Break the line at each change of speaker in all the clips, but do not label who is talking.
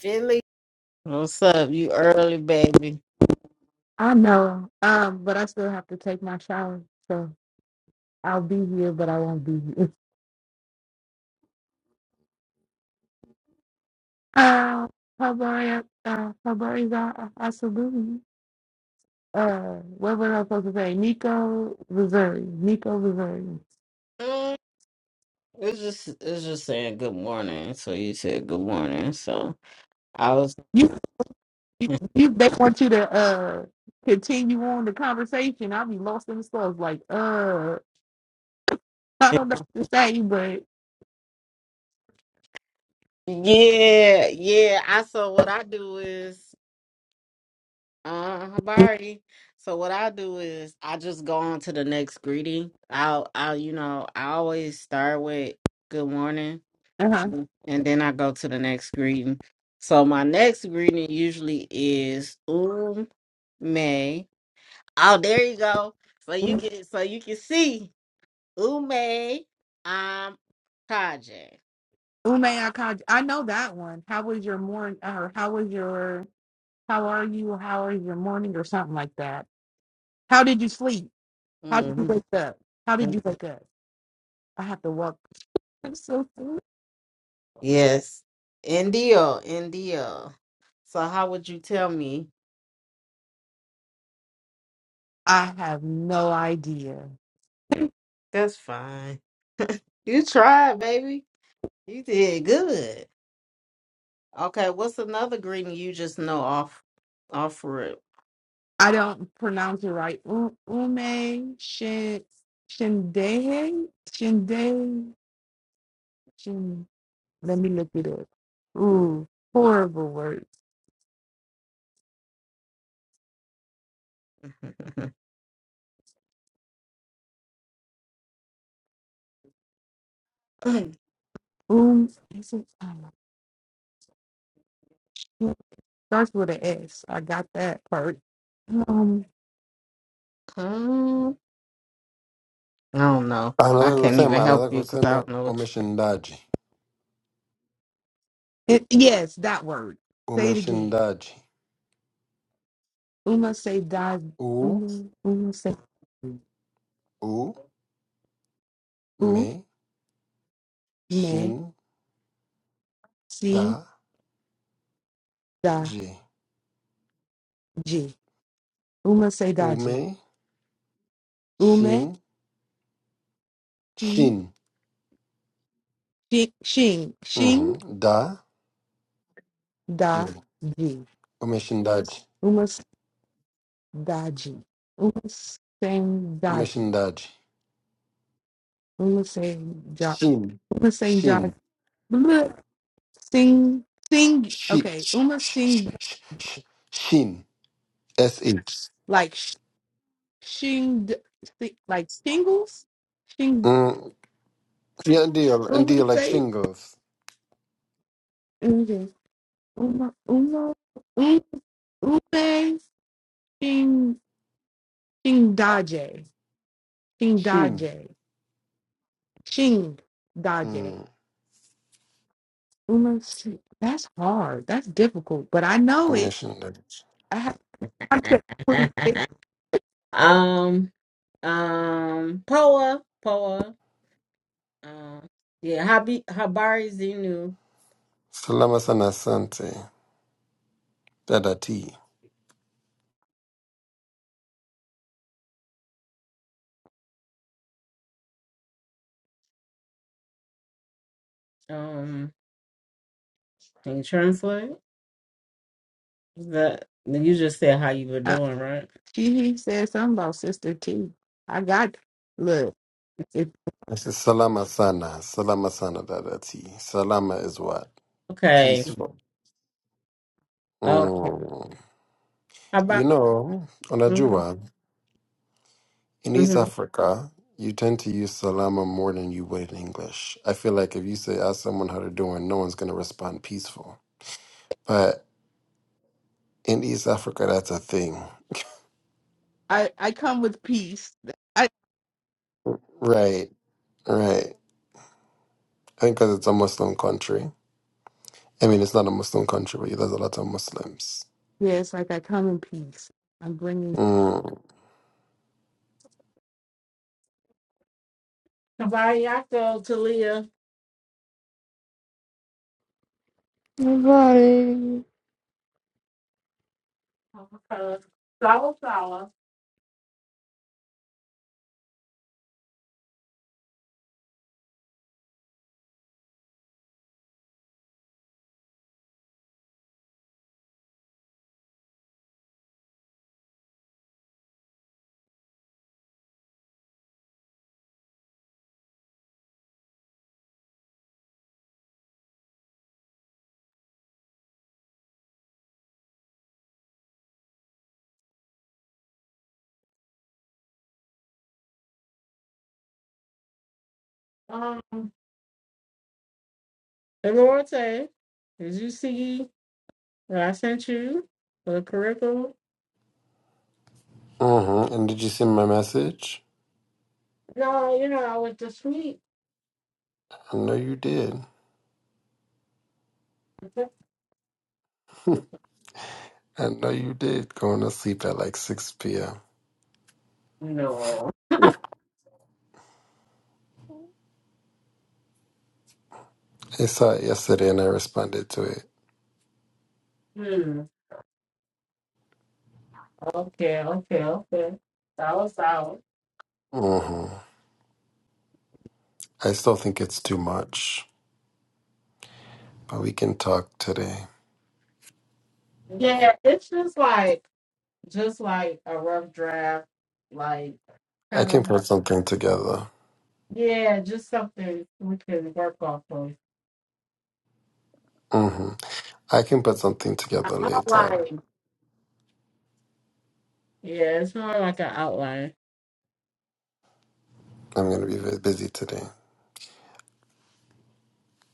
Philly. What's up? You early, baby.
I know, um, but I still have to take my shower, so I'll be here, but I won't be here. Uh, Fabari, uh, Fabari, I, I salute you. Uh, what was I supposed to say? Nico Missouri, Nico Missouri.
Mm, It's just it's just saying good morning. So you said good morning. So I was
You, you, you- they want you to uh continue on the conversation. I'll be lost in the sauce, like uh, I don't know what to say, but
Yeah, yeah. I so what I do is uh Habari. So what I do is I just go on to the next greeting. I'll I'll you know, I always start with good morning
uh huh.
and then I go to the next greeting. So my next greeting usually is um Oh, there you go. So you can so you can see Ume um Kaje.
Ume, Akaji. I know that one. How was your morning? Uh, how was your? How are you? How is your morning? Or something like that. How did you sleep? How did you
hmm
wake up? How did you wake up? I have to walk. I'm so sorry.
Yes. Indio, Indio. So how would you tell me?
I have no idea.
That's fine. You tried, baby. You did good. Okay, what's another greeting you just know off off rip?
I don't pronounce it right. U- Ume Shin Shindehe Shinde Shin. Let me look it up. Ooh, horrible word. Um, is it, um, it starts with an S. I got that part. Um,
Um, I don't know.
Another
I can't even
kusema,
help
another
you because I don't
kusema
know what
umeshindaji.
it, yes, that word. Say it again.
Umeshindaji.
Uma cidade,
U,
uma, uma cidade.
u, me,
uma
shin,
cidade,
da, ji.
uma cidade.
Ume,
dá
shin,
de, uma
shin.
se shi- shin, shin
Mhm. Da,
dá
ji.
de,
Umeshindaji.
uma cidade, uma cidade.
Umeshindaji.
uma cidade,
Shin,
uma cidade.
shin,
bleh, sing, sing,
shi,
okay,
sh,
uma
sh, sh,
sing
sh, sh, shin. S-H.
like sh- shing, si- like shingles, shing,
Mm. Yeah, ndio,
uma
ndio, like
cidade.
shingles.
ok. Uno, uno, un- une, shing, shing daje, shing
Shin.
daje, shing daje.
Mm.
Uno, shi- that's hard. That's difficult, but I know it.
Umeshindaji.
I have contact
you
with it.
um um Poa Poa um yeah Habi Habari Zenu
Salama sana, asante. Dada T.
um can you translate the you just said how you were
Uh,
doing right
She he said something about sister T. I got look. If
This is Salama Sana. Salama Sana, Dada T. Salama is what?
okay
Peaceful.
oh
Mm. You
Habari
know,
mm-hmm,
Onajua, in East
mm-hmm.
Africa, you tend to use Salama more than you would in English. I feel like if you say, ask someone how they're doing, no one's going to respond peaceful. But in East Africa, that's a thing.
I I come with peace, I
Right, right. I think because it's a Muslim country. I mean, it's not a Muslim country, but there's a lot of Muslims.
yes, like I come in peace. I'm bringing
Mm.
Habari Yako Talia
Nobody.
uh, Sawa Sawa um Elorte did you see what I sent you for the curriculum
hmm And did you see my message?
no you know I was just sweet
I know you did. I know you did going to sleep at like 6 p.m.
no
I saw it yesterday and I responded to it.
Okay, okay, okay. Solid, solid.
hmm I still think it's too much, but we can talk today.
Yeah, it's just like just like a rough draft, like
I
kind
can
of
put
like-
something together.
yeah, just something we can work off of.
hmm I can put something
An
together later.
outline. Yeah, it's more like an outline.
I'm going to be very busy today.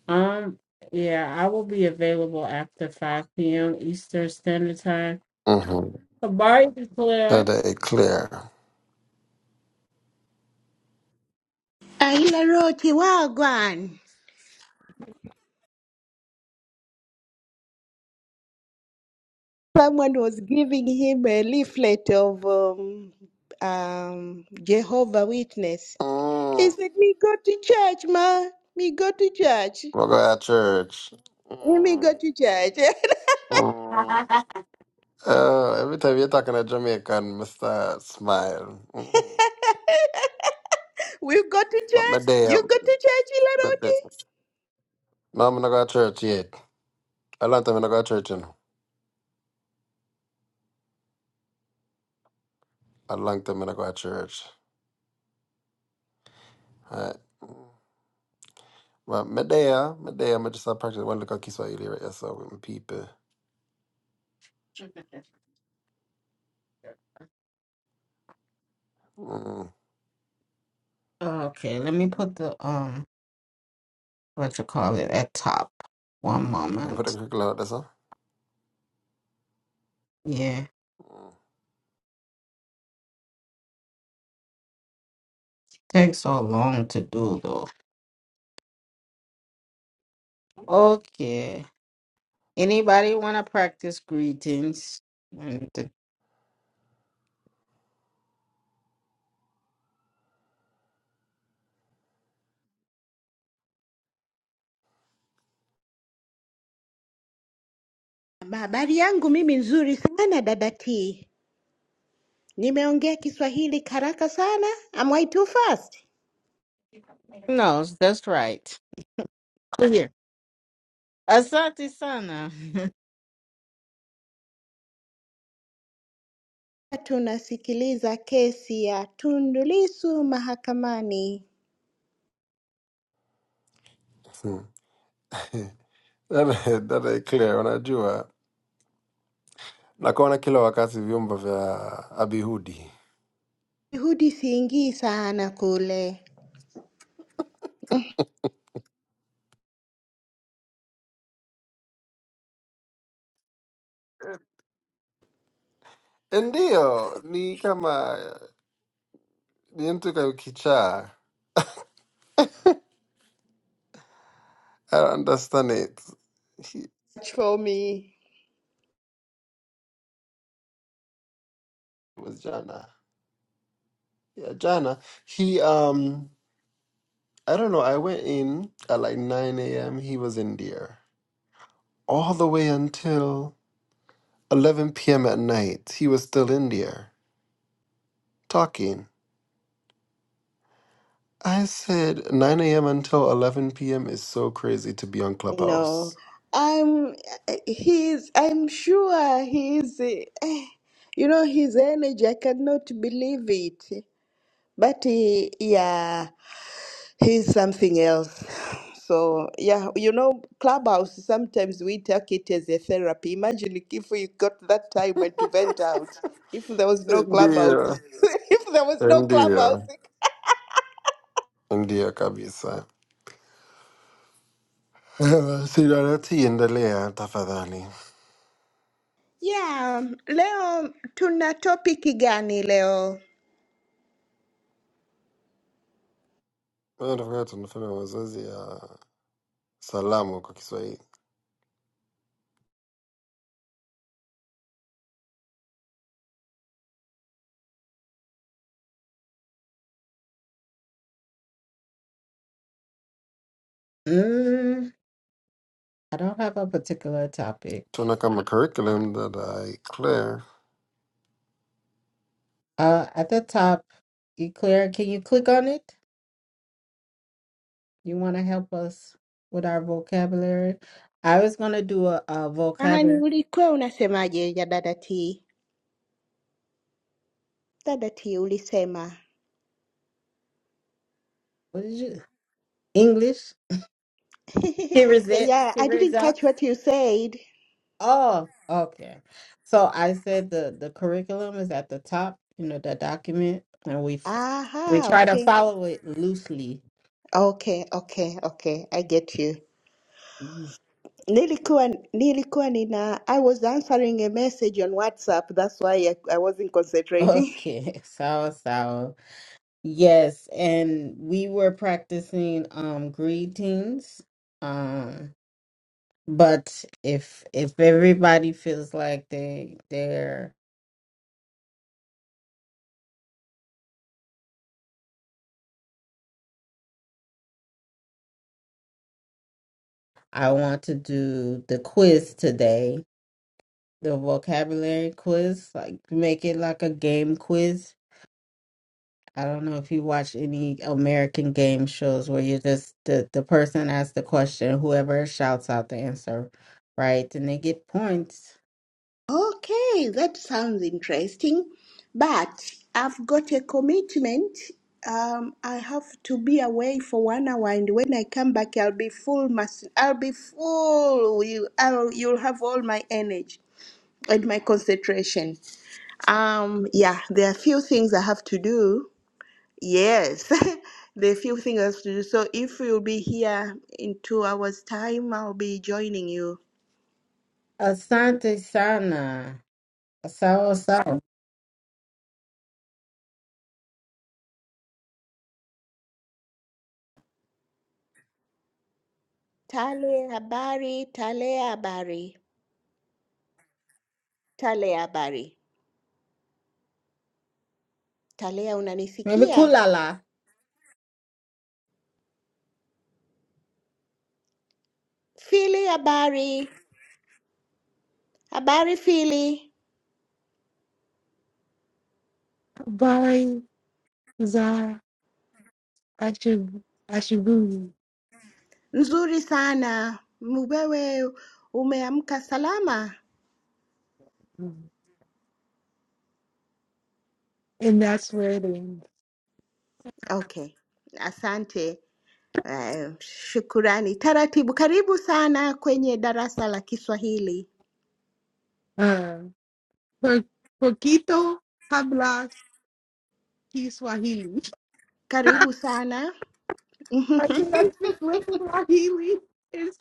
Um, yeah, I will be available after five p.m. Eastern Standard Time.
Mm-hmm.
Amari
That
declare.
is clear.
Aila Rochi Wagwan. Someone was giving him a leaflet of um, um, Jehovah Witness. He
Mm,
said, "Me go to church, ma. Me go to church.
we'll go at church.
Me
Mm,
go to church.
mm. Oh, every time you're talking to Jamaican, Mr. Smile. Mm-hmm.
we go to
But my
church.
day,
You go to church, Ila
But
Rochi."
this- No, I'm not going to church yet. A long time I not go to church, you know. A long time I not go to church. Right. But me there, me there, me just a practice one look at Kiswahili right here, so with my people. Mm.
Okay, let me put the um what you call it at top. One
You put a
moment.
quick out there, so.
Takes so long to do though. Okay. Anybody want to practice greetings? And the-
Ma, Habari yangu mimi nzuri sana dada T. Nimeongea Kiswahili karaka sana. Am I too fast?
No, that's right. Oh, Here. Asante sana.
Tunasikiliza kesi ya Tundu Lissu mahakamani.
Mm. that that is clear. Unajua, nakuona kila wakati vyombo vya abihudi
Juhudi siingi sana kule.
ndio ni kama ni mtu ka- kichaa. I don't understand it. He
for me.
was jana, yeah, jana. He um I don't know. I went in at like 9 a.m. He was in there. All the way until 11 p.m. at night, he was still in there talking. I said 9 a.m. until 11 p.m. is so crazy to be on
No,
Clubhouse.
I'm he's I'm sure he's eh, you know his energy I cannot believe it but he, yeah he's something else so yeah you know clubhouse sometimes we take it as a therapy imagine if we got that time when to vent out if there was no clubhouse
India,
if there was no
India,
clubhouse
India kabisa. Sidana tienda lea tafadhali.
Yeah, leo tuna topiki gani leo?
Nataka tunafanya mazoezi ya salamu kwa Kiswahili.
mm, I don't have a particular topic.
Tuna kama
Uh,
curriculum that I clear.
uh, at the top, you clear? Can you click on it? You want to help us with our vocabulary? I was gonna do a, a
Nahani,
vocabulary.
ulikuwa unasemaje ya dada T? Dada T ulisema.
What did you? English. Here is it.
Yeah, I
Here is
didn't
it.
catch what you said.
Oh, okay. So I said the the curriculum is at the top, you know, the document, and we f- we
Aha,
try to
okay.
follow it loosely.
Okay, okay, okay. I get you.
Mhm.
Nilikuwa nilikuwa nina I was answering a message on WhatsApp. That's why I, I wasn't concentrating.
Okay, sour sour. Yes, and we were practicing um greetings. Um, but if if everybody feels like they they're I want to do the quiz today, the vocabulary quiz, like make it like a game quiz I don't know if you watch any American game shows where you just the, the person asks the question, whoever shouts out the answer, right? And they get points.
Okay, that sounds interesting. But I've got a commitment. Um, I have to be away for one hour, and when I come back, I'll be full. Mas- I'll be full. You, I'll, you'll have all my energy and my concentration. Um, yeah, there are a few things I have to do. Yes, there are a few things I have to do. So if you'll be here in two hours' time, I'll be joining you.
Asante sana. Asao sao.
Tale habari, tale habari. Tale habari. Tale,
Maybe
unanisikia?
kulala.
Fili habari. Habari Fili.
by Zara. I should I should
Nzuri sana. Wewe umeamka salama?
and that's where it ends.
Okay. Asante. Eh, shukurani. Taratibu. Karibu sana kwenye darasa la Kiswahili.
Uh, Po- Poquito habla Kiswahili.
Karibu sana.
I think I speak little Swahili. It's,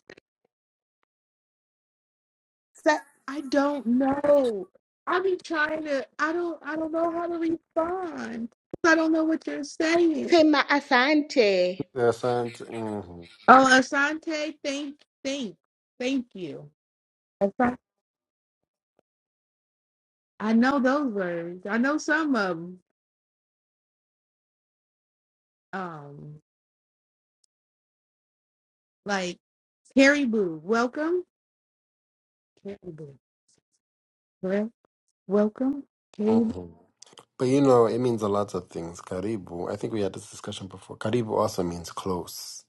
Sa
I don't know. I be trying to. I don't. I don't know how to respond. I don't know what you're saying.
sema asante.
Asante. Mhm.
Oh, Asante, thank, thank, thank you. Asante. I know those words. I know some of them. Um, like Caribou, welcome. Caribou, well, welcome. Caribou.
Mhm. But you know, it means a lot of things. Karibu. I think we had this discussion before. Karibu also means close.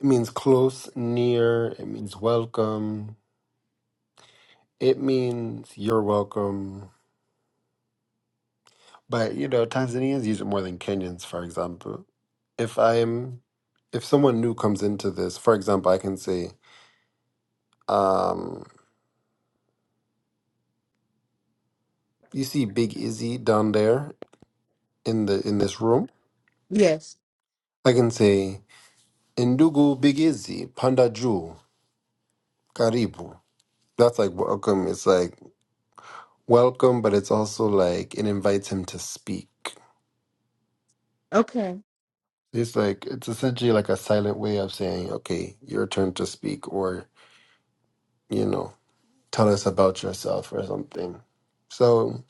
It means close, near. It means welcome. It means you're welcome. But you know, Tanzanians use it more than Kenyans, for example. If I'm, if someone new comes into this, for example, I can say, um, "You see Big Izzy down there in the in this room."
Yes.
I can say, "Indugu Big Izzy, Panda Ju, Karibu." That's like welcome. It's like welcome, but it's also like it invites him to speak.
Okay.
It's like it's essentially like a silent way of saying, "Okay, your turn to speak," or you know, tell us about yourself or something. So,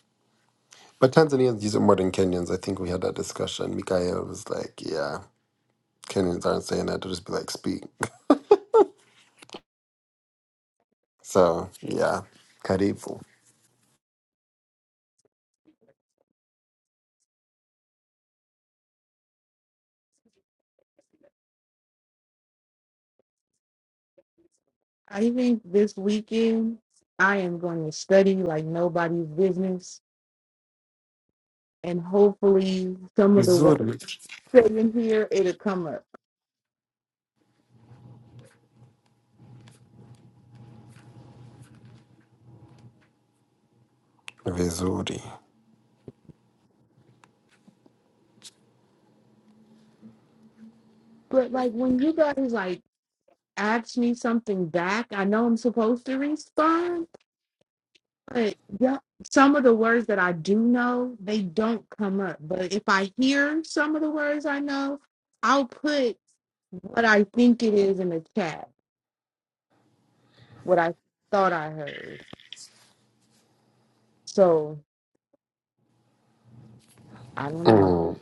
but Tanzanians use it more than Kenyans. I think we had that discussion. Mikael was like, "Yeah, Kenyans aren't saying that; they'll just be like, speak." So, yeah, karibu.
I think this weekend I am going to study like nobody's business, and hopefully some of the work
Vizuri.
said in here it'll come up.
Vizuri.
But like when you guys like ask me something back, I know I'm supposed to respond, but yeah, some of the words that I do know they don't come up. But if I hear some of the words I know, I'll put what I think it is in the chat, what I thought I heard. So I don't know.
Mm.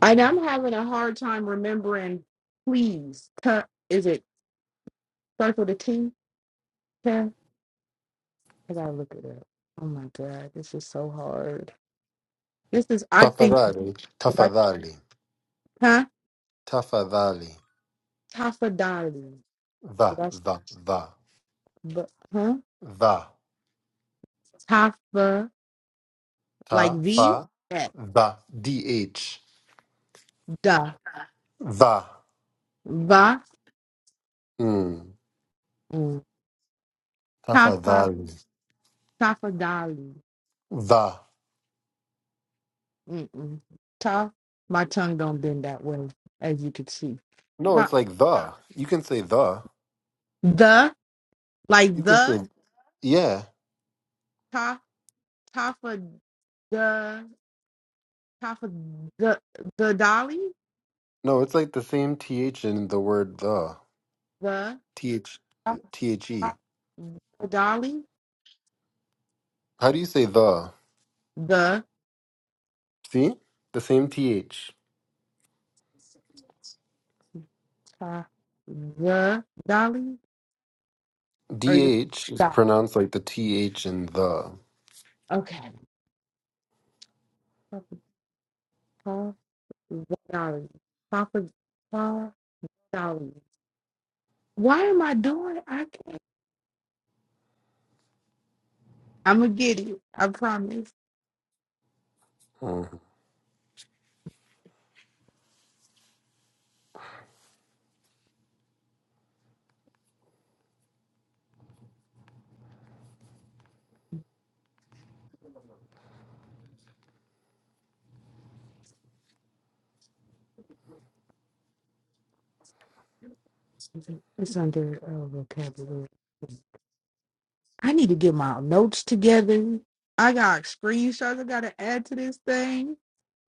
And I'm having a hard time remembering. Please, cu- is it circle the T? Cu- I gotta look it up. Oh my god, this is so hard. This is, I think,
Tafadhali.
did I,
Tafadhali.
huh?
Tafadhali.
Tafadali. Did
Va,
I, s-
va, va,
bu- huh?
va.
Tafa, like
Ta,
V,
fa,
yeah.
the, D-H.
da,
The.
va,
Mm.
mm.
Ta, fa,
tafa,
the.
tafadali.
The.
Mm-mm. Ta, my tongue don't bend that way, as you can see.
No,
Ta,
it's like the. You can say the.
the, like
You can
the,
say, yeah.
Tafa the Tafa the the Dolly
No, it's like the same TH in the word the.
the
TH,
Tafa
THE.
the Dolly
How do you say the?
the
See? The same TH.
Ta the Dolly or the
DH is
Dolly.
pronounced like the TH in the.
Okay. Tafa Ta the Dolly. Tafa Ta Dolly. Why am I doing? I can't. I'm gonna get it. I promise.
Mm.
It's under uh, vocabulary. I need to get my notes together. I got screenshots I gotta add to this thing.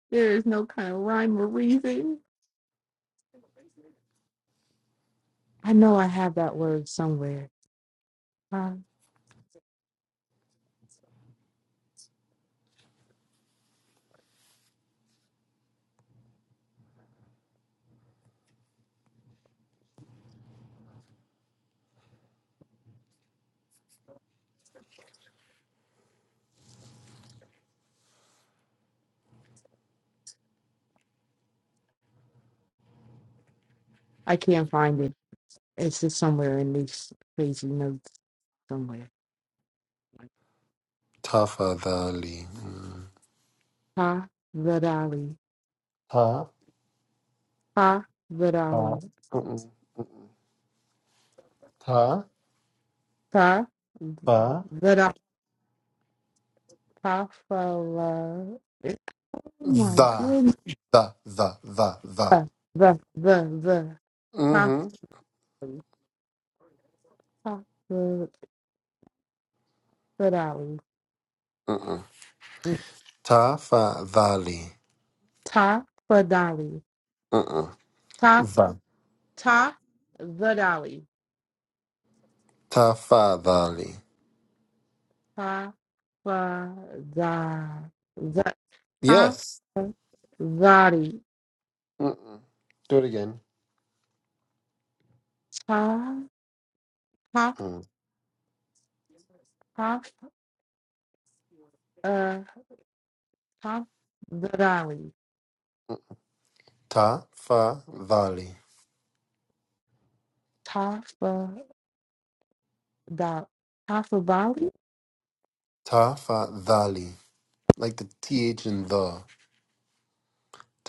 There is no kind of rhyme or reason. I know I have that word somewhere. Uh, I can't find it. It's just somewhere in these crazy notes somewhere.
Ta, fa, the, li. Mm.
Pa Vidali.
Ta,
Pa
fa.
Vidali.
Mm-mm. Ta,
Pa
fa.
Vidali. Pa Fala. Oh my
The,
goodness.
the, the, the, the.
The, the, the. Ta
Mm-hmm.
Ta Vidali.
Mm-mm. Tafadhali.
Ta Vidali.
Mm-mm.
Ta
The.
Ta Vidali.
Tafadhali.
Ta za za ta
Yes.
zari
Mm-mm. Do it again.
ta ta
Mm.
ta uh ta zari
Tafadhali.
ta fa da ta fa bali
Tafadhali. Like the TH in the.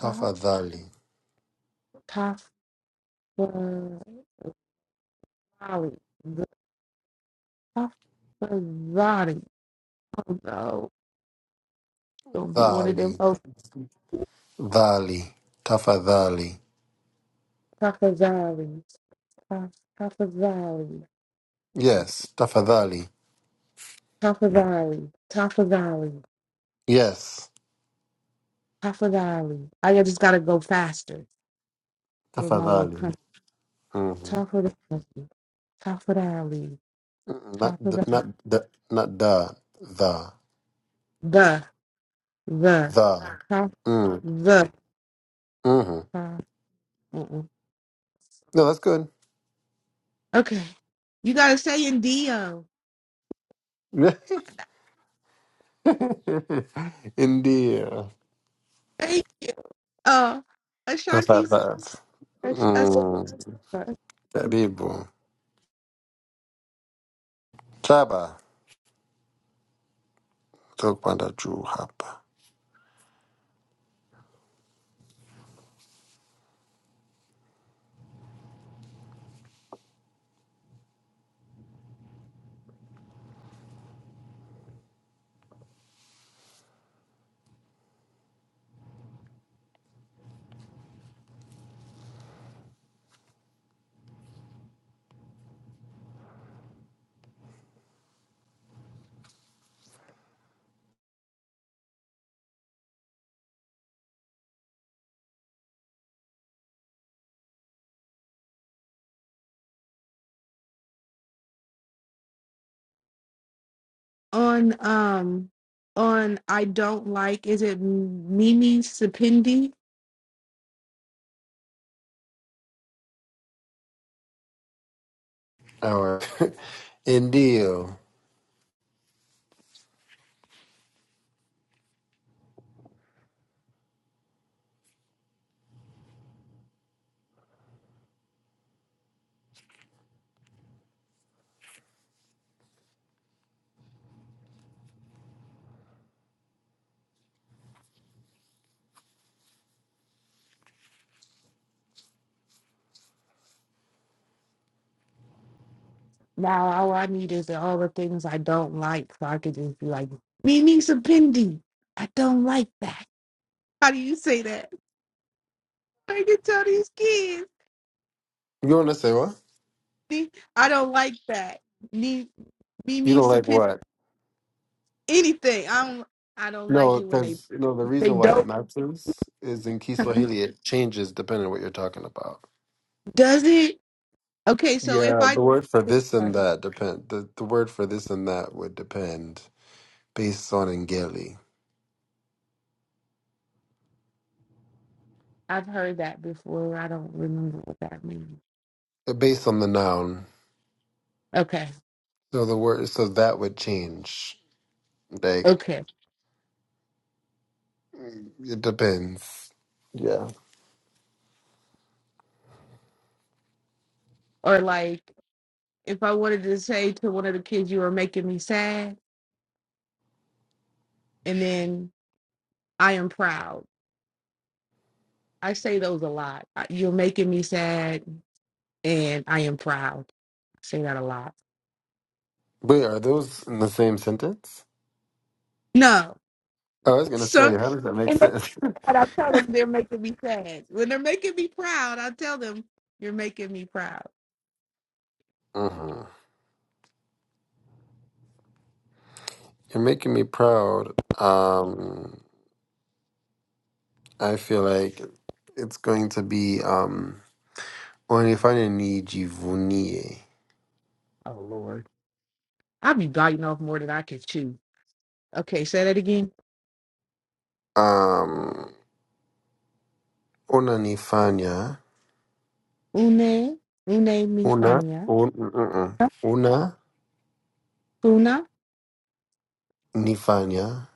ta ta fa bali the ta fa zari oh no don't be one of them
Thali.
oh
Thali. Tafadhali.
ta fa zari ta ta fa zari
Yes. Tafadhali.
ta fa zari ta fa zari
Yes.
ta fa zari I just gotta go faster with my little
Tafadhali.
country.
Mm-hmm.
Top of the country, top of the alley,
Mm-mm. Not
top of
the,
the
not the, not the, the.
the the
The.
top
Mm,
the.
hmm No,
Top, uh-uh.
that's good.
Okay, you gotta say Indio.
Indeed.
Thank you, uh,
that's not
Ashanti's
Tapatat.
Ash- Ash-
Mm, Karibu. Chaba. Tukwanda juu hapa.
on um on I don't like. Is it Mimi Sapindi?
All right. Indio.
Now all I need is all the things I don't like, so I could just be like Mimi Sapindi. I don't like that. How do you say that? I can tell these kids.
You want to say what?
"Me- I don't like that. Me, me,
You
me,
don't like
supi-
what?
anything. I don't. I don't like
No,
it when they
because you know the
they
reason why it
don't.
matches is in Kiswahili it changes depending on what you're talking about.
Does it? Okay. So if
Yeah, the
I,
word for this and that depend. The, the word for this and that would depend based on Ngeli.
I've heard that before. I don't remember what that means.
They're based on the noun.
Okay.
So the word, so that would change. Like,
Okay.
it depends. Yeah.
Or like if I wanted to say to one of the kids, "You are making me sad," and then I am proud. I say those a lot. I- You're making me sad, and I am proud. I say that a lot.
Wait, are those in the same sentence?
No.
I was gonna say,
So
how does that make
and they-
sense?
and I tell them they're making me sad. When they're making me proud, I tell them you're making me proud.
hmm You're making me proud. Um, I feel like it's going to be um, unanifanya nijivunie.
Oh Lord, I be biting off more than I can chew. Okay, say that again.
Um, unanifanya
Une, une mi
una
fanya,
un, mm, mm, mm.
funa
unanifanya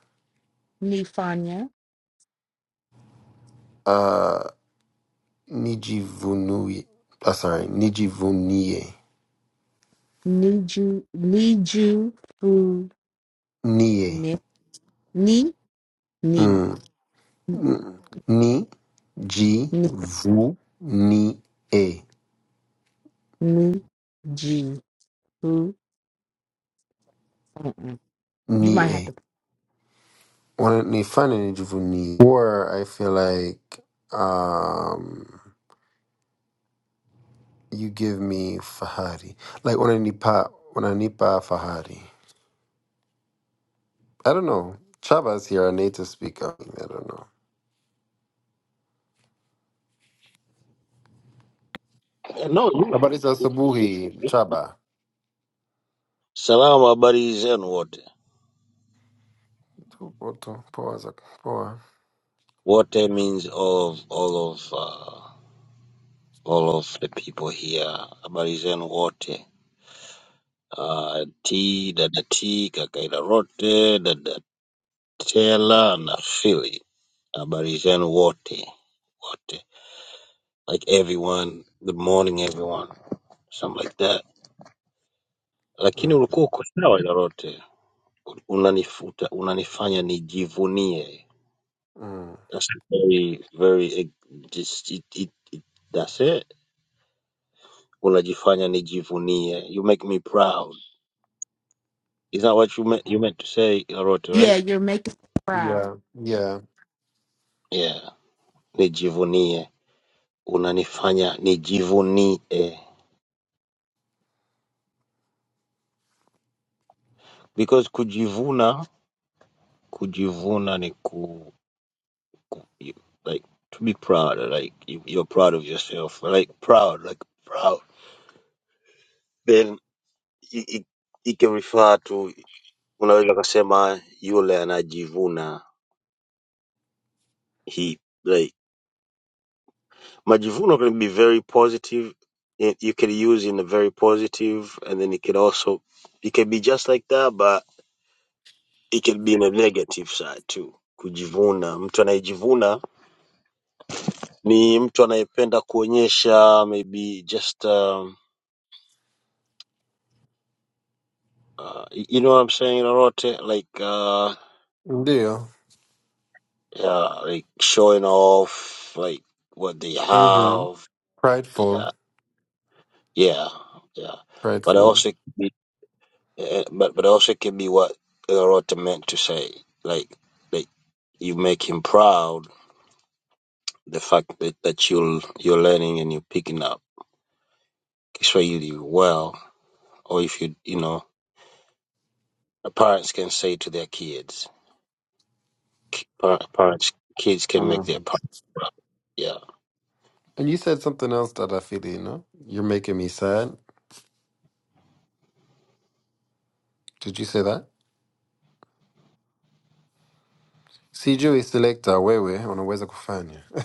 ni fanya,
Nijivunuye. Uh, sorry, Nijivuniye.
niju niju fu
Niye.
ni ni ni
Mm. mm. Ni. Ji.
ni
Vu. Ni. A.
ni ji fu. Mm-mm. You
Ni.
might have
A.
to.
When they find a Nijivuni, or I feel like um, you give me Fahari. Like when I nipa, when I nipa Fahari. I don't know. Chaba is here, a native speaker. I don't know.
Eh, No, you-
Habari za asubuhi, Chaba.
salam habari zenu wote.
Tu- Poa, poa. za- poa.
Wote means of all of uh, all of the people here. Habari zenu wote. Uh, T, dada T, kaka Ilarote, dada Tela na Philly. Habari zenu Water. Wote. Like everyone, good morning everyone. Something like that. Lakini
Mm-hmm.
ulikuwa uko sawa Ilarote. Unanifuta, unanifanya nijivunie
Mm.
That's very very eh, just it, it, it that's it. Unajifanya nijivunie. You make me proud. Is that what you meant you meant to say, Aroti,
Yeah,
right?
you're making me proud.
Yeah, yeah,
Yeah. Nijivunie. Unanifanya nijivunie. Because kujivuna kujivuna ni ku, ku you, like to be proud, like you, you're proud of yourself. Like proud, like proud. Then it, it, it can refer to unaweza kasema yule anajivuna he like majivuno can be very positive and you can use in a very positive and then it can also it can be just like that but it can be in a negative side too kujivuna mtu anayejivuna ni mtu anayependa kuonyesha maybe just um, uh, you know what i'm saying lolote like uh,
deal.
yeah like showing off like what they
Mm-hmm.
have
Prideful,
yeah yeah yeah but
prideful.
also Uh, but but also it can be what Rota meant to say, like like you make him proud the fact that that you're you're learning and you're picking up Kiswahili well, or if you you know parents can say to their kids, Ki- par- parents kids can make their
Mhm.
part. Yeah,
And you said something else that I feel, you know? You're making me sad. Did you say that? Sijui selector wewe unaweza kufanya.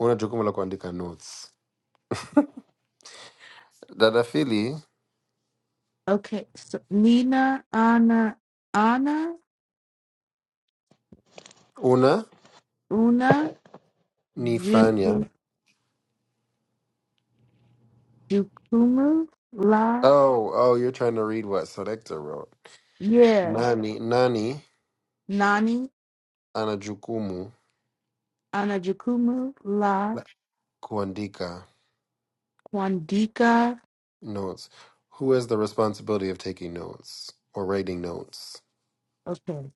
Una jukumu la kuandika notes. Dada Fili,
Okay, so Nina, Anna, Anna.
una
Una
nifanya.
Jukumu la
Oh, oh, you're trying to read what selector wrote.
yeah.
Nani, nani
Nani
ana jukumu
ana jukumu la
la kuandika
Kwandika.
notes? Who has the responsibility of taking notes or writing notes?
Okay.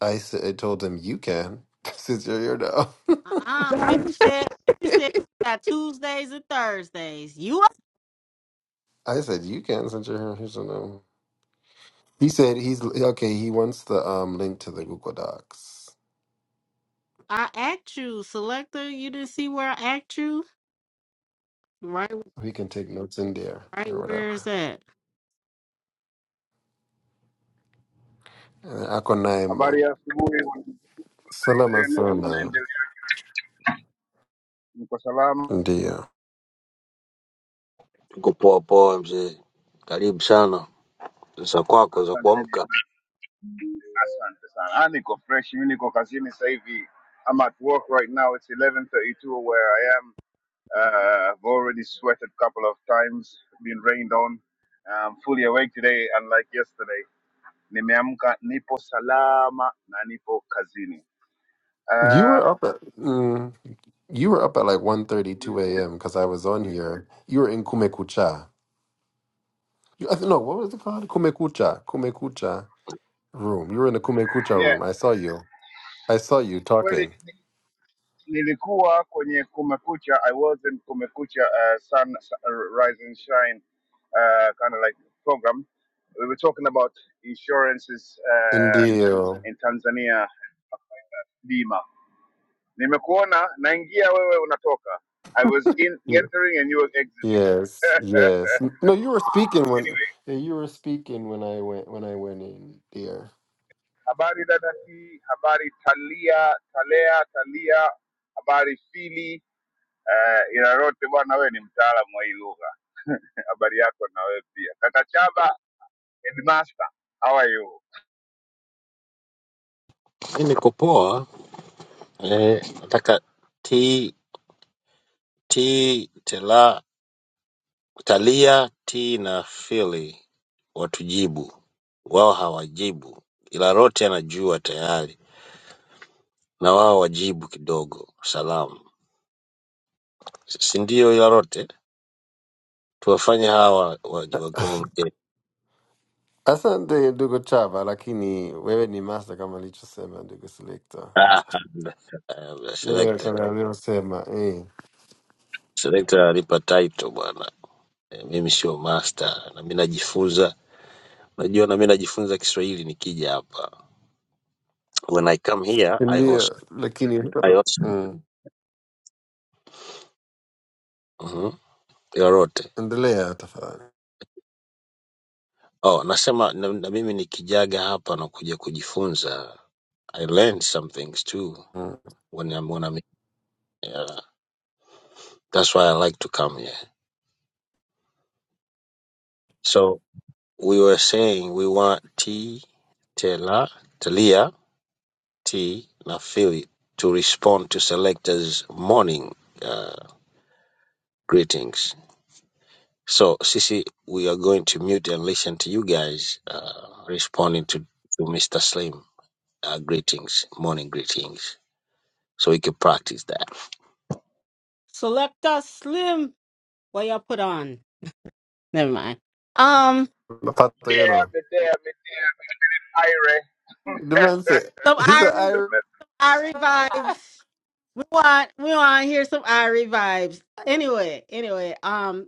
I said, I told him, you can, since you're here now.
Uh-uh. Femi said Femi said we got Tuesdays and Thursdays. You up-
I said, you can, since you're here. He said, no. He said, he's okay. He wants the um link to the Google Docs.
I asked you, selector, you didn't see where I asked you? Right
We can take notes in there
right
or
where is
whatever.
that?
And ako na yung
Habari
mag-
ya asubuhi, habari
Salamat
zenu,
sana.
mnaendelea? Mko salama?
Ndio.
tuko poa poa mzee, karibu sana za kwako za
Asanteni,
kuamka.
asante sana. Ah, niko fresh, mimi niko kazini sasa hivi. I'm at work right now. It's 11:32 where I am. Uh, I've already sweated a couple of times, been rained on. I'm fully awake today unlike yesterday. Nimeamka, nipo salama na nipo kazini.
You
Uh,
were up at mm, you were up at like one thirty two a.m. because I was on here. You were in Kumekucha. You, I th- no, what was it called? Kumekucha. Kumekucha room. You were in the Kumekucha
yeah,
room. I saw you. I saw you talking.
kweli nilikuwa kwenye kumekucha i was in kumekucha uh, sun uh, rise and shine uh, kind of like program we were talking about insurances uh,
Indeed.
in tanzania bima nimekuona naingia wewe unatoka i was in
You-
entering and you were exiting
Yes, yes. N- No, you were speaking when
anyway
yeah, you were speaking when I went when I went in there.
habari dada t habari talia talea talia habari fili eh, ila lote bwana, wewe ni mtaalamu wa hii lugha. Habari yako na wewe pia. Kaka Chaba, headmaster, how are you?
Mi niko poa eh, nataka tea tea tela Talia T na Phil watujibu, wao hawajibu ila Lote anajua tayari na wao wajibu kidogo salamu, si ndio? Ila Lote tuwafanye hawa wakuongee.
Asante ndugu Chava, lakini wewe ni master kama alichosema ndugu Selector. Yeye
Selekta
kama aliyosema eh,
selekta alipa title bwana. Eh, Mimi sio master na mimi najifunza, najua na mimi najifunza Kiswahili nikija hapa. When I come here I also
ndio, lakini
I also
mm,
Mhm. Ila Lote.
endelea tafadhali.
Oh, nasema na, na mimi nikijaga hapa na kuja kujifunza, I learned some things too
Mm.
when I'm when I'm yeah. That's why I like to come here. So we were saying we want T, Tela, Telia, T, na Philly to respond to selectors' morning uh, greetings. So Sisi, we are going to mute and listen to you guys uh, responding to, to Mr. Slim uh, greetings, morning greetings, so we can practice that.
Selector Slim. What y'all put on? Never mind. Um
Napata you
Mdea,
know.
Medea, Medea, Aire.
The man said
some
he's an
Irish
Just
Irish.
met.
Irie vibes. We want we want to hear some Irie vibes. Anyway, anyway, um,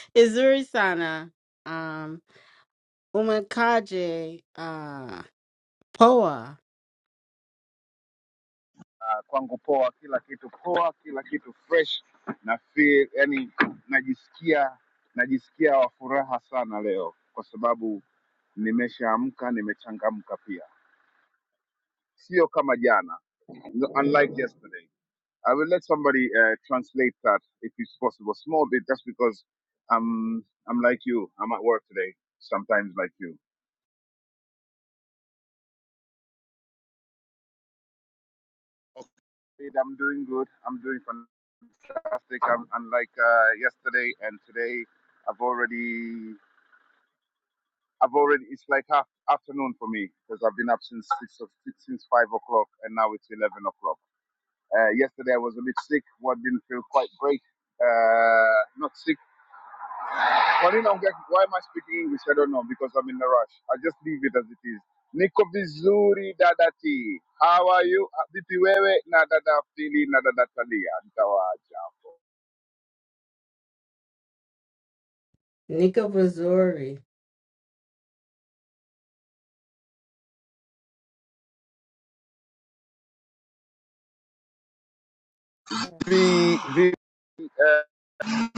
Izuri Sana, um, Umakaje, uh, Poa,
Ah, kwangu poa, kila kitu poa, kila kitu fresh. Na feel, yani najisikia najisikia wa furaha sana leo kwa sababu nimeshaamka, nimechangamka pia, sio kama jana, unlike yesterday. I will let somebody uh, translate that if it's possible. Small bit, just because I'm I'm like you. I'm at work today. Sometimes like you. I'm doing good. I'm doing fantastic. I'm, I'm like uh, yesterday and today. I've already I've already. It's like half afternoon for me because I've been up since six, o- six since five o'clock and now it's eleven o'clock. Uh, yesterday I was a bit sick. What didn't feel quite great. Uh, not sick Marina, I'm like, why am I speaking English? I don't know because I'm in a rush. I just leave it as it is. Niko vizuri dadati. How are you? Ah, Vipi wewe na dada pili na dada Talia? Nitawaacha hapo.
Nika Bazuri.
vi, vi, eh,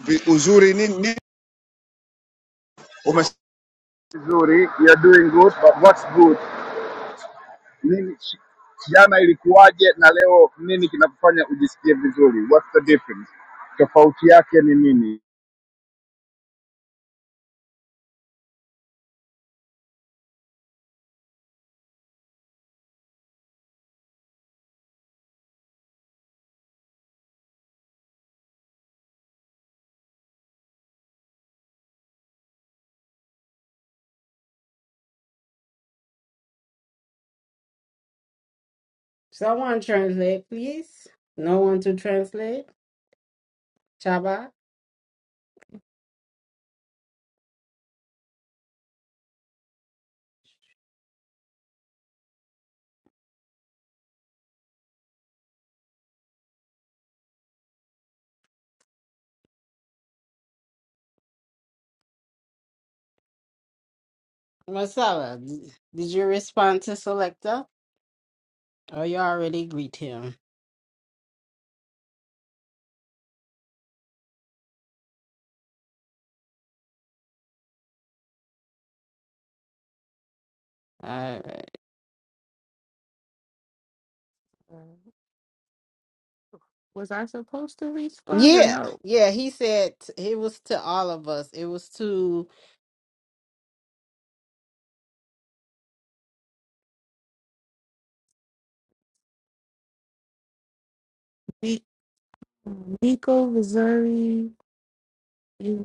vi uzuri nini umes Vizuri, you're doing good, but what's good? Nini shi- jana ilikuwaje na leo nini kinakufanya ujisikie vizuri? What's the difference? Tofauti yake ni nini?
Someone translate, please. No one to translate. Chaba, Masala. up? Did you respond to Selector, or you already greet him? All right.
Was I supposed to respond or
Yeah,
no?
yeah. He said it was to all of us. It was to.
Ni- Nico Missouri. Yeah,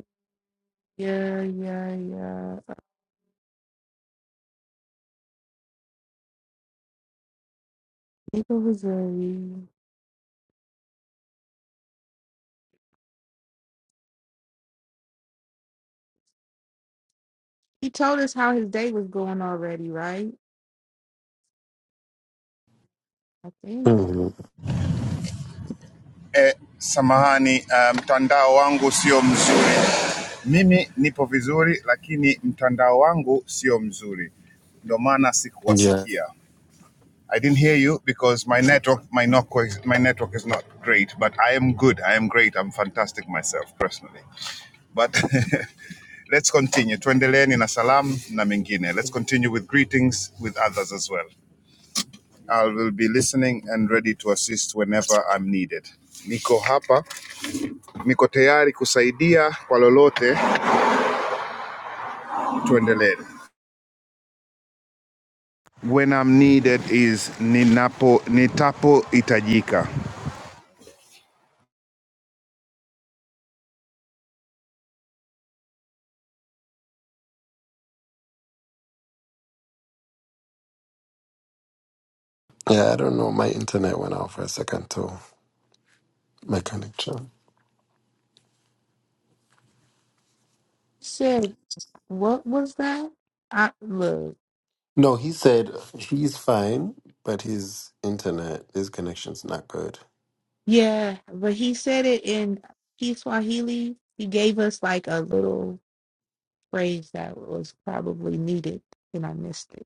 yeah, yeah. Nico Missouri. He told us how his day was going already, right? I think.
Mhm.
Eh, samahani eh, mtandao wangu sio mzuri. Mimi nipo vizuri, lakini mtandao wangu sio mzuri, ndio maana
Yeah,
sikuwasikia. I didn't hear you because my network, my, not, my network is not great, but I am good. I am great. I'm fantastic myself personally. But let's continue. Tuendeleeni na salam na mengine. Let's continue with greetings with others as well. I will be listening and ready to assist whenever I'm needed. Niko hapa Niko tayari kusaidia kwa lolote, tuendelee. When I'm needed is ninapo nitapo itajika.
yeah. I don't know. My internet went out for a second too. My connection.
He said, what was that? I look.
No, he said he's fine, but his internet, his connection's not good.
Yeah, but he said it in he Swahili. He gave us like a little phrase that was probably needed, and I missed it.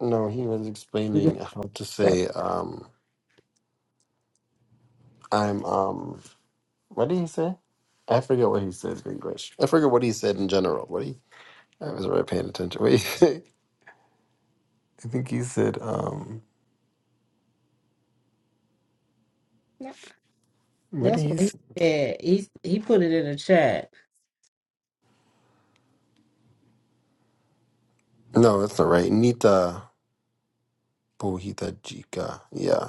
No, he was
We
explaining
just
how to
said-
say, um, I'm, um, what did he say? I forget what he said in English. I forget what he said in general. What he, I was already paying attention. What he, I think he said, um, what did
That's
he
what he
say?
said. He he put it in the chat.
No, that's not right. Nita Pohita Jika. Yeah.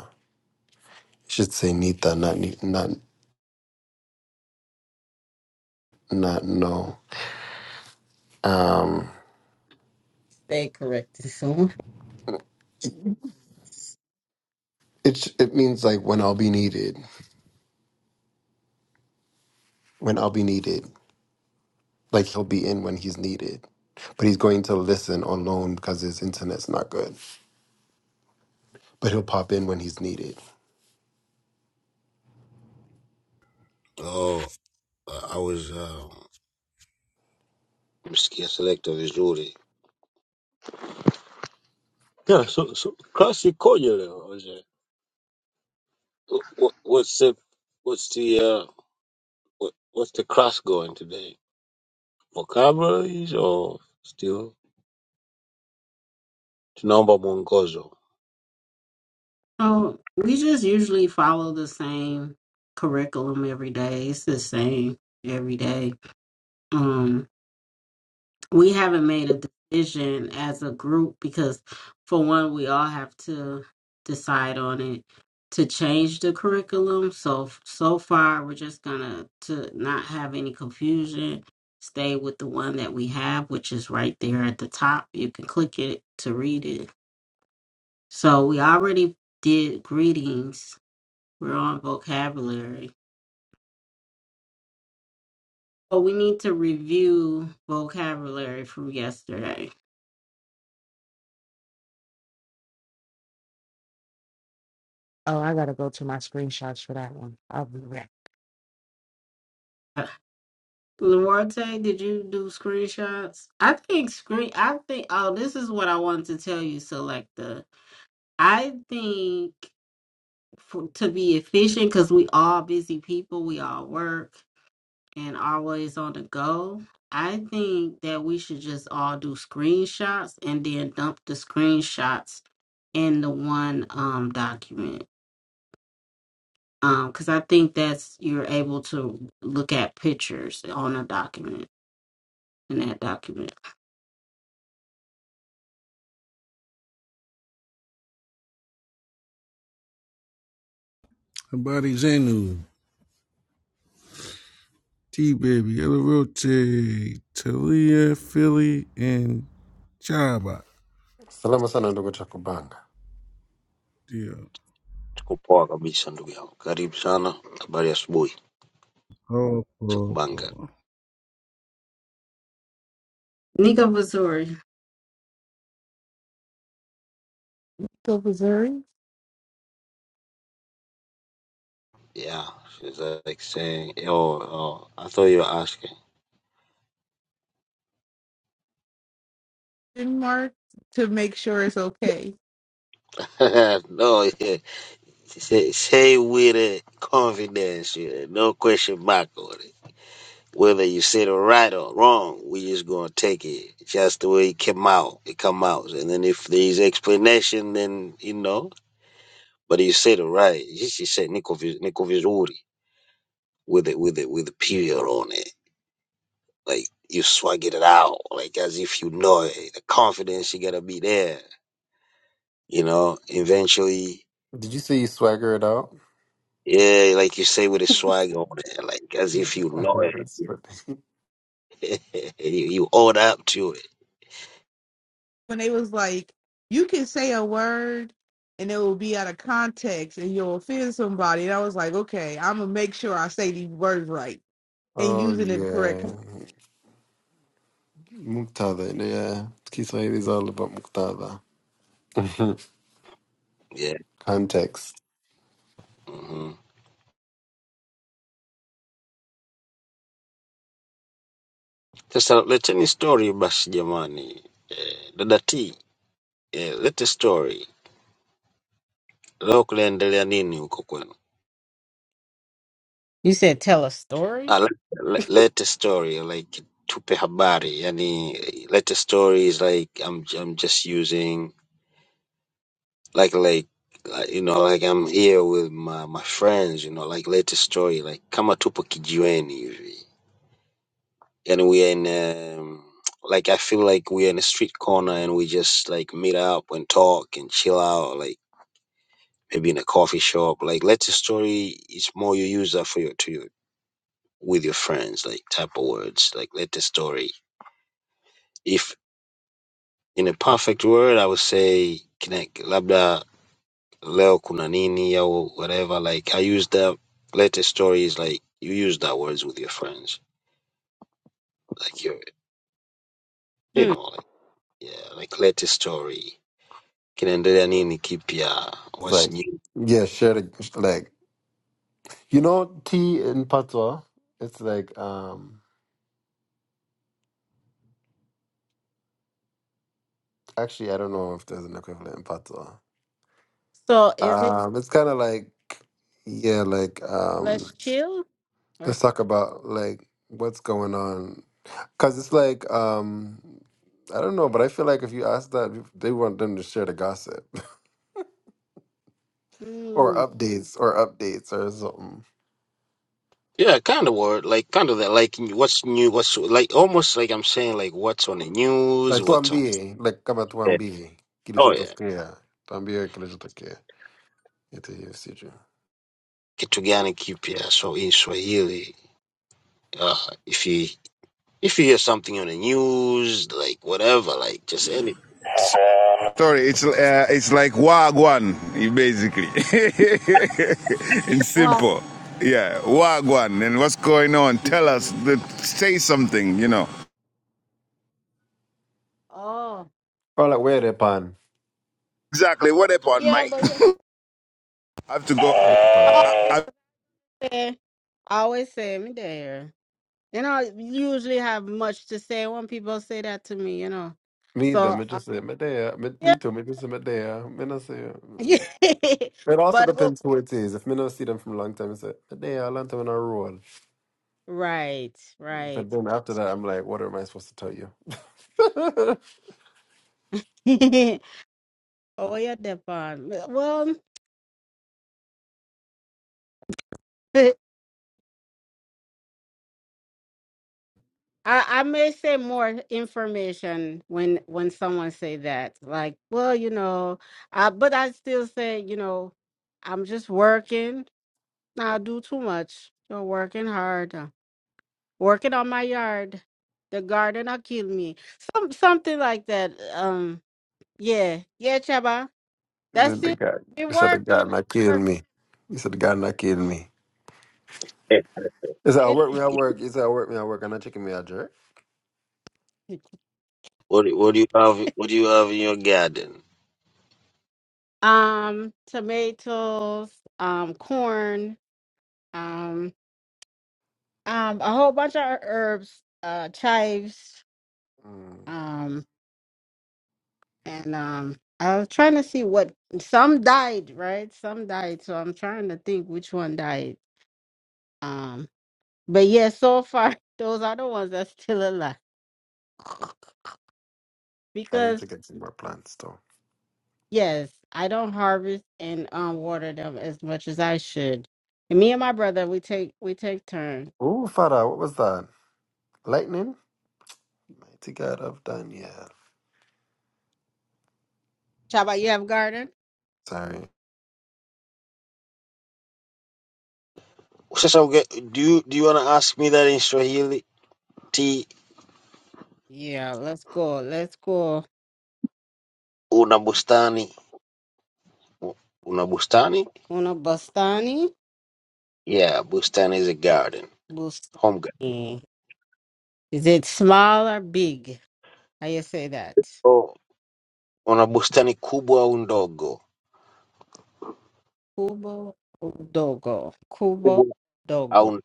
You should say Nita, not, ni- not, not no. Um,
They corrected someone.
it, it means like when I'll be needed. when I'll be needed. Like he'll be in when he's needed. But he's going to listen on loan because his internet's not good. But he'll pop in when he's needed.
Oh, I I was uh, msikia selekta vizuri. Yeah, so, so klasi ikoje leo Jose? Wh- What's the what's the uh, what, what's the class going today? Vocabularies or still? Tunaomba mwongozo.
Oh, we just usually follow the same curriculum every day. It's the same every day. Um, we haven't made a decision as a group because for one we all have to decide on it to change the curriculum so so far we're just gonna to not have any confusion stay with the one that we have which is right there at the top you can click it to read it so we already did greetings we're on vocabulary but we need to review vocabulary from yesterday
Oh, I gotta go to my screenshots for that one. I'll be right back.
Uh, Luarte, did you do screenshots? I think screen. I think. Oh, this is what I wanted to tell you, Selecta. I think for, to be efficient, because we all busy people, we all work and always on the go. I think that we should just all do screenshots and then dump the screenshots in the one um document. Um, because I think that's you're able to look at pictures on a document in that document.
Somebody Zenu, T Baby, Yellow Rotate, Talia, Philly, and Jabba.
Salama sana ndugu Chakubanga.
Yeah.
Tuko poa kabisa ndugu yangu, karibu sana. Habari ya asubuhi,
Oh,
cha
oh,
kubanga.
oh.
Nico Missouri.
So Missouri
Yeah, she's uh, like saying, oh, oh, I thought you were asking.
question mark to make sure it's okay.
no, yeah. Say, say with uh, confidence, yeah. no question mark on it. Whether you said it right or wrong, we just gonna take it just the way it came out. It come out, and then if there's explanation, then you know. But you said it right. You just you said niko vi- niko vizuri with it with it with a period on it. Like you swag it out, like as if you know it. The confidence you gotta be there. You know, eventually,
Did you say you swagger it out?
yeah, like you say with a swag on it, like as if you know
Yeah, that's
it.
good.
you, you own up to it.
When they was like, you can say a word and it will be out of context and you'll offend somebody. And I was like, okay, I'm gonna make sure I say these words right and
Oh
using it correct.
yeah. Muktadha. Yeah. Kiswahili is all about muktadha.
Yeah.
Context.
mm-hmm. Sasa leteni story basi jamani. Eh, dada T, eh, lete story. Leo kunaendelea nini huko kwenu?
You said tell a
Ah,
story?
le, le, lete story like tupe habari. Yani eh, lete story is like I'm I'm just using like like uh, you know like I'm here with my my friends, you know, like lete story like kama tupo kijiweni hivi. And we are in um, like I feel like we are in a street corner and we just like meet up and talk and chill out like maybe in a coffee shop. Like let the story it's more you use that for your to your with your friends, like type of words. Like let the story. If in a perfect word I would say connect labda leo kuna nini or whatever. Like I use that let the story is like you use that words with your friends. Like you you
Hmm.
know like yeah, like let the story. Kinaendelea nini kipya?
It's
What's
like
new?
yeah, share the like you know tea in patois. It's like um actually I don't know if there's an equivalent in patois.
So is it
Um, it's kind of like, yeah, like um,
let's chill or
let's talk about like what's going on, cause it's like um, I don't know, but I feel like if you ask that, they want them to share the gossip or
something?
updates or updates or something.
Yeah, kind of word, like kind of that, like what's new, what's like almost like I'm saying like what's on the
Like
news, what's on.
tuambie, like kama
Yeah.
tuambie,
Oh yeah,
kilichotokea, tuambie kilichotokea, ito hiyo siju.
kitu gani kipya? So in Swahili, uh, if you if you hear something on the news, like whatever, like just anything. Just,
Sorry, it's uh, it's like wagwan basically. In
Wow.
simple. Yeah, wagwan. And what's going on? Tell us. say something, you know.
Oh.
Or like where they pan,
Exactly. What happened,
Yeah,
mate?
but you
I have to go.
where pan.
always,
I,
say I always say me there. You know, I usually have much to say when people say that to me, you know.
Me either,
So
me
uh,
just say medea, me me
yeah.
too, me just say me there me not say. It also
but well,
depends who it is. If me not see them from a long time, it's like, today I learned them in a roll.
right, right.
But then after that, I'm like, what am I supposed to tell you?
oh yeah, Depan. Well I, I may say more information when when someone say that like well you know uh, but I still say you know I'm just working I do too much I'm working hard uh, working on my yard the garden will kill me some something like that um yeah yeah Chaba
then
that's
the
it
guy,
be
he said, the guy
working I
not kill
work
me. He said, the guy not kill me.
yeah.
He said, I
it
work me, I work. He said, I work me, I work. And I chicken me a jerk.
What do- what do you have? What do you have in your garden?
um tomatoes um corn um Um, a whole bunch of herbs, uh, chives,
Mm,
um, and um, I was trying to see what some died, right? Some died, so I'm trying to think which one died. Um, but yeah, so far those are the ones that's still alive
I need to
because
get some more plants, though.
yes, I don't harvest and um water them as much as I should. And me and my brother, we take we take turns.
Ooh, Father, what was that? Lightning? Mighty God of Daniel.
Chaba, you have garden?
Sorry.
Sasa uge, do you do you wanna ask me that in Swahili? T
Yeah, let's go, let's go.
una bustani, una bustani?
Una bustani,
Yeah, bustani is a garden, home
bustani. Is it small or big? How you say that?
garden. Una bustani kubwa au ndogo?
Kubo Dogo.
Kubwa
Kubo Dogo.
au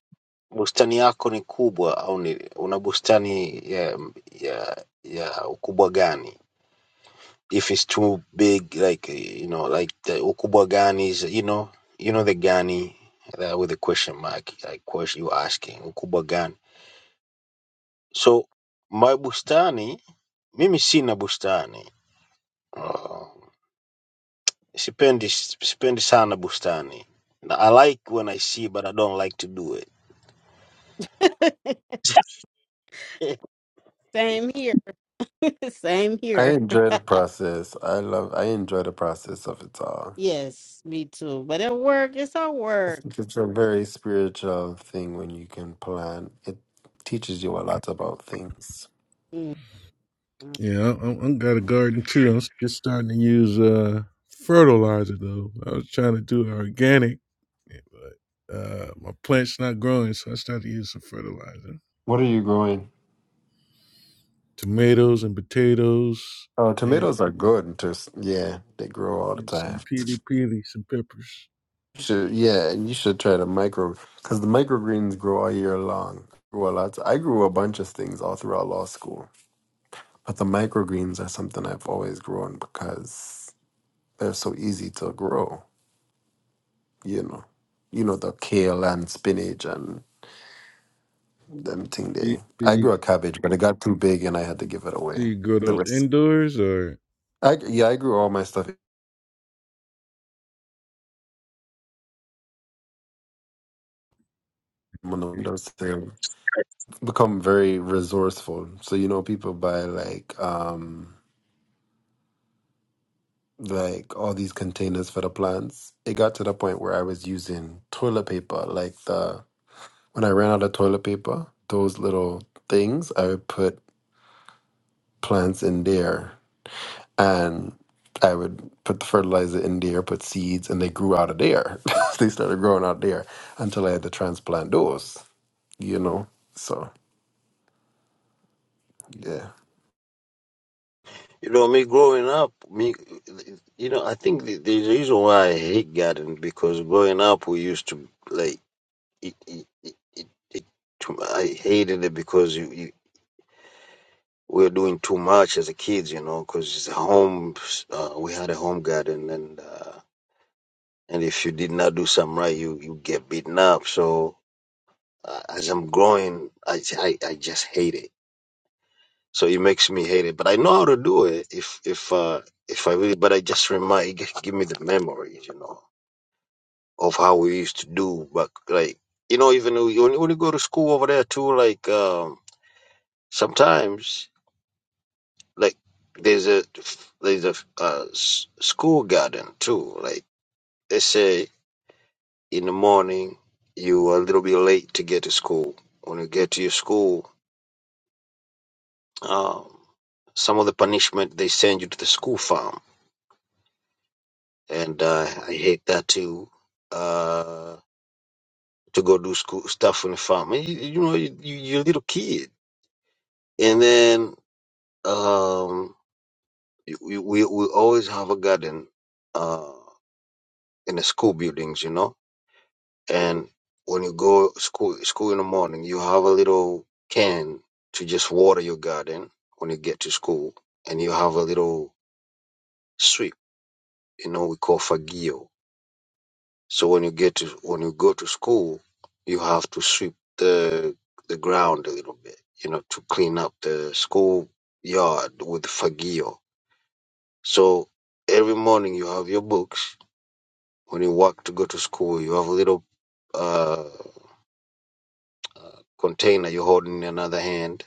bustani yako ni kubwa au ni una bustani ya ya ya ukubwa gani? If it's too big like you know like the ukubwa gani is you know you know the gani uh, with a question mark like question you asking ukubwa gani? So my bustani mimi sina bustani. Uh, sipendi sipendi sana bustani. I like when I see but I don't like to do it.
Same here. Same
I
here.
enjoy the process. I love, I enjoy the process of it all.
Yes, me too. But at work, it's our
I
work.
think it's a very spiritual thing when you can plan. It teaches you a lot about things.
Mm, mm.
Yeah, I, I, I got a garden too. I'm just starting to use uh fertilizer though. I was trying to do organic, but uh, my plant's not growing, so I started to use some fertilizer.
What are you growing?
Tomatoes and potatoes
Oh,
and,
tomatoes are good. To, s- yeah, they grow all the
and
time.
some peely peely, some peppers.
You should, yeah, and you should try to micro because the microgreens grow all year long. Grow a lot. I grew a bunch of things all throughout law school, but the microgreens are something I've always grown because they're so easy to grow. You know, you know the kale and spinach and. Them thing
Do you,
day.
do
I grew
you
a cabbage, but it got too big and I had to give it
do
away.
you grow
The
those
rest.
indoors or?
I, yeah, I grew all my stuff. in the windows to become very resourceful. So you know, people buy like um like all these containers for the plants. It got to the point where I was using toilet paper. Like the when I ran out of toilet paper, those little things I would put plants in there and I would put the fertilizer in there, put seeds, and they grew out of there. they started growing out there until I had to transplant those, you know. So yeah,
You know, me growing up, me, you know, I think the, the reason why I hate garden because growing up we used to like it. it, it, it, it too, I hated it because you, you we were doing too much as a kids, you know, because it's a home. Uh, we had a home garden, and uh, and if you did not do something right, you you get beaten up. So uh, as I'm growing, I I, I just hate it. So it makes me hate it. But I know how to do it if if uh if I really but I just remind it gi- give me the memories, you know, of how we used to do but like you know, even when you when you go to school over there too, like um sometimes like there's a there's a uh, s- school garden too. Like they say in the morning you are a little bit late to get to school. When you get to your school, um, some of the punishment they send you to the school farm and uh, I hate that too. uh, to go do school stuff on the farm. And you, you know, you, you- you're a little kid, and then um, we, we we always have a garden uh, in the school buildings, you know. And when you go school school in the morning, you have a little can to just water your garden when you get to school, and you have a little sweep, you know, we call fagio So when you get to when you go to school, you have to sweep the the ground a little bit, you know, to clean up the school yard with fagio. So every morning you have your books. When you walk to go to school, you have a little uh, uh, container you're holding in another hand.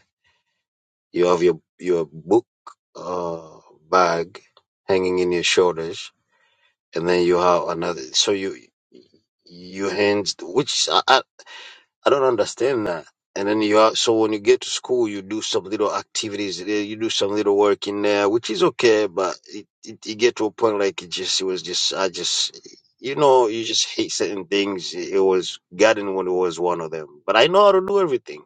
You have your your book uh, bag hanging in your shoulders, and then you have another. So you your hands, which I. I don't understand that. And then you are, so when you get to school, you do some little activities, there, you do some little work in there, which is okay, but it, it, you get to a point like it just, it was just, I just, you know, you just hate certain things. It was garden when it was one of them, but I know how to do everything,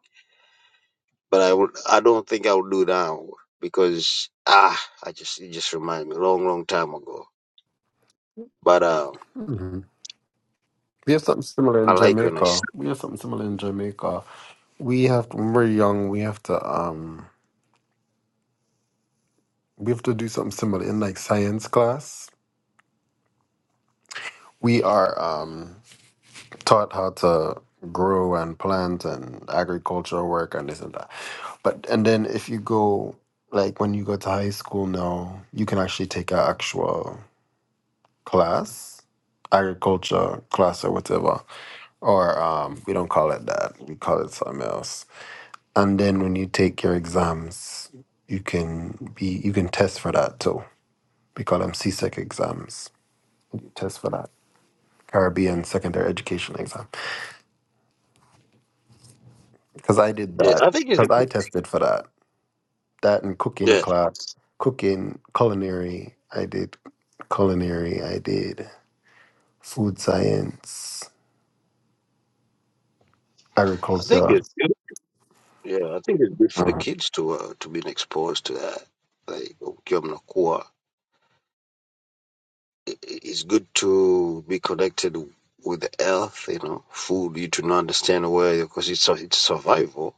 but I would, I don't think I would do now because, ah, I just, it just reminded me long, long time ago, but, um,
we have something similar
I
in
like when I, s-
Jamaica. We have something similar in Jamaica. We have when we're young, we have to um we have to do something similar in like science class. We are um taught how to grow and plant and agricultural work and this and that. But and then if you go like when you go to high school now, you can actually take an actual class, agriculture class or whatever. Or um, we don't call it that. We call it something else. And then when you take your exams, you can be you can test for that too. We call them CSEC exams. You test for that. Caribbean secondary education exam. Because I did
yeah,
that.
I think it's,
Because
a-
I tested for that. that in cooking
yeah,
class, cooking, culinary. I did culinary. I did food science,
I think
agriculture.
it's good. Yeah, I think it's good for the kids to uh, to being exposed to that. Like ukiwa mnakuwa, i- i- it's good to be connected with the earth. You know, food. You do not understand where because it's su- it's survival.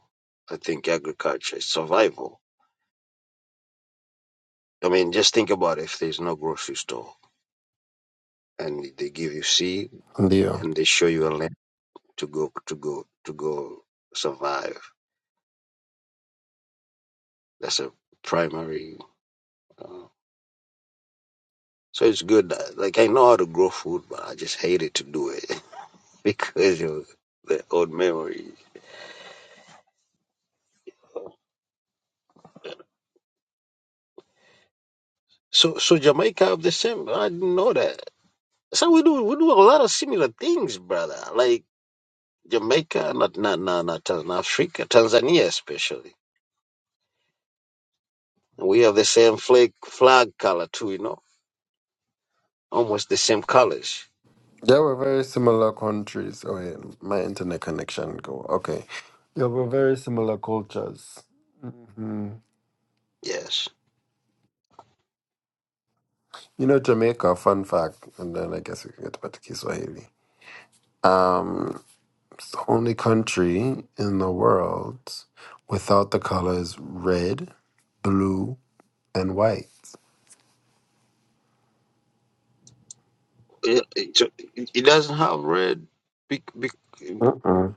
I think agriculture is survival. I mean, just think about if there's no grocery store and they give you seed
India.
and they show you a land to go to go to go survive. That's a primary. Uh, so it's good. that- Like I know how to grow food, but I just hated to do it. because of the old memories. So, so Jamaica have the same. I didn't know that. So we do we do a lot of similar things, brother. Like Jamaica, not not not not, Tan- Africa, Tanzania especially. We have the same flag flag color too. You know, almost the same colors.
They were very similar countries. Oh, yeah, my internet connection go. Okay. They were very similar cultures. hmm
Yes,
You know, Jamaica, fun fact, and then I guess we can get back to Kiswahili. Um, it's the only country in the world without the colors red, blue, and white.
it, it, it doesn't have red. Be, be,
Uh-uh.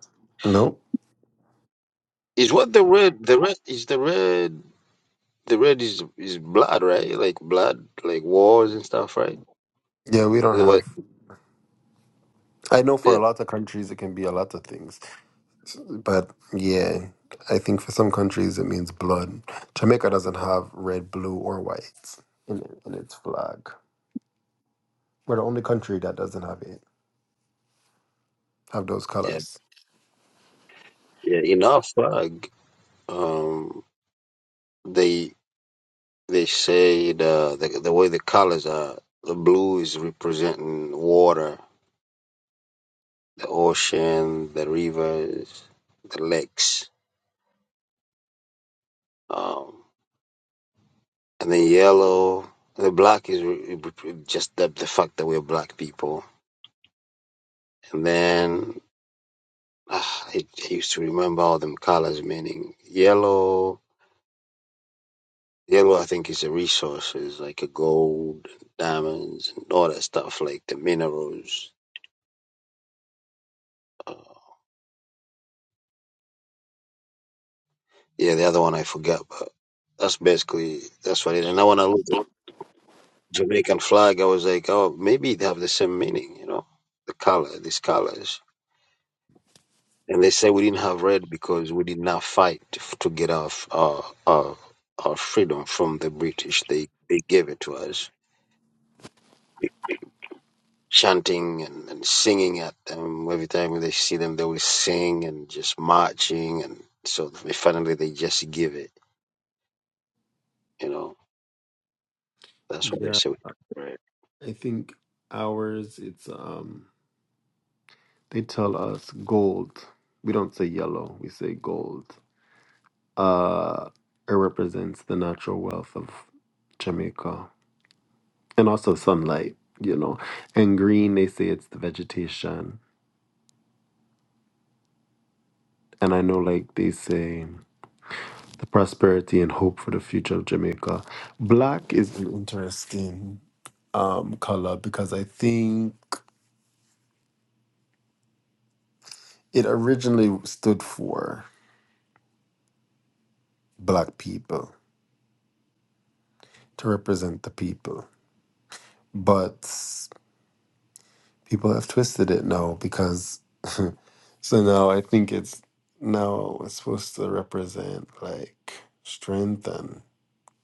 Nope.
is what the red? The red is the red. The red is is blood, right? Like blood, like wars and stuff, right?
Yeah, we don't
The what?
have. I know for a lot of countries it can be a lot of things, but yeah, I think for some countries it means blood. Jamaica doesn't have red, blue, or white in it, in its flag. We're the only country that doesn't have it have those
Yeah.
colors.
Yeah, enough. Uh, g- um, they they say uh, the the way the colors are, the blue is representing water, the ocean, the rivers, the lakes, um, and then yellow. The black is re- re- just the, the fact that we're black people. And then ah, I, I used to remember all them colors, meaning yellow. Yellow, I think, is the resources like a gold, diamonds, and all that stuff, like the minerals. Uh, yeah, the other one I forgot, but that's basically that's what it. And now when I looked at Jamaican flag, I was like, oh, maybe they have the same meaning, you know, the color, these colors. And they say we didn't have red because we did not fight f- to get our f- our our, our freedom from the British. They they gave it to us. chanting and, and singing at them. Every time they see them, they will sing and just marching. And so they finally, they just give it, you know. That's what they
Yeah,
say. Right.
I think ours. It's um, they tell us gold. We don't say yellow. We say gold. Uh, it represents the natural wealth of Jamaica and also sunlight, you know. And green, they say it's the vegetation. And I know, like, they say the prosperity and hope for the future of Jamaica. Black is an interesting um, color because I think it originally stood for black people to represent the people. But people have twisted it now because, so now I think it's now it's supposed to represent like strength and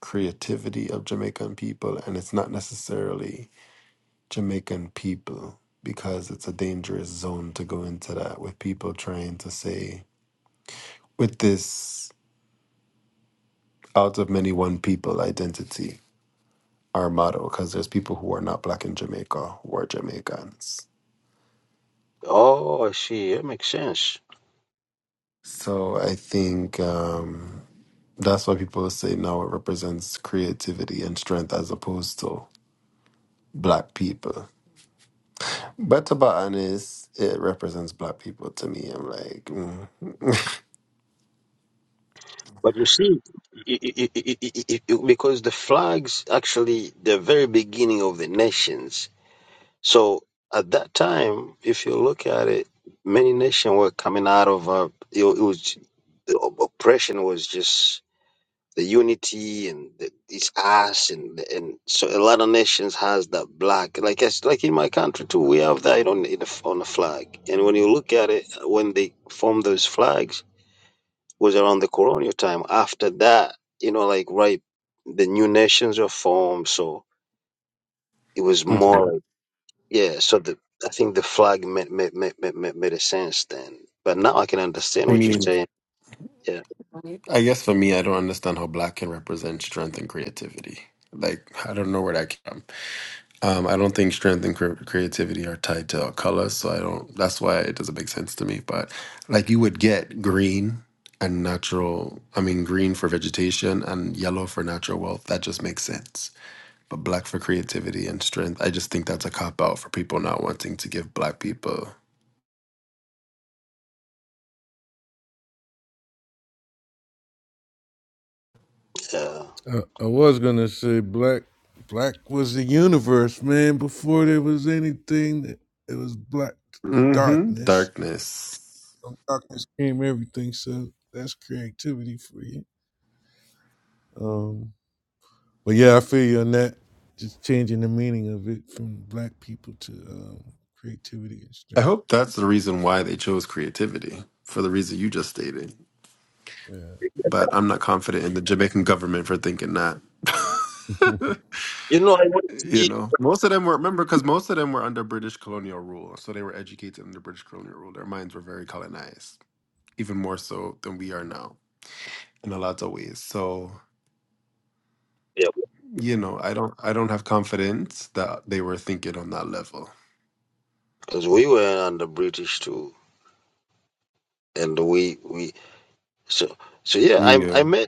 creativity of Jamaican people, and it's not necessarily Jamaican people because it's a dangerous zone to go into that with people trying to say, with this out of many one people identity, our motto, because there's people who are not black in Jamaica who are Jamaicans.
Oh, I see. It makes sense.
So I think um, that's why people say now it represents creativity and strength as opposed to black people But to be honest, it represents black people to me. I'm like, mm.
But you see, i i i i i i- i- because the flags actually the very beginning of the nations. So at that time, if you look at it, many nations were coming out of uh, it, it was the oppression was just the unity and the, it's us and and so a lot of nations has that black like it's like in my country too we have that on in the, f- on the flag and when you look at it when they formed those flags was around the colonial time after that you know like right the new nations were formed so it was
Mhm.
more like yeah so the I think the flag made made, made, made, made made a sense then but now I can understand
I
what you're
mean,
saying yeah
I guess for me, I don't understand how black can represent strength and creativity. Like, I don't know where that came from. Um, I don't think strength and cre- creativity are tied to our color, so I don't. That's why it doesn't make sense to me. But like, you would get green and natural. I mean, green for vegetation and yellow for natural wealth. That just makes sense. But black for creativity and strength. I just think that's a cop out for people not wanting to give black people
yeah
I, I was gonna say black. Black was the universe, man. Before there was anything, that- it was black
hmm
darkness.
Darkness.
From Darkness came everything. So that's creativity for you. Um, but yeah, I feel you on that. Just changing the meaning of it from black people to um, creativity and
I
strength.
hope that's the reason why they chose creativity for the reason you just stated.
Yeah.
But I'm not confident in the Jamaican government for thinking that.
you know I went to
you
G-
know, most of them were remember because most of them were under British colonial rule, so they were educated under British colonial rule. Their minds were very colonized, even more so than we are now in a lot of ways. So
yeah
you know, I don't, I don't have confidence that they were thinking on that level.
because we were under British too and we we so so yeah. I
Yeah.
I met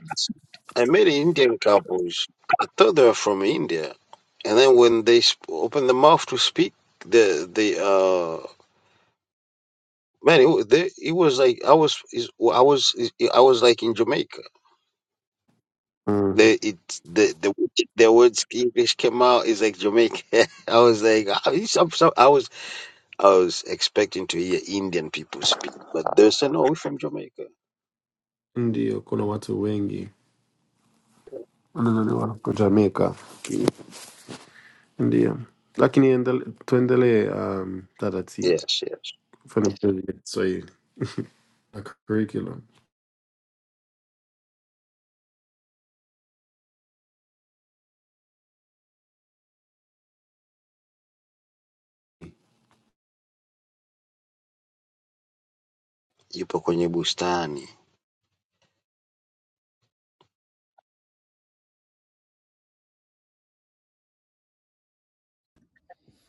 I met Indian couples. I thought they were from India, and then when they sp- opened their mouth to speak, the the uh man, it, wa- they, it was like I was is- I was I was like in Jamaica.
Mm.
The it the the the words English came out is like Jamaica. I was like I, some, some, I was I was expecting to hear Indian people speak, but they said no, we're from Jamaica.
Ndio, kuna watu wengi. wanazaliwa kwa Jamaica, ndio. Lakini endele, tuendelee um, dada
Yes, yes.
kufanya kazi ya Kiswahili na curriculum.
Ipo kwenye bustani.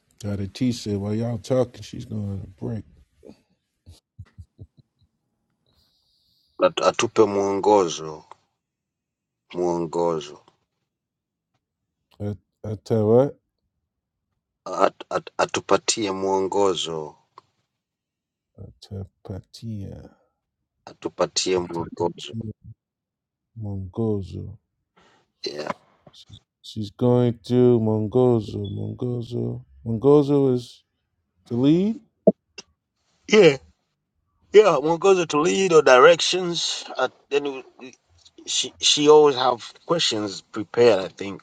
Got a T said while y'all talking, she's going on a break.
At- atupe mwongozo mwongozo
At- Ata what?
At- at- atupatie mwongozo
Atapatia.
atupatie mwongozo
Atapatia. Mongozo.
yeah
She's she's going to Mongozo. Mongozo. Mongozo is the lead.
yeah yeah mwongozo to lead or directions at, and we- she, she always have questions prepared i think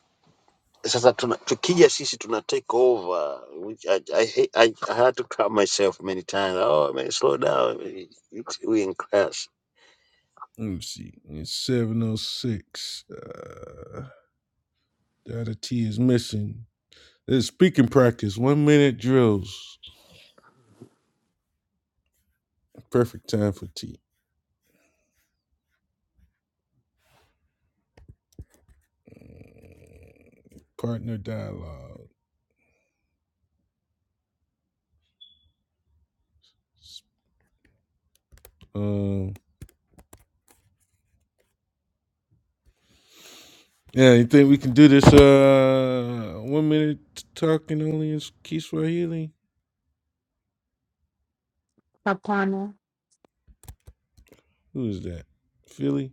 sasa tuna, tukija sisi tuna take over which I, I, hate- I, i had to calm myself many times oh man slow down we we in class
Let me see. It's 706. Uh, the other T is missing. This is speaking practice. One minute drills. Perfect time for T. Partner dialogue. Um, yeah, you think we can do this uh one minute talking only is Kiswahili.
Kapana,
Who is that? Philly?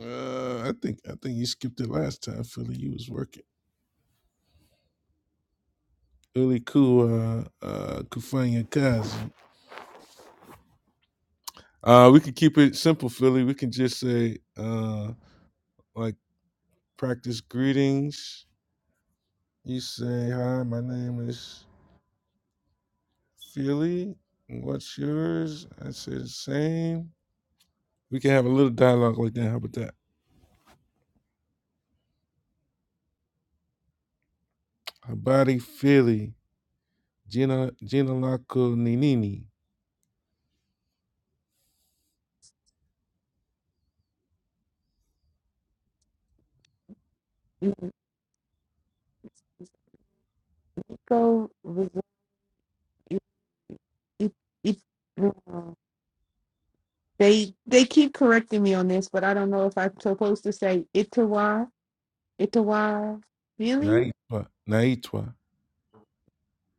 Uh, I think I think you skipped it last time, Philly. You was working. Philly Cool, uh, uh, Kufanya Kazi. Uh, we can keep it simple, Philly. We can just say, uh, like, practice greetings. You say, hi, my name is Philly. What's yours? I say the same. We can have a little dialogue like that. How about that? Habari Philly, Gina, Gina Lako Ninini,
go it, it, uh, they they keep correcting me on this, but I don't know if I'm supposed to say Itawa, Itawa, Philly,
Naitwa, Naitwa,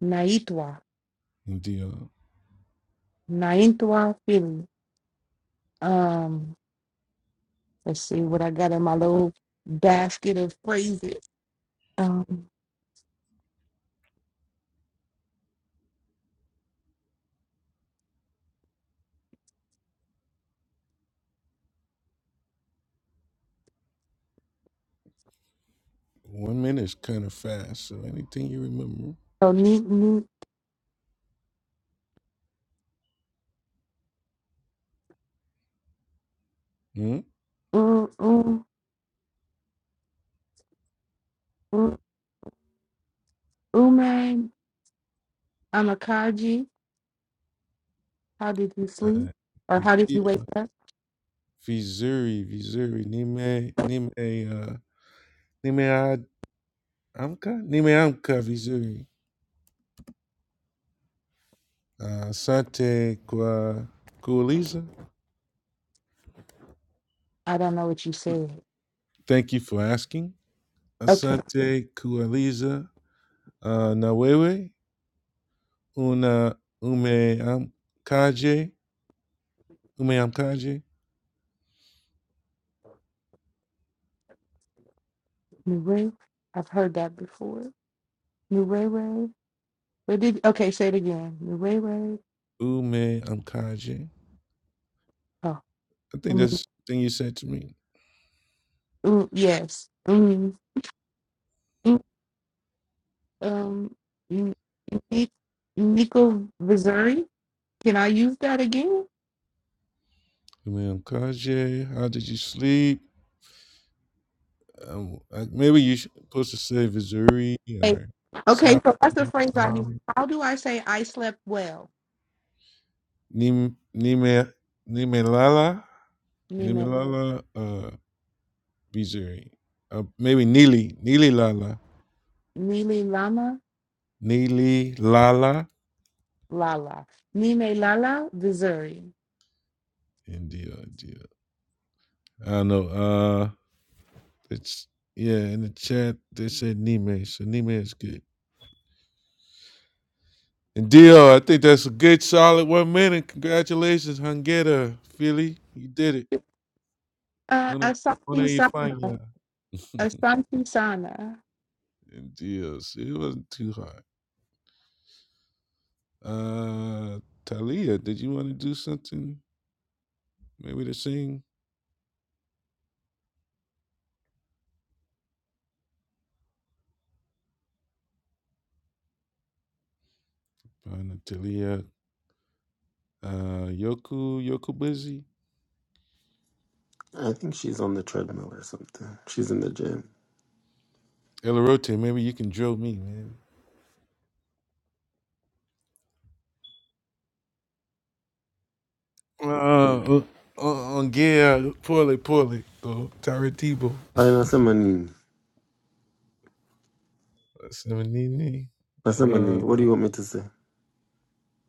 Naitwa,
Ndio.
Naitwa, Philly. Um, let's see what I got in my little basket of phrases. Um,
One minute is kind of fast, so anything you remember.
so ni ni
Hmm?
u u u ume amakaji. How did you sleep, or how did
Uh,
you wake up?
Vizuri, Vizuri, Nime, Nime, uh, Nime Ad- Amka, Nime Amka, Vizuri. Uh, Asante kwa kuuliza.
I don't know what you said.
Thank you for asking.
Okay,
Asante kuuliza. Uh, na wewe una ume amkaje, ume amkaje,
Nure, I've heard that before. Nure What did? Okay, say it again. The way, way.
ume amkaje.
Oh,
I think
um,
that's the thing you said to me.
mm, yes. Mm, mm, um, mm, Ni- Nico Missouri. Can I use that again?
Man, Kanye, how did you sleep? Um, I, maybe you should supposed to say Missouri
Like,
or
okay,
Sa-
so that's the phrase I need.
Salam.
How do I say I slept well?
Nim Nime Nimelala
Nime,
Nimelala uh Missouri. Uh, maybe Neely Neely Lala
Nile Lama
Neely Lala
Lala. Nime Lala Missouri.
India India I know. Uh, it's yeah. In the chat, they said Nime, so Nime is good. And Dio, I think that's a good, solid one minute. Congratulations, Hungera, Philly, you did it.
Uh,
Una, una
Asante
y
Sana.
faña.
Asante Sana.
and Dio, see, it wasn't too hard. Uh, Talia, did you want to do something? Maybe to sing. Probably not Talia, uh, Yoku, Yoku Busy,
I think she's on the treadmill or something. She's in the gym.
Elarote. Maybe you can drill me, man. Uh, uh, uh, yeah, poorly, poorly. Uh, Taratibo,
Aya, nasema nini?
Semenini,
Nasema
uh,
nini? What do you want me to say?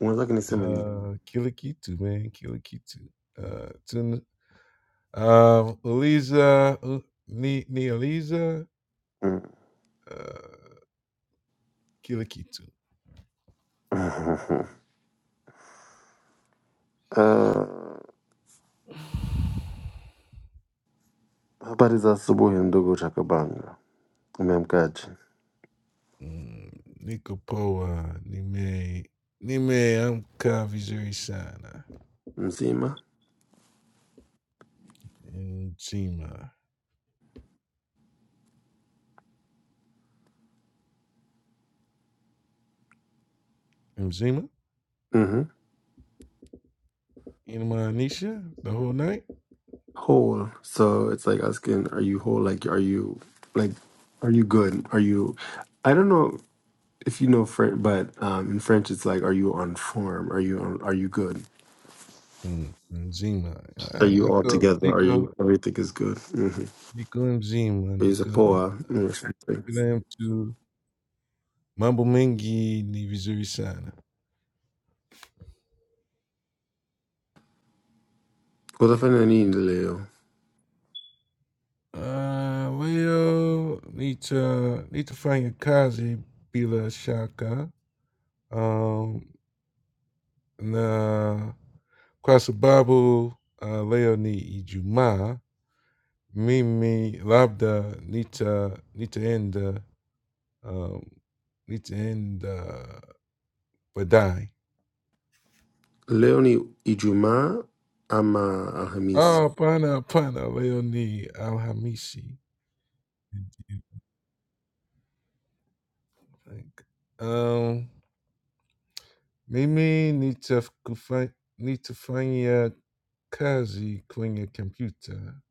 Unataka niseme nini?
uh, Kilikitu, man, Kilikitu. Uh, Tun, uh, Eliza, uh, Ni, Ni Eliza,
Mm.
uh, Kilikitu.
Uh, habari za asubuhi ndugu Chakabanga, umeamkaje?
Mm, Nikopoa, Nime, Nime, I'm Kavizuri Sana,
Mzima?
Nzima, Nzima, Inma Anisha, the whole night.
whole. So it's like asking, are you whole? Like, are you like, are you good? Are you? I don't know if you know French, but um, in French, it's like, are you on form? Are you on? Are you good?
Mm, Nzima,
Are
uh,
you all
Nico,
together? Are you
Nico.
everything is good? Mm-hmm.
Mzima
Is a
niko
poa. mm, something.
kila mtu, mambo mengi ni vizuri sana.
Cosa fai nini leo?
Ah, leo nita nitafanya kazi bila shaka, um, na kwa sababu uh, leo ni Ijumaa, mimi labda nita nitaenda um, nitaenda baadaye.
Leo ni Ijumaa ama Alhamisi.
Ah, hapana, hapana, leo ni Alhamisi. Like, um, mimi need need to find need to find nitakufa- nitafanya kazi kwenye computer.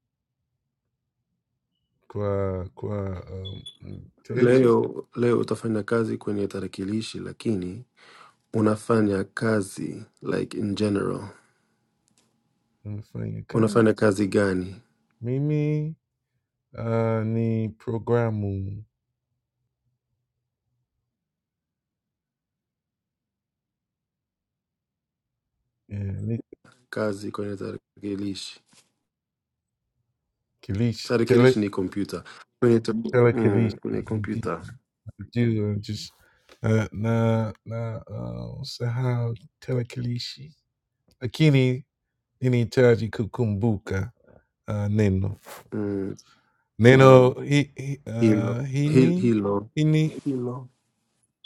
kwa kwa um, mteja
Leo leo utafanya kazi kwenye tarakilishi, lakini unafanya kazi like in general.
anafanya kazi.
Unafanya kazi gani?
Mimi uh, ni programu eh, ni
kazi kwenye tarakilishi.
kilishi
Tarakilishi
tele
ni kompyuta kwenye ta
telekilishi
mm, kwenye
ndio
kompyuta
najua just uh, na na uh, sahau telekilishi, lakini ninahitaji kukumbuka uh, neno.
mm,
Neno hi hi
hilo
uh
hil-
hini
hilo
hini
hilo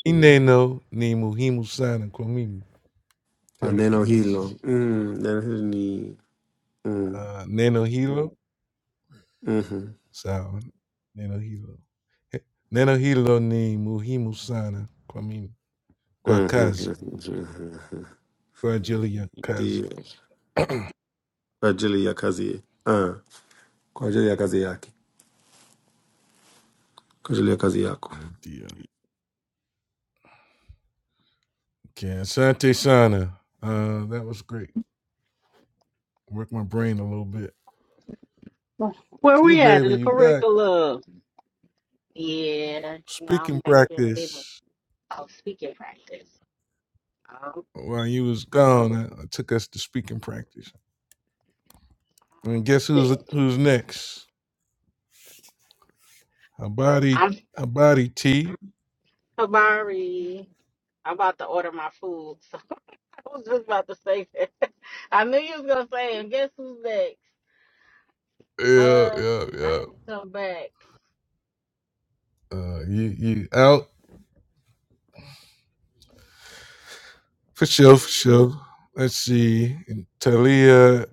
ineno ni muhimu sana kwa mimi
Ah, neno hilo
telekilishi.
mm, neno hilo ni mm,
Uh, neno hilo
mhm,
sawa, neno hilo He- neno hilo ni muhimu sana kwa mimi, kwa kazi,
mhm.
kwa ajili ya kazi.
Ndio. kwa ajili ya kazi ah, kwa ajili ya kazi yake kwa ajili ya kazi yako
Ndio. Okay, asante sana. Uh, that was great. Worked my brain a little bit.
Where
T
we at in
baby,
the
you back?
curriculum? Yeah, you I'm
Speaking
taking a bit of
practice.
speaking practice. Um,
While you was gone, I, I took us to speaking practice. And guess who's who's next? Abadi
I'm
Abadi T.
sorry. I'm about to order my food. I was just about to say that. I knew you was gonna say, and guess who's next?
Yeah,
Uh,
yeah,
I
yeah.
have to come back.
Uh, you you out for sure, for sure. Let's see, and Talia.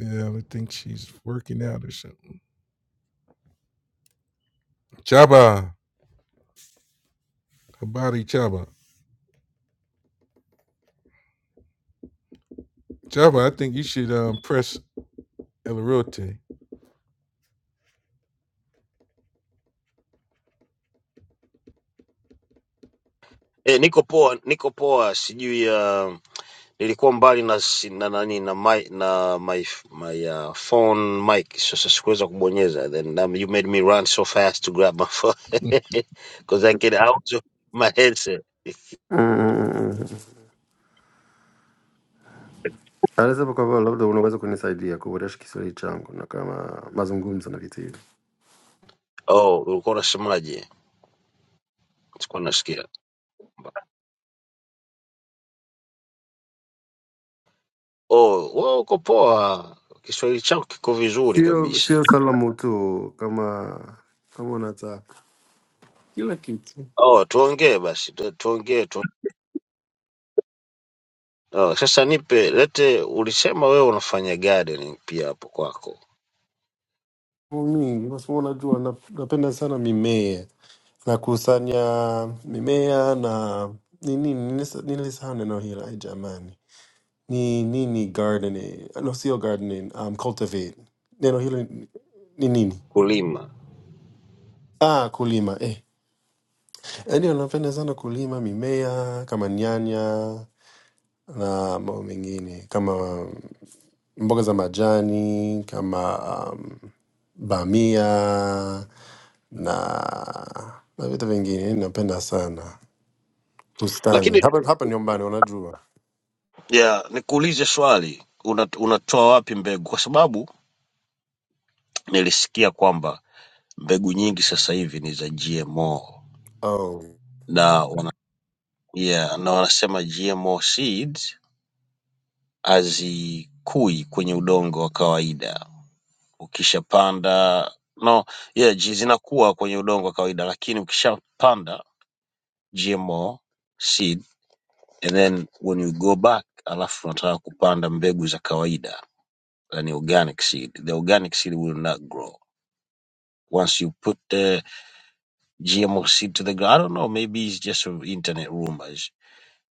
Yeah, I think she's working out or something. Chaba Abadi Chaba Chaba. I think you should um, press El Rote.
eh, niko poa niko poa sijui um, nilikuwa mbali na si- na nani na my na my my uh, phone mic sasa sikuweza kubonyeza then um, you made me run so fast to grab my phone because I can out of my headset
Mm, mm, mm. mm, mm. alisema kwamba labda unaweza kunisaidia kuboresha Kiswahili changu na kama mazungumzo na vitu hivyo.
oh ulikuwa unasemaje sikuwa nasikia oh wewe uko poa Kiswahili chako kiko vizuri
sio
kabisa
sio salamu tu kama kama unataka kila kitu
oh tuongee basi tu- tuongee tu oh, sasa nipe lete ulisema wewe unafanya gardening pia hapo kwako
Mambo mingi, kwa sababu unajua nap- napenda sana mimea nakusanya mimea na ni nini nilisa- nilisahau neno hilo ai jamani ni nini gardening no sio gardening um, cultivate neno hilo ni ni nini
kulima
ah kulima eh ndio napenda sana kulima mimea kama nyanya na mambo mengine kama mboga za majani kama um, bamia na na vitu vingine napenda sana bustani
lakini
hapa hapa nyumbani unajua
Yeah, nikuulize swali, una, unatoa wapi mbegu? Kwa sababu nilisikia kwamba mbegu nyingi sasa hivi ni za GMO
oh.
na wana, yeah, na wanasema GMO seeds hazikui kwenye udongo wa kawaida. Ukishapanda no, yeah, ji- zinakuwa kwenye udongo wa kawaida, lakini ukishapanda GMO seed and then when you go back, alafu unataka kupanda mbegu za kawaida, yani organic seed, the organic seed will not grow Once you put the GMO seed to the ground, I don't know, maybe it's just internet rumors.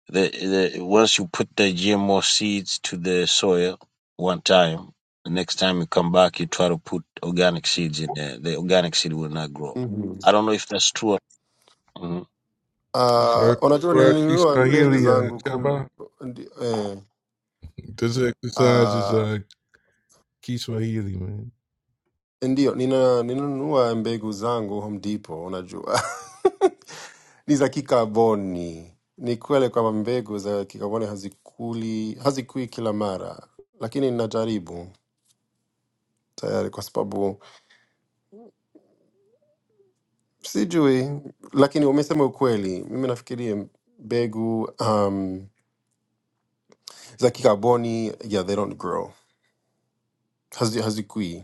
The, the once you put the GMO seeds to the soil one time, the next time you come back, you try to put organic seeds in there. The organic seed will not grow.
mm-hmm.
I don't know if that's true. or- Mhm.
Kwa-
uh, unajua
kwa
nilinunua mbegu
Kiswahili, uh,
zangu kum,
Chaba.
ndi, eh,
This exercise is
uh,
uh, Kiswahili, man.
Ndiyo, nina ninanunua mbegu zangu Home Depot, unajua ni za kikaboni. Ni kweli kwamba mbegu za kikaboni hazikuli hazikui kila mara, lakini ninajaribu tayari, kwa sababu sijui, lakini umesema ukweli. Mimi nafikiria mbegu um, za kikaboni yeah, they don't grow, Hazi, hazikui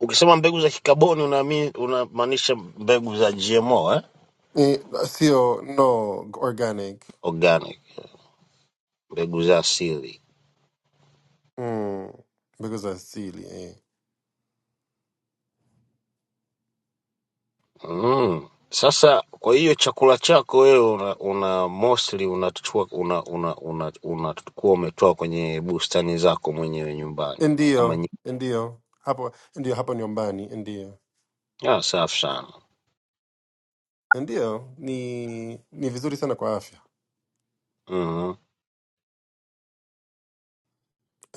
Ukisema mbegu za kikaboni unaamini unamaanisha mbegu za GMO eh?
eh, sio no organic
Organic, mbegu za asili.
mm, mbegu za asili eh.
Mm. Sasa kwa hiyo chakula chako wewe una, una mostly unachukua una, una, una, unakuwa umetoa kwenye bustani zako mwenyewe nyumbani kama
Ndio,
nyi.
ndio hapo, ndio hapo ni nyumbani, ndio
Ah, safi sana.
ndio ni ni vizuri sana kwa afya.
Mhm.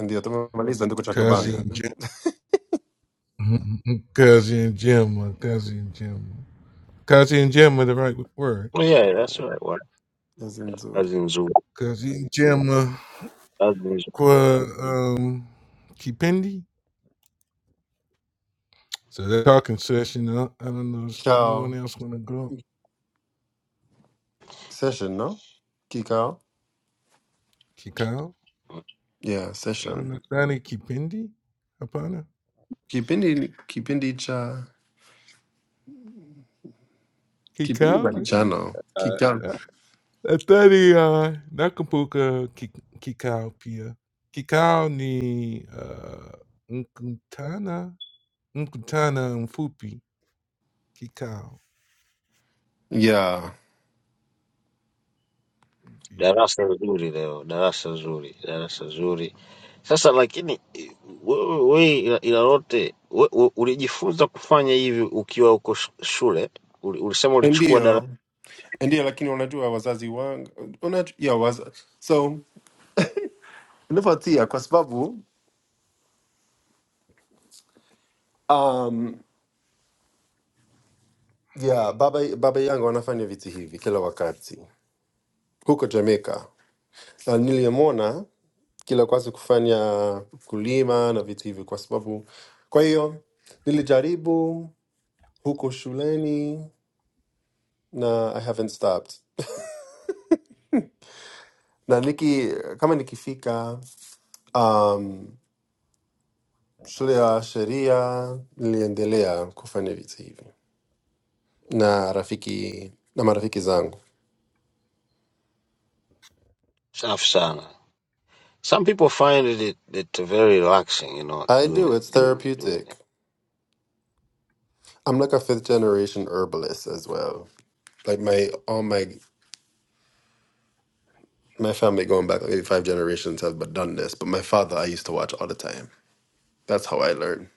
Ndio tumemaliza ndugu
Kazi
Chakabanga.
and Jim. Kazi and Jim. uh, Kazi and Jim. Kazi and Gemma the right word.
Oh, Yeah, that's
Mm,
right. Wa-
Kazi nzuri.
Kazi nzuri,
Kazi and Gemma
kazi nzuri,
qua um Kipendi. So that talking session. I don't I don't know if anyone
Kikao
else wanna go.
session, no? Kikao,
Kikau?
yeah,
Uh,
session.
Nathani Kipendi? Apana?
Kipindi kipindi cha kipindi cha
Kikau?
mchano
Uh,
kikao,
uh, Nathani uh, Nakampuka Ki- Kikau Pia. Kikau ni uh, Nkutana Nkutana Mfupi Kikau.
yeah,
Ndio.
darasa zuri leo, darasa zuri, darasa zuri. Sasa lakini eh, wewe we, ila ila lote we- we- ulijifunza kufanya hivi ukiwa uko sh- shule? Uli- Ulisema ulichukua darasa.
ndio ndio. Lakini unajua wazazi wangu unajua, yeah, waz so nilifuatia kwa sababu um, yeah baba, baba yangu anafanya vitu hivi kila wakati huko jamaica na niliyemwona kila kwasi kufanya kulima na vitu hivi kwa sababu kwa hiyo nilijaribu huko shuleni na i haven't stopped na niki kama nikifika um, shule ya sheria niliendelea kufanya vitu hivi na rafiki na marafiki zangu
Safi sana. Some people find it, it, it very relaxing, you know,
i
doing
do it's
it, doing it, doing
therapeutic
it.
i'm like a fifth generation herbalist as well like my all my my family going back like maybe five generations have but done this but my father i used to watch all the time that's how i learned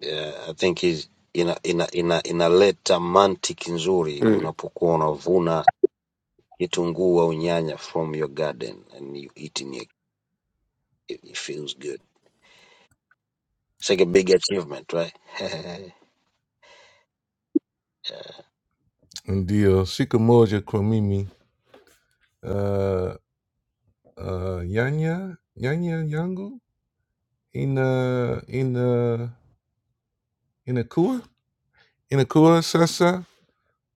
Yeah, I think is ina ina ina inaleta mantiki nzuri
mm.
unapokuwa unavuna kitunguu au nyanya from your garden and you eating it. It it feels good. It's like a big achievement, right?
Ndio. Shikamoja kwa mimi. Uh, uh Yanya Yanya Yangu in uh in uh in a kua in a kua sasa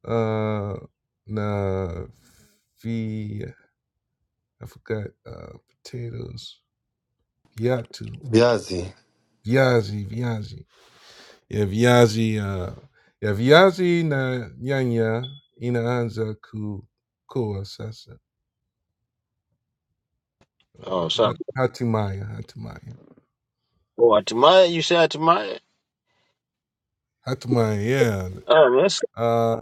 uh na fi I forgot uh potatoes yatu
viazi
viazi viazi yeah viazi uh yeah viazi na Yanya inaanza ku kua sasa uh,
oh, so
hat- hatimaya hatimaya
oh, hatimaye you say hatimaye.
hatimaya yeah
Oh, that's
uh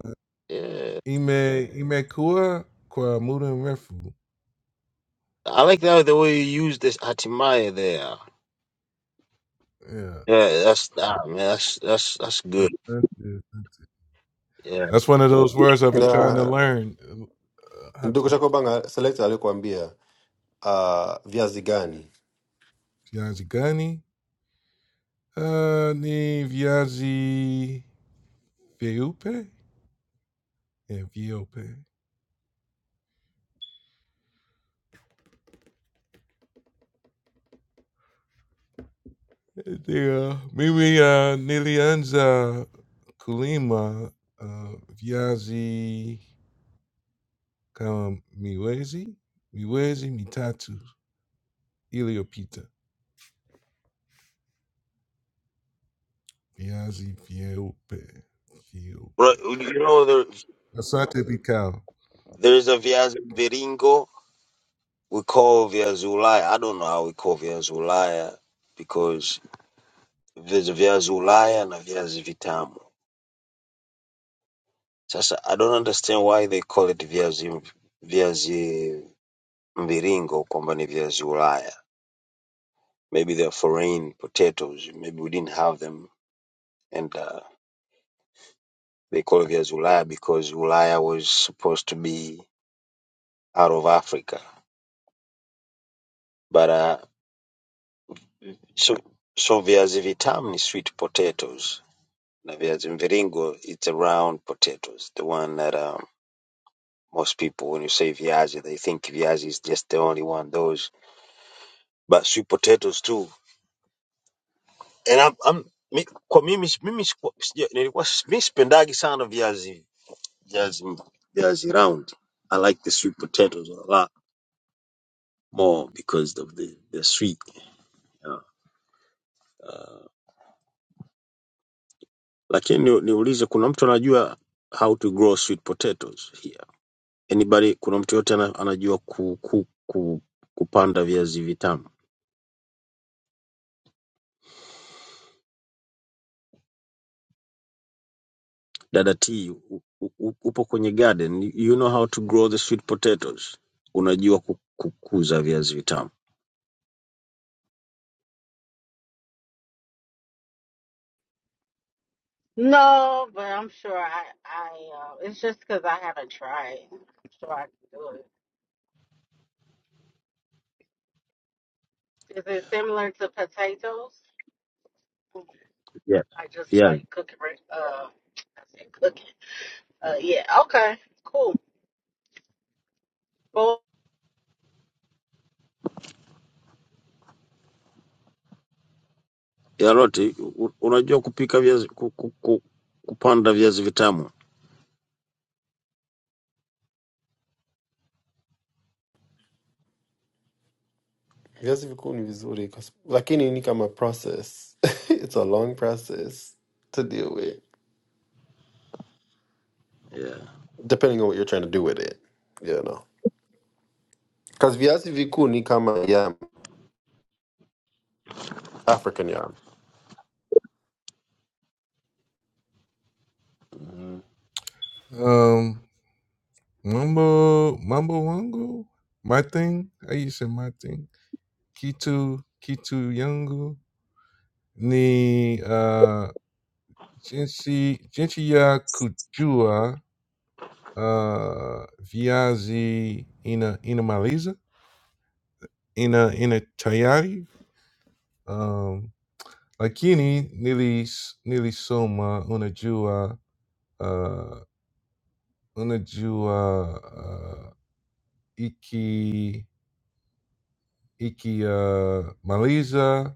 yeah.
Ime Ime Kua Kwamuda Refu.
I like that the way you use this hatimaye there.
Yeah,
Yeah, that's ah, man, that's that's that's
that's,
good.
that's, it, that's, it.
Yeah.
that's one of those words I've been trying to
na
learn. Uh, How to
ndugu chako banga select alikwambia uh, viazi gani
Vyazi Gani? Uh, ni Vyazi Viupe? Yeah, Viupe. Yeah, mimi uh, nilianza kulima uh, viazi kama miwezi miwezi mitatu iliyopita. Viazi vyeupe
but
vyeupe.
you know, the
Asante Picao.
There's a viazi viringo. We call viazi ulaya. I don't know how we call viazi ulaya because there's a viazi ulaya na viazi vitamu. Sasa I don't understand why they call it viazi viazi mviringo kwamba ni viazi ulaya. Maybe they're foreign potatoes. Maybe we didn't have them and uh, they call it viazi ulaya because ulaya was supposed to be out of Africa. But uh, so so viazi vitamu ni sweet potatoes. na viazi mviringo it's a round potatoes the one that um most people when you say viazi they think viazi is just the only one those but sweet potatoes too and I'm, I'm mi, kwa mimi si- mimi siku- sija- nilikuwa si- mi sipendagi sana viazi viazi viazi round I like the sweet potatoes a lot more because of the the sweet you know. uh, lakini ni- niulize kuna mtu anajua how to grow sweet potatoes here. anybody kuna mtu yote ana, anajua ku, ku, ku, kupanda viazi vitamu dada t u- u- upo kwenye garden you know how to grow the sweet potatoes unajua ku- kukuza viazi vitamu
No, but I'm sure I, I, uh, it's just 'cause I haven't tried. I'm sure I can do it. Is it similar to potatoes?
yeah.
I just
viazi
like cooking, re- uh, I said cooking. Uh, yeah, okay, cool. Full,
yaroti u- unajua kupika viazi ku, ku, ku, kupanda viazi vitamu
viazi vikuu ni vizuri kwa sababu- lakini ni kama process it's a long process to deal with
yeah.
depending on what you're trying to do with it you know because viazi vikuu ni kama yam african yam
Mm.
Um, mambo, mambo wangu, Martin, aí isso é Martin. Kitu, kitu yangu, ni uh, jinsi, jinsi ya kujua uh, viazi ina, ina maliza, ina, ina tayari. Um, lakini nilis, nilisoma unajua, uh, unajua uh, iki ikimaliza uh,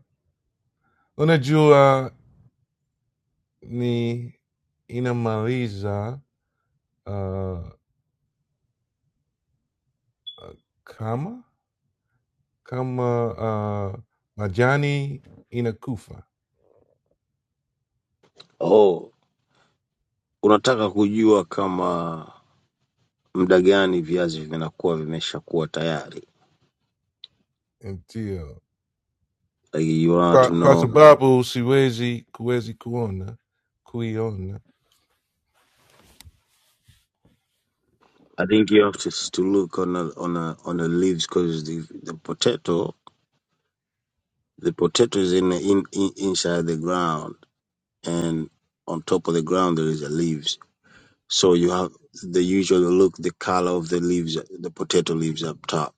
unajua ni inamaliza uh, kama kama uh, majani inakufa
oh unataka kujua kama muda gani viazi vinakuwa vimeshakuwa tayari
ndio
like you want
Pa-
to
kwa
know
sababu siwezi kuwezi kuona kuiona
I think you have to, to look on a, on a, on the leaves because the the potato the potato is in, the, in in inside the ground and on top of the ground there is the leaves. So you have they usually look the color of the leaves, the potato leaves up top.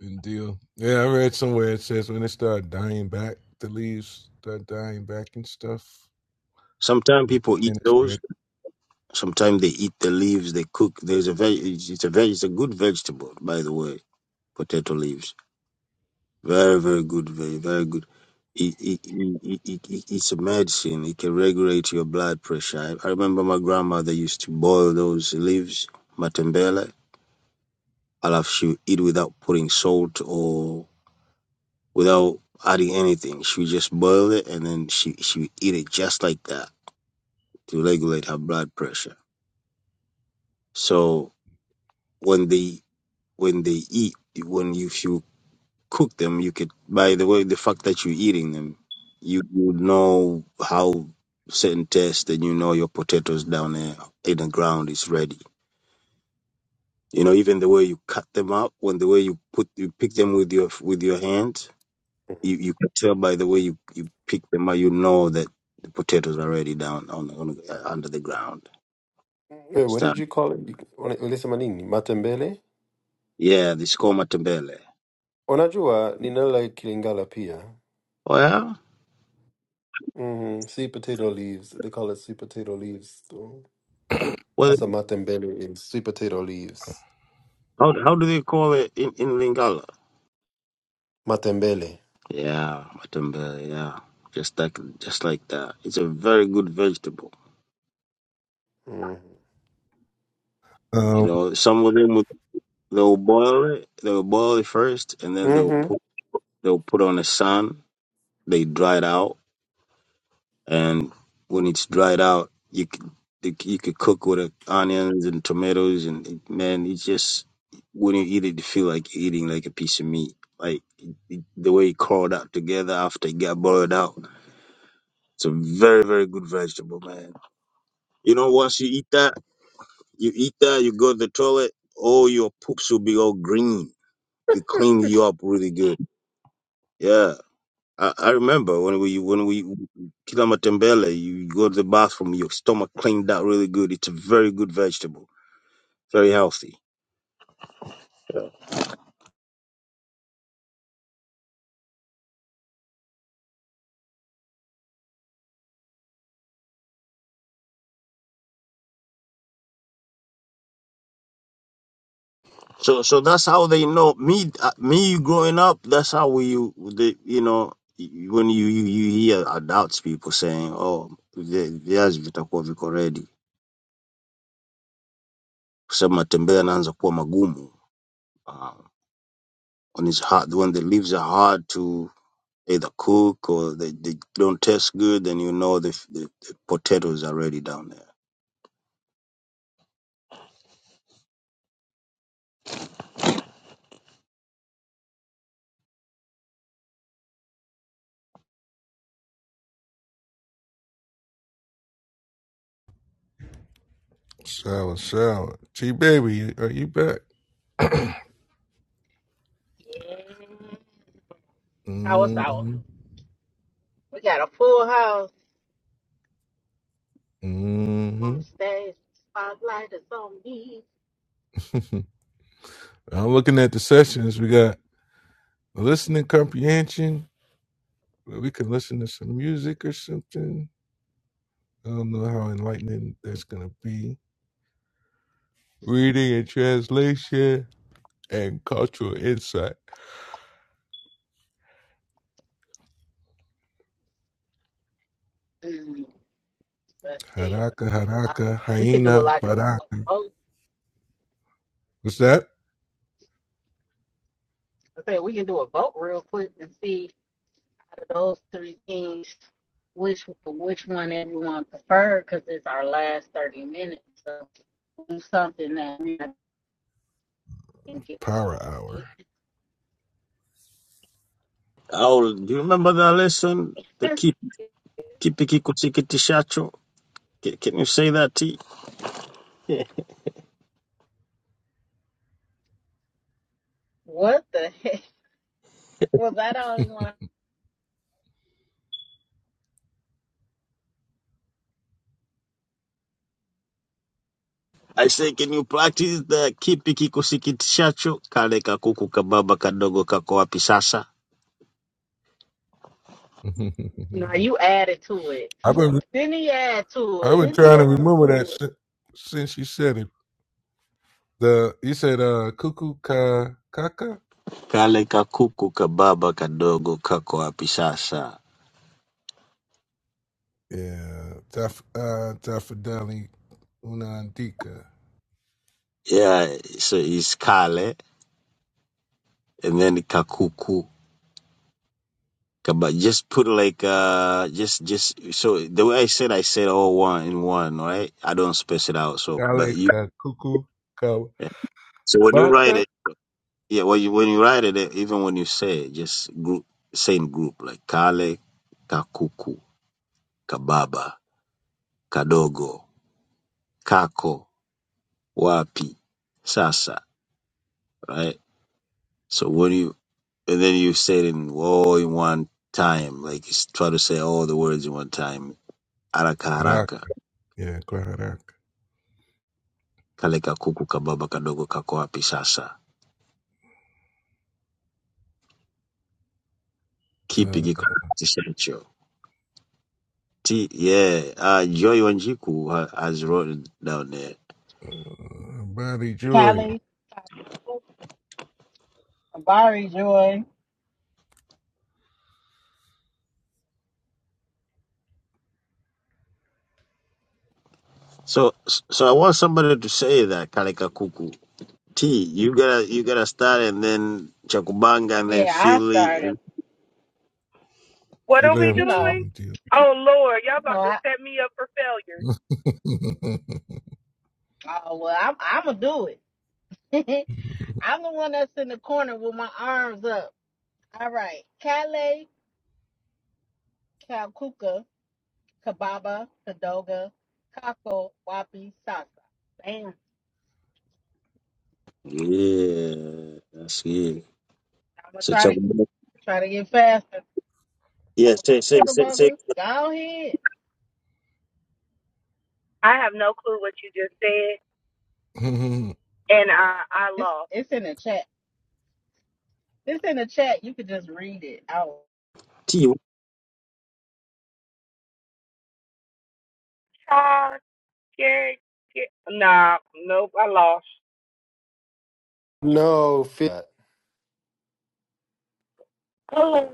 and deal. Yeah, I read somewhere it says when they start dying back, the leaves start dying back and stuff.
Sometimes people eat
And it's
those.
red.
Sometimes they eat the leaves. They cook. There's a veg. It's a veg. It's a good vegetable, by the way. Potato leaves. Very, very good, very, very good. It, it, it, it, it, it- it's a medicine. It can regulate your blood pressure. I, I remember my grandmother used to boil those leaves, matembele, alafu she would eat without putting salt or without adding anything. She would just boil it and then she, she would eat it just like that to regulate her blood pressure. So when they when they eat, when you, if you cook them, you could by the way the fact that you're eating them, you you know how certain taste, and you know your potatoes down there in the ground is ready. You know, even the way you cut them up, when the way you put you pick them with your with your hand, you you can tell by the way you you pick them up, you know that the potatoes are ready down on, on uh, under the ground.
Wait, what did
Start.
you call it You- ule- ulisema nini matembele
Yeah, the skoma tembele.
Unajua, ninala kilingala pia.
Well,
Mm-hmm. Sweet potato leaves. They call it sweet potato leaves. So
well,
that's a matembele in sweet potato leaves.
how how do they call it in in Lingala?
Matembele.
Yeah, matumbe, yeah. Just like just like that. It's a very good vegetable.
Mm-hmm.
You
Um,
know, some of them would, they'll boil it, they'll boil it first and then they'll
Mm-hmm.
put they'll put on the sun, they dry it out and when it's dried out, you could you c- you could cook with it, onions and tomatoes and it- man, it's just when you eat it you feel like you're eating like a piece of meat. Like it, it, the way it crawled out together after it got boiled out. It's a very, very good vegetable, man. You know, once you eat that You eat that, you go to the toilet, all your poops will be all green. It cleans you up really good. Yeah. I, I remember when we when we kilamatembele, you go to the bathroom, your stomach cleaned out really good. It's a very good vegetable, very healthy. Yeah. So so that's how they know me uh, me growing up. That's how we the you know y- when you you, you hear adults people saying oh vi- viazi vitakuwa viko ready kusema tembea naanza kuwa magumu Um, On it's hard, when the leaves are hard to either cook or they, they don't taste good, then you know the, the, the potatoes are ready down there.
sour, sour. T baby, are you back?
yeah, sour, sour.
Mm-hmm.
We got a full house. I'm on
Mm-hmm.
the stage, spotlight is on me.
I'm looking at the sessions. We got listening comprehension. where We can listen to some music or something. I don't know how enlightening that's gonna be. Reading and translation and cultural insight.
Mm, Let's see.
Haraka,
Uh,
haraka,
we can do a
hyena,
like a, a vote.
What's that?
I say we can do a vote real quick and see out of those three things which which one everyone prefer because it's our last thirty minutes. So do something that we can get
Power
along
hour.
Oh, do you remember that lesson? The
with.
ki- kipi kikusikitishacho? Can, can you say that, T?
What the heck? Was I the only one?
I say, can you practice the kipi kikusikitishacho? Kale kakuku kababa kadogo kako wapi sasa?
No, you added to it.
I've been
Then he add to
I've
it.
been trying to remember that since, since you said it. The you said uh cuckoo ka kaka.
Kale kakuku kababa kadogo kako wapi sasa?
Yeah, taf uh tafadali unandika
Yeah, so it's kale and then kakuku But just put like uh just just so the way I said I said all one in one, right? I don't space it out. So
dale
but you
ka cuckoo ka
so when you write
baka.
it, yeah, when you when you write it, eh, even when you say it, just group same group like kale, kakuku, kababa, kadogo, kako, wapi, sasa, right? So when you and then you say it in all in one time, like you s- try to say all the words in one time, haraka
Rak.
haraka.
Yeah, clarak.
Kale kakuku kababa kadogo kako wapi sasa? Kipi
Uh,
kiko hicho? T yeah, uh, Joy Wanjiku ha- has wrote down there.
uh, body joy
Callie, Bari Joy.
So so I want somebody to say that Kale kuku. T you gotta you gotta start and then Chakubanga and then
Yeah, I
Philly
started.
and
What are we
You
kilemtu
know,
doing?
ndio.
you
Oh Lord, y'all about
know,
to
I,
set me up for failure.
oh, well, I'm, I'm going to do it. I'm the one that's in the corner with my arms up. All right. Kale, Kalkuka, Kababa, Kadoga, Kako, Wapi, Sasa. Damn.
yeah, that's it.
I'm gonna
So
try to
Chakubanga,
try to get faster.
yeah,
So
say say
Go
say say
Chugabugger. Go ahead.
I have no clue what you just said, and I I
It's
lost.
it's in the chat. It's in the chat. You could just read it out.
T.
Ah, yeah, yeah. Nah, nope, I lost.
No, fit
Oh,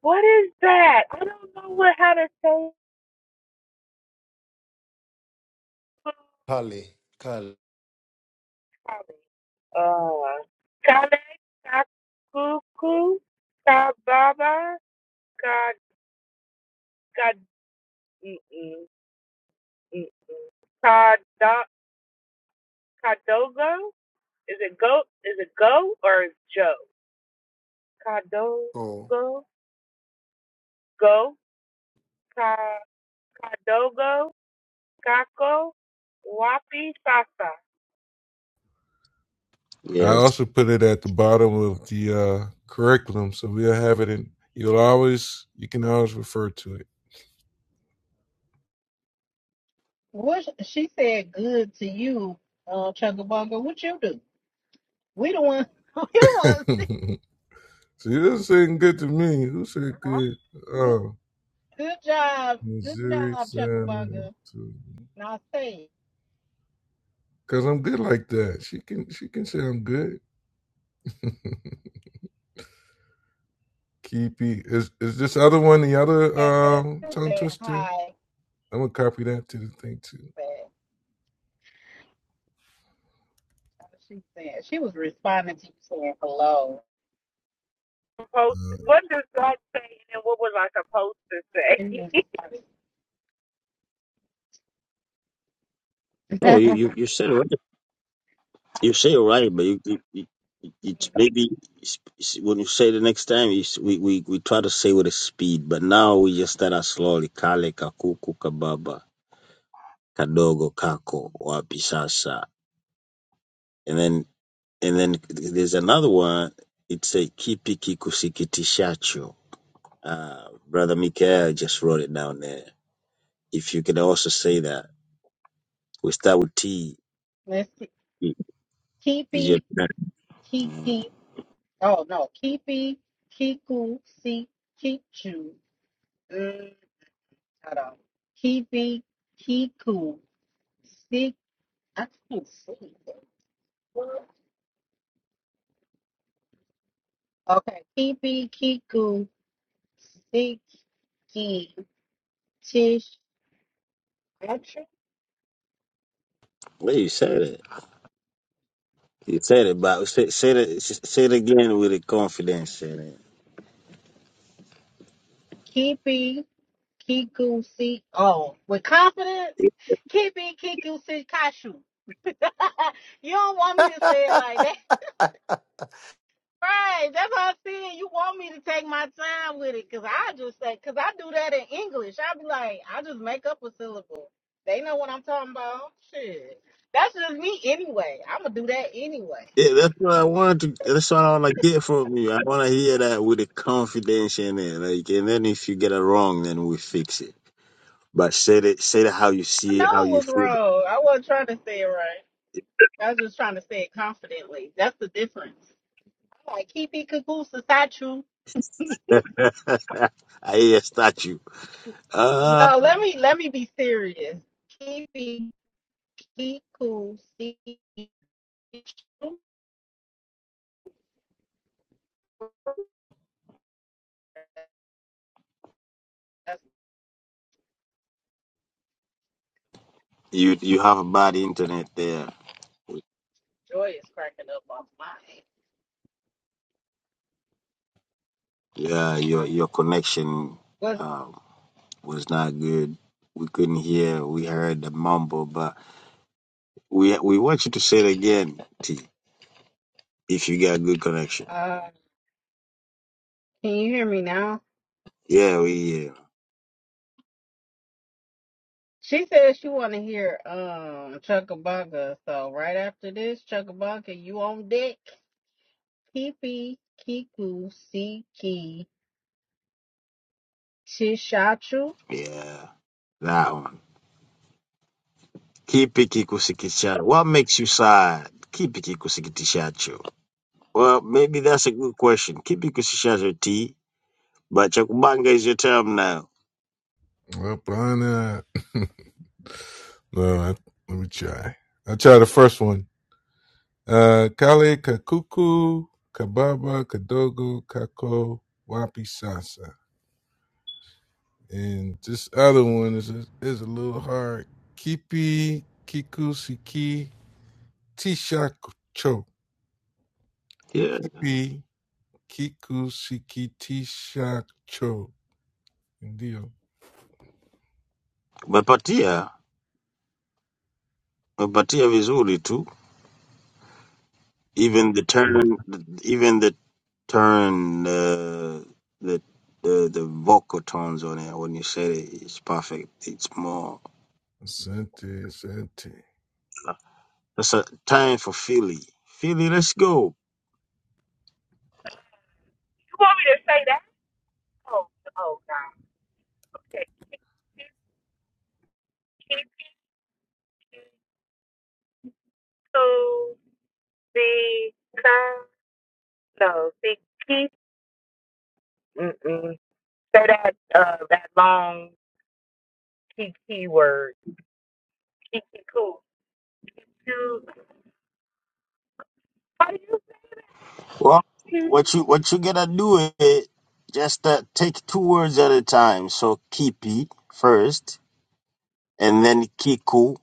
what is that? I don't know what how to say.
kale. Kale.
Uh, kale, kakuku, kababa, kad, kad, mm, mm, mm, kadogo. Is it go? Is it go or Joe? Cadogo,
Oh.
Go, Ca, Cadogo, kako Wapi, Sasa.
I
Yes.
also put it at the bottom of the uh, curriculum, so we'll have it in. You'll always, you can always refer to it.
What sh- she said good to you, uh Chugabugger. What you do? We the one we the ones.
so you're saying good to me. Who said good?
Good
Oh,
good job. Good
Missouri
job,
sounded
Chugabugger.
to
Now say it.
because I'm good like that. She can, she can say I'm good. Keepy is is this other one the other
she
um
was
tongue
saying
twister?
hi,
I'm gonna copy that to the thing too.
but she said she was responding to you saying hello.
Post, what does that say and then what was I supposed to say?
She was
Oh, you
responding.
you you said it right. You say it right, but you you, It's maybe it's- it's- when you say the next time, it's, we, we, we try to say with a speed, but now we just start out slowly. Kale, kakuku, kababa, kadogo, kako, wapi sasa. And then, and then there's another one. It's a kipi kikusikitishacho. Uh, Brother Mikael just wrote it down there. If you could also say that. We start with T.
Let's see.
Is your
Kipi,
turn. Mm.
Kiki. Oh no, Kipi, Kiku, Si, Kichu. Mm, hold on. Kipi, Kiku, Si. I can't see. it. What? Okay, Kipi, Kiku, Siki, Tish,
Well, you said it. You said it, but say, say it. Say it again with the confidence. in it.
Kipi, Kiku si oh with confidence. Kibi Kiku si Kashu. you don't want me to say it like that. Right. That's what I'm saying. You want me to take my time with it. Cause I just say cause I do that in English. I be like, I just make up a syllable. They know what I'm talking about. Shit. That's just me anyway. I'ma do that anyway.
Yeah, that's what I wanted to. That's what I want to get from you. I want to hear that with the confidence in it. Like, and then if you get it wrong, then we fix it. But say it, say it how you
I
see it, how
know it
you
was
feel.
wrong. I wasn't trying to say it right. I was just trying to say it confidently. That's the difference. I'm like, kipi it kagoose,
I hear a statue. Uh,
No, let me let me be serious. Keep it- keep cool. See, that's
you you have a bad internet there.
joy is cracking up off my head.
Yeah, your
Um,
your connection
what?
um, was not good. We couldn't hear. We heard the mumble, but we we want you to say it again, T. If you got good connection.
Uh, can you hear me now?
Yeah, we hear.
She says she want to hear um Chuckabunga. So right after this, Chuckabunga, you on deck? Pee Kiku, Siki, Chishachu.
Yeah, that one. Kipikikusikichacho. What makes you sad? Kipikikusikitishacho. Well, maybe that's a good question. Kipikikusikitishacho T, but cha kubanga is your term now.
Uh, up on that. no, I, let me try. I try the first one. Uh, Kale Kakuku, Kababa, Kadogo, Kako, Wapi Sasa. And this other one is a, is a little hard. Kipi, Kiku, Siki, Tisha Cho.
Yeah.
Kipi, Kiku, Siki, Tisha Cho. Indio.
Umepatia, umepatia vizuri tu. Even the turn, even the turn, uh, the the the vocal tones on it when you say it, it's perfect. It's more.
Sente, Sente.
That's a time for Philly. Philly, let's go.
You want me to say that? Oh, oh God. Okay. To the no, see, keep, mm-mm. Say that, uh, that long kiki word. Kiki cool. To, how do
Well,
you say?
what you what you gotta do is just uh, take two words at a time. So kipi first, and then kiku,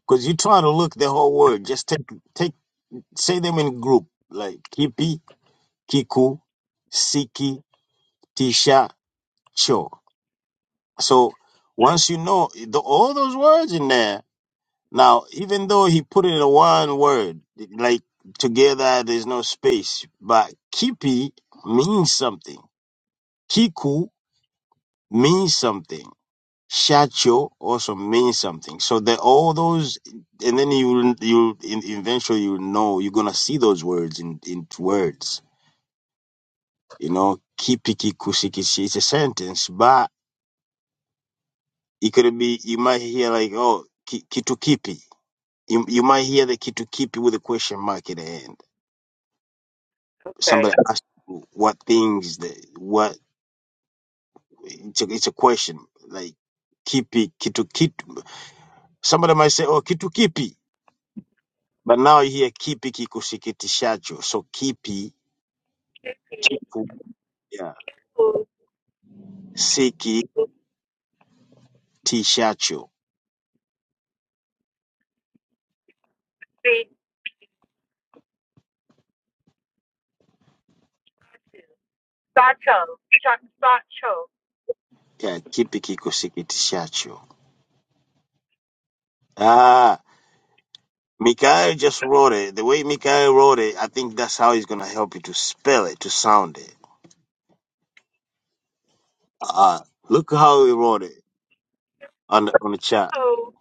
because you're trying to look the whole word. Just take take say them in group like kipi, kiku, siki, tisha, cho. So once you know the, all those words in there, now even though he put it in one word, like together, there's no space, but kipi means something. Kiku means something. Shacho also means something. So that all those, and then you you in- eventually you know you're gonna see those words in in words. You know, kipiki kusikichi. It's a sentence, but it could be you might hear like oh ki- kitu kipi. You you might hear the kitu kipi with a question mark at the end.
Okay.
Somebody asked what things the what it's a, it's a question like kipi kitu kitu. Somebody might say oh kitu kipi But now here, kipi kikusikitishacho? So kipi,
Kiki
yeah,
cool,
sikitishacho.
see, Sacho. Chuck Sacho.
Yeah, kipi kikusikitishacho. Ah, Mikael just wrote it. The way Mikael wrote it, I think that's how he's gonna help you to spell it, to sound it. Uh, look how he wrote it on the, on the chat.
Who?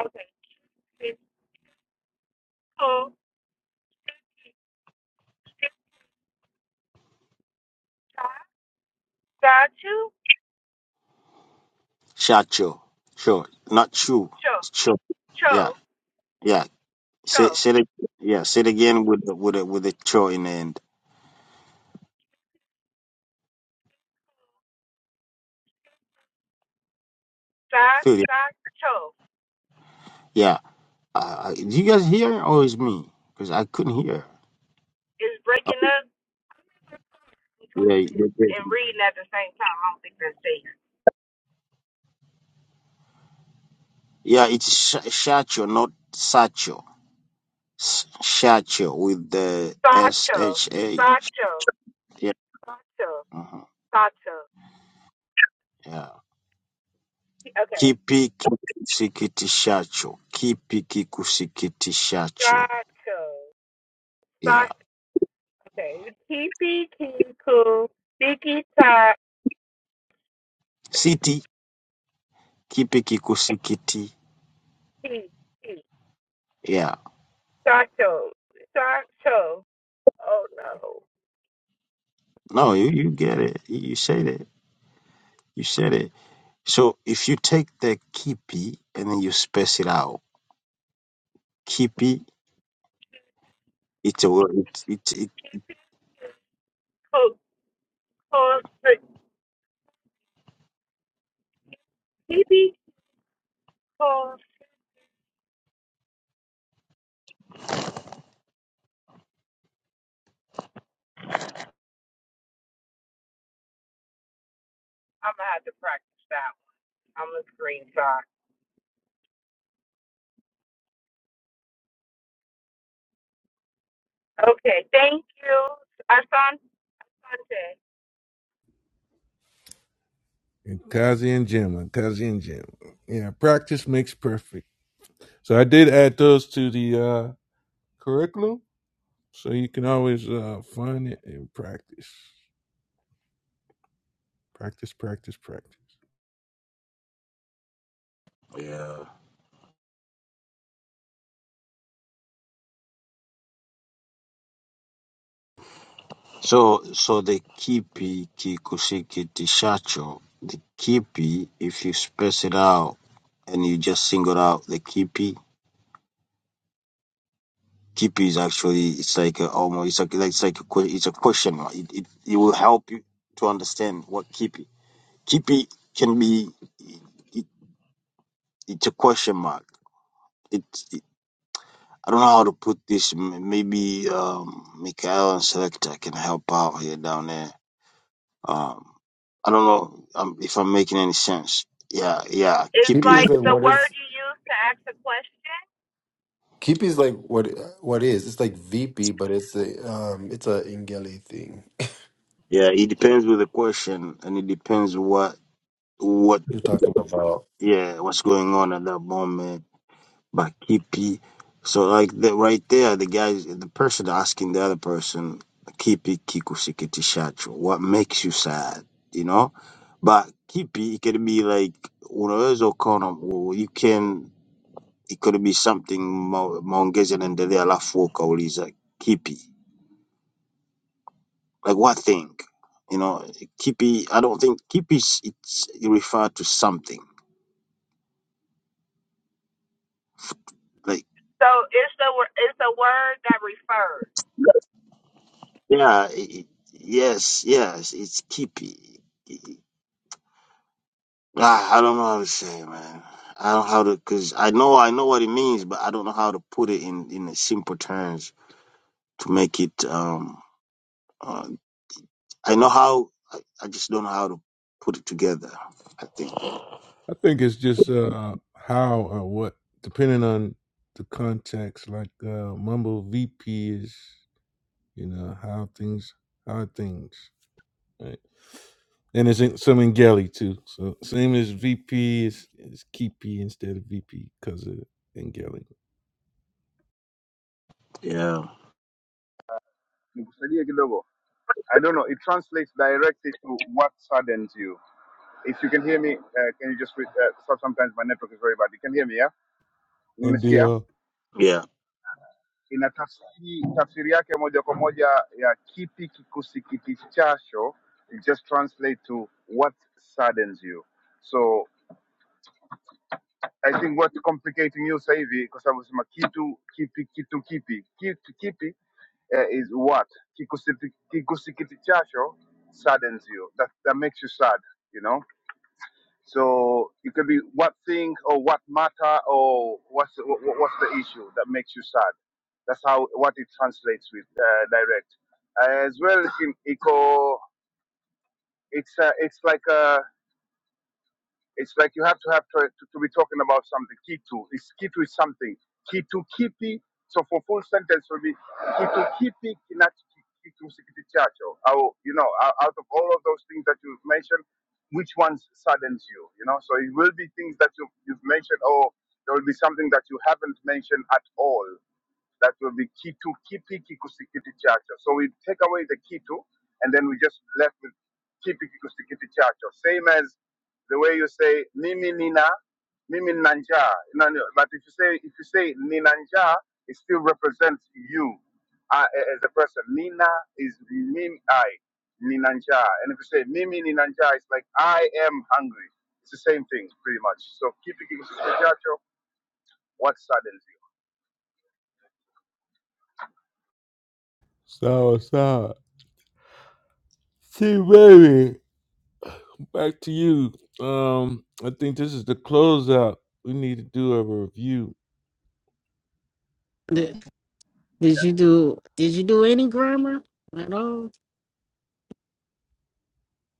Okay. It's who? It's Sacho.
Shacho. Sure. Not chu.
Cho.
Sure. Yeah.
Cho.
Yeah. Say,
Cho.
say it. Yeah. Say it again with the, with the, with the cho in the end.
Sa-
Feel it?
Sacho.
Yeah. Uh, do you guys hear or is me? Because I couldn't hear.
Is breaking up and
Yeah, yeah,
driving
yeah.
and reading at the same time. I don't think that's safe.
Yeah, it's sh- Shacho, not Sacho. S- Shacho with the S
Sacho.
H A.
Sacho.
Yeah,
Sacho.
uh-huh.
Sacho.
yeah.
Okay.
Kipi kikusikiti shacho. Kipi kikusikiti shacho.
Sacho.
Yeah.
Sacho. Okay. Kipi Kiku. Biki Ta.
City. Kipi kikusikiti.
Ti, Ti,
Yeah.
Sacho. Sacho. Oh no.
No, you, you get it. You you said it. You said it. So if you take the kipi and then you space it out, Kipi. It's a word. It, it, it,
Pause. But maybe pause. I'm gonna have to practice that. one. I'm a screenshot. Okay, thank you. I saw Asante.
And Kazi and Gemma, Kazi and Gemma. Yeah, practice makes perfect. So I did add those to the uh, curriculum. So you can always uh, find it and practice, practice, practice, practice.
Yeah. so so the kipi kikusikitishacho. The kipi, if you space it out and you just single out the kipi, kipi is actually it's like a, almost it's like it's like a que- it's a question. mark. It, it it will help you to understand what kipi. Kipi can be it, it's a question mark. It, it I don't know how to put this. M- Maybe um, Mikhail and Selector can help out here down there. Um, I don't know um, if I'm making any sense. Yeah, yeah.
It's
Keep
Kipi
his.
is
like
like
the
what
word
is
you use to ask a question.
Kipi is like what what is. It's like VP, but it's a um it's a Ingele thing
Yeah, it depends with the question, and it depends what what
you're talking about.
yeah what's going on at that moment. But keep so like the, right there, the guy, the person asking the other person, kipi kikusikitishacho, what makes you sad? You know, but kipi it can be like unaweza ukaona you can it could be something ma- and yanaendelea alafu wewe ukauliza kipi like what thing you know kipi i don't think kipi is- it's it refer to something like
So it's the wor- it's a word that refers.
yeah it, yes yes it's kipi Ah, i don't know how to say man i don't know how to because i know i know what it means but i don't know how to put it in in a simple terms to make it um uh, i know how I, I just don't know how to put it together i think
I think it's just uh, how or what, depending on the context. Like uh, Mumble VP is, you know, how things, how things. right? And it's some in Gelly too. So same as VP is is Keepy instead of VP because of Ngelly.
yeah
nikusaidie i don't know it translates directly to what saddens you If you can hear me, uh, can you just read, uh, so- sometimes my network is very bad. You can hear me, yeah?
And the
Unanisikia?
uh,
yeah
Ina tafsiri, tafsiri yake moja kwa moja ya kipi kikusikitishacho it just translate to what saddens you. So I think what's complicating you sasa hivi kwa sababu sema kitu kipi kitu kipi kitu kipi uh, is what Kikusiti- kikusikitishacho saddens you that, that makes you sad, you know? So it could be what thing or what matter or what's what, what's the issue that makes you sad. That's how what it translates with uh, direct. As well in eco, it's uh, it's like a it's like you have to have to, to, to be talking about something. Kitu is kitu is something. Kitu kipi? So for full sentence will be kitu kipi kinacho kitu sikitichacho. Au you know out of all of those things that you've mentioned, which ones saddens you? You know, so it will be things that you you've mentioned, or there will be something that you haven't mentioned at all that will be kitu kipi kikusikiti chacho. So we take away the kitu and then we just left with kipi kikusikiti chacho. Same as the way you say mimi nina, mimi nina njaa. No, no, but if you say if you say nina njaa, it still represents you uh, as a person. Nina is mimi I nina njaa, and if you say mimi nina njaa, it's like I am hungry. It's the same thing pretty much. So kipi kikusikiti chacho, what suddenly?
sour. so see baby, back to you. Um, I think this is the closeout. We need to do a review
Did, did you do Did you do any grammar at all?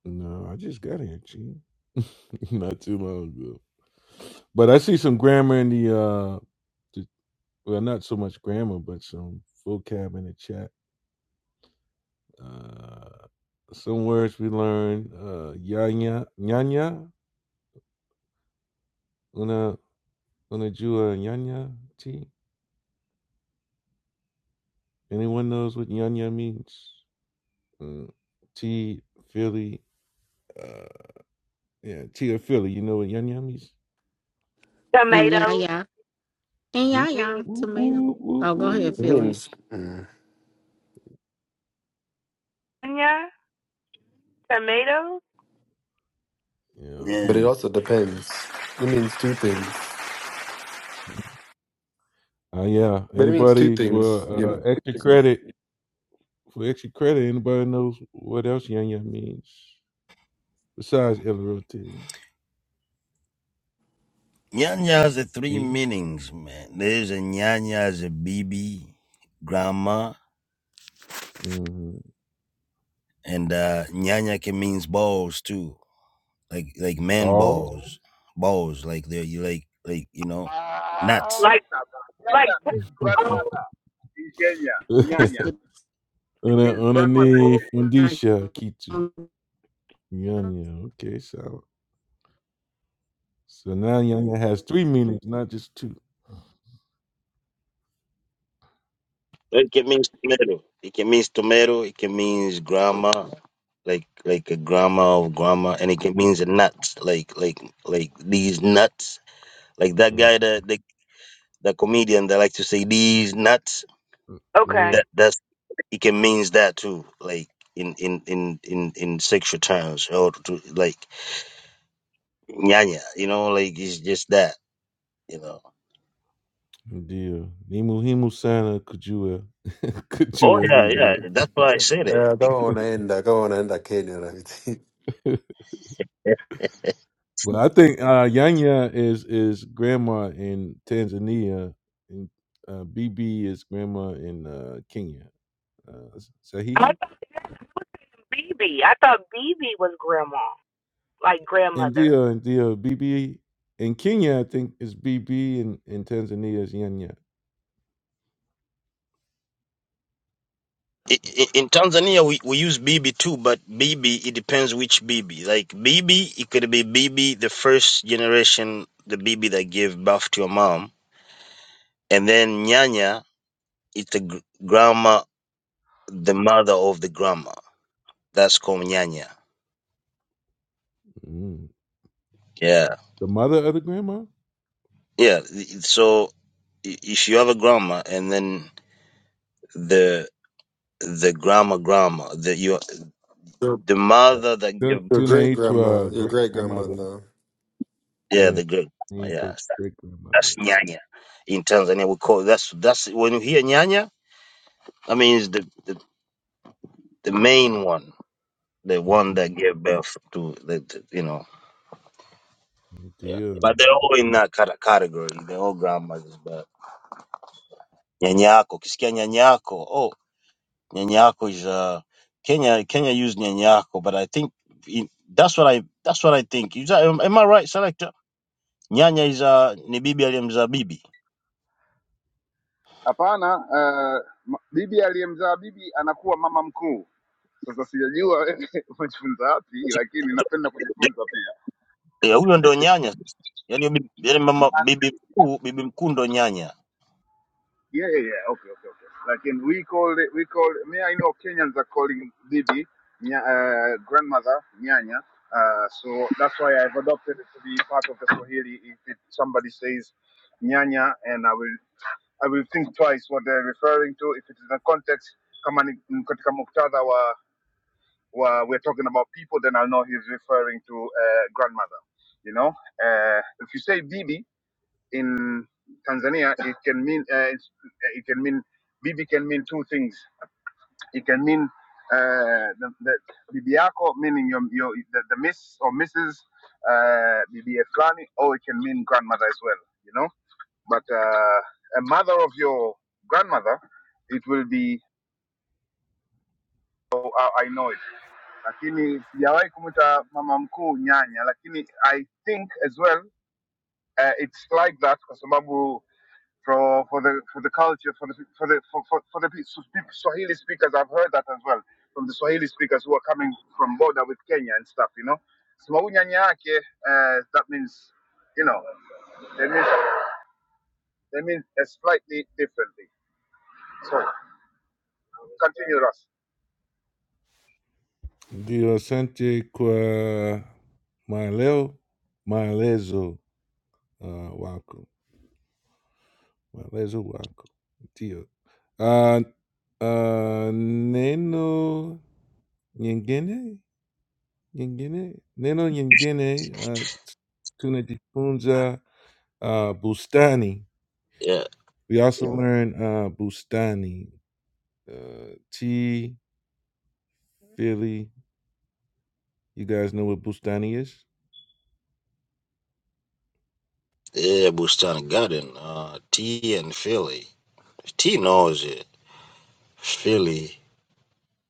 No, I just got here, G. not too long ago. But I see some grammar in the uh the, well not so much grammar, but some vocab in the chat. Uh some words we learned, uh yanya nyanya una una jua nyanya T. Anyone knows what nyanya means? Mm, T Philly uh yeah, T of Philly, you know what nyanya means?
And yeah,
Tomatoes
yeah. And yeah,
Whoop,
yeah.
mean
whoop,
Tomato.
whoop, whoop,
Oh, go ahead,
whoop.
It
Philly.
means mm,
yeah, tomatoes.
Yeah.
but it
Yeah.
also depends. It means two things.
Uh, yeah.
But it means two
Anybody
things.
for uh, extra credit? For extra credit, anybody knows what else Yanya means besides LRT?
Nyanya has a
T.
three
T.
meanings, man. There's a nyanya as a baby, grandma,
Mm-hmm.
and uh nyanya can means balls too. Like like man
Ball.
balls. Balls, like they're you like like, you know,
Ah,
nuts.
Like
Nyanya
like
means
oh,
grandmother in Kenya.
That's
Nyanya
the
it
Una
means grandmother.
unani
sign.
fundisha kitu
Um,
Yanya. Okay, so so now Yanya has three meanings, not just two.
It can mean tomato. It can means tomato, it can means grandma. Like like a grandma of grandma, and it can means a nuts, like like like these nuts. Like that
Uh,
guy that the, the comedian that like to say these nuts.
uh,
okay.
yeah,
That that. it can means that too, like in in in in in sexual terms, or to like nyanya, you know, like it's just that, you know.
ndio. Ni muhimu sana kujua
Oh
kujua
yeah, yeah.
hivyo.
That's why I
Yeah,
said it.
I don't
Be-
want to end. I don't want to end that Kenya and everything.
i-
But I think uh, Yanya is is grandma in Tanzania, and uh, BB is grandma in uh, Kenya. Uh,
I
Sahihi,
thought BB. I thought BB was grandma, like grandmother.
India, India, BB in Kenya, I think is BB, and in Tanzania is Yanya.
i- In Tanzania, we, we use bibi too, but bibi it depends which bibi. Like bibi, it could be bibi the first generation, the bibi that gave birth to your mom, and then nyanya, it's the gr- grandma, the mother of the grandma. That's called nyanya.
Mm.
Yeah,
The mother of the grandma.
yeah. th- So if you have a grandma and then the the grandma grandma the you
Your,
the
Yeah.
mother that give
Tu-
your great
Tune to
grandma,
a
your
great
great
grandmother.
grandmother,
yeah
Yeah,
the great
need
yeah
to great
that's
grandmother.
nyanya in Tanzania we call that's that's when you hear nyanya I mean it's the, the the main one the one
Mhm.
that gave birth to the, the- you know yeah
Ndio,
but they're all in that cate- category they're all grandmas but nyanyako kisikia nyanyako oh, Nyanyako is uh, Kenya. Kenya used Nyanyako, but I think in, that's what I that's what I think. Is that, am, am I right, Selector? Nyanya is uh, ni bibi aliyemzaa bibi.
Hapana, uh, bibi aliyemzaa bibi anakuwa mama mkuu. Sasa sijajua wewe umejifunza wapi, lakini napenda kujifunza pia.
Yeah, huyo ndo nyanya. Yani bibi, yani mama
Ah,
bibi mkuu, bibi mkuu ndo nyanya.
Yeah, yeah, yeah. Okay, okay, okay. Lakini we call it, we call it, me I know Kenyans are calling bibi nya, uh, grandmother nyanya. Uh, so that's why I've adopted it to be part of the Swahili. If it, somebody says nyanya, and I will I will think twice what they're referring to. If it's in a context kama ni ni katika muktadha wa, wa we're talking about people, then I'll know he's referring to uh, grandmother. You know, uh, if you say bibi in Tanzania, it can mean uh, it's- it can mean bibi can mean two things. It can mean uh, the, the bibi yako, meaning your, your the, the miss or missus, uh, bibi fulani, or it can mean grandmother as well. You know. But uh, a mother of your grandmother, it will be oh, I know it. Lakini sijawahi kumuita mama mkuu nyanya, lakini I think as well uh, it's like that kwa sababu for for the for the culture for the for the for, for, for the Swahili speakers I've heard that as well from the Swahili speakers who are coming from border with Kenya and stuff, you know. Sema huyu nyanya yake uh, that means you know they mean they mean uh, slightly differently. So continue, Russ.
ndio. Asante kwa maeleo, maelezo. uh, wako walezi wako ndio uh, uh, neno nyingine nyingine neno nyingine uh, tunajifunza uh, bustani
Yeah,
we also learn uh, bustani uh, t philly you guys know what bustani is
yeah, Bustan Garden. Uh, T and Philly. T knows it. Philly.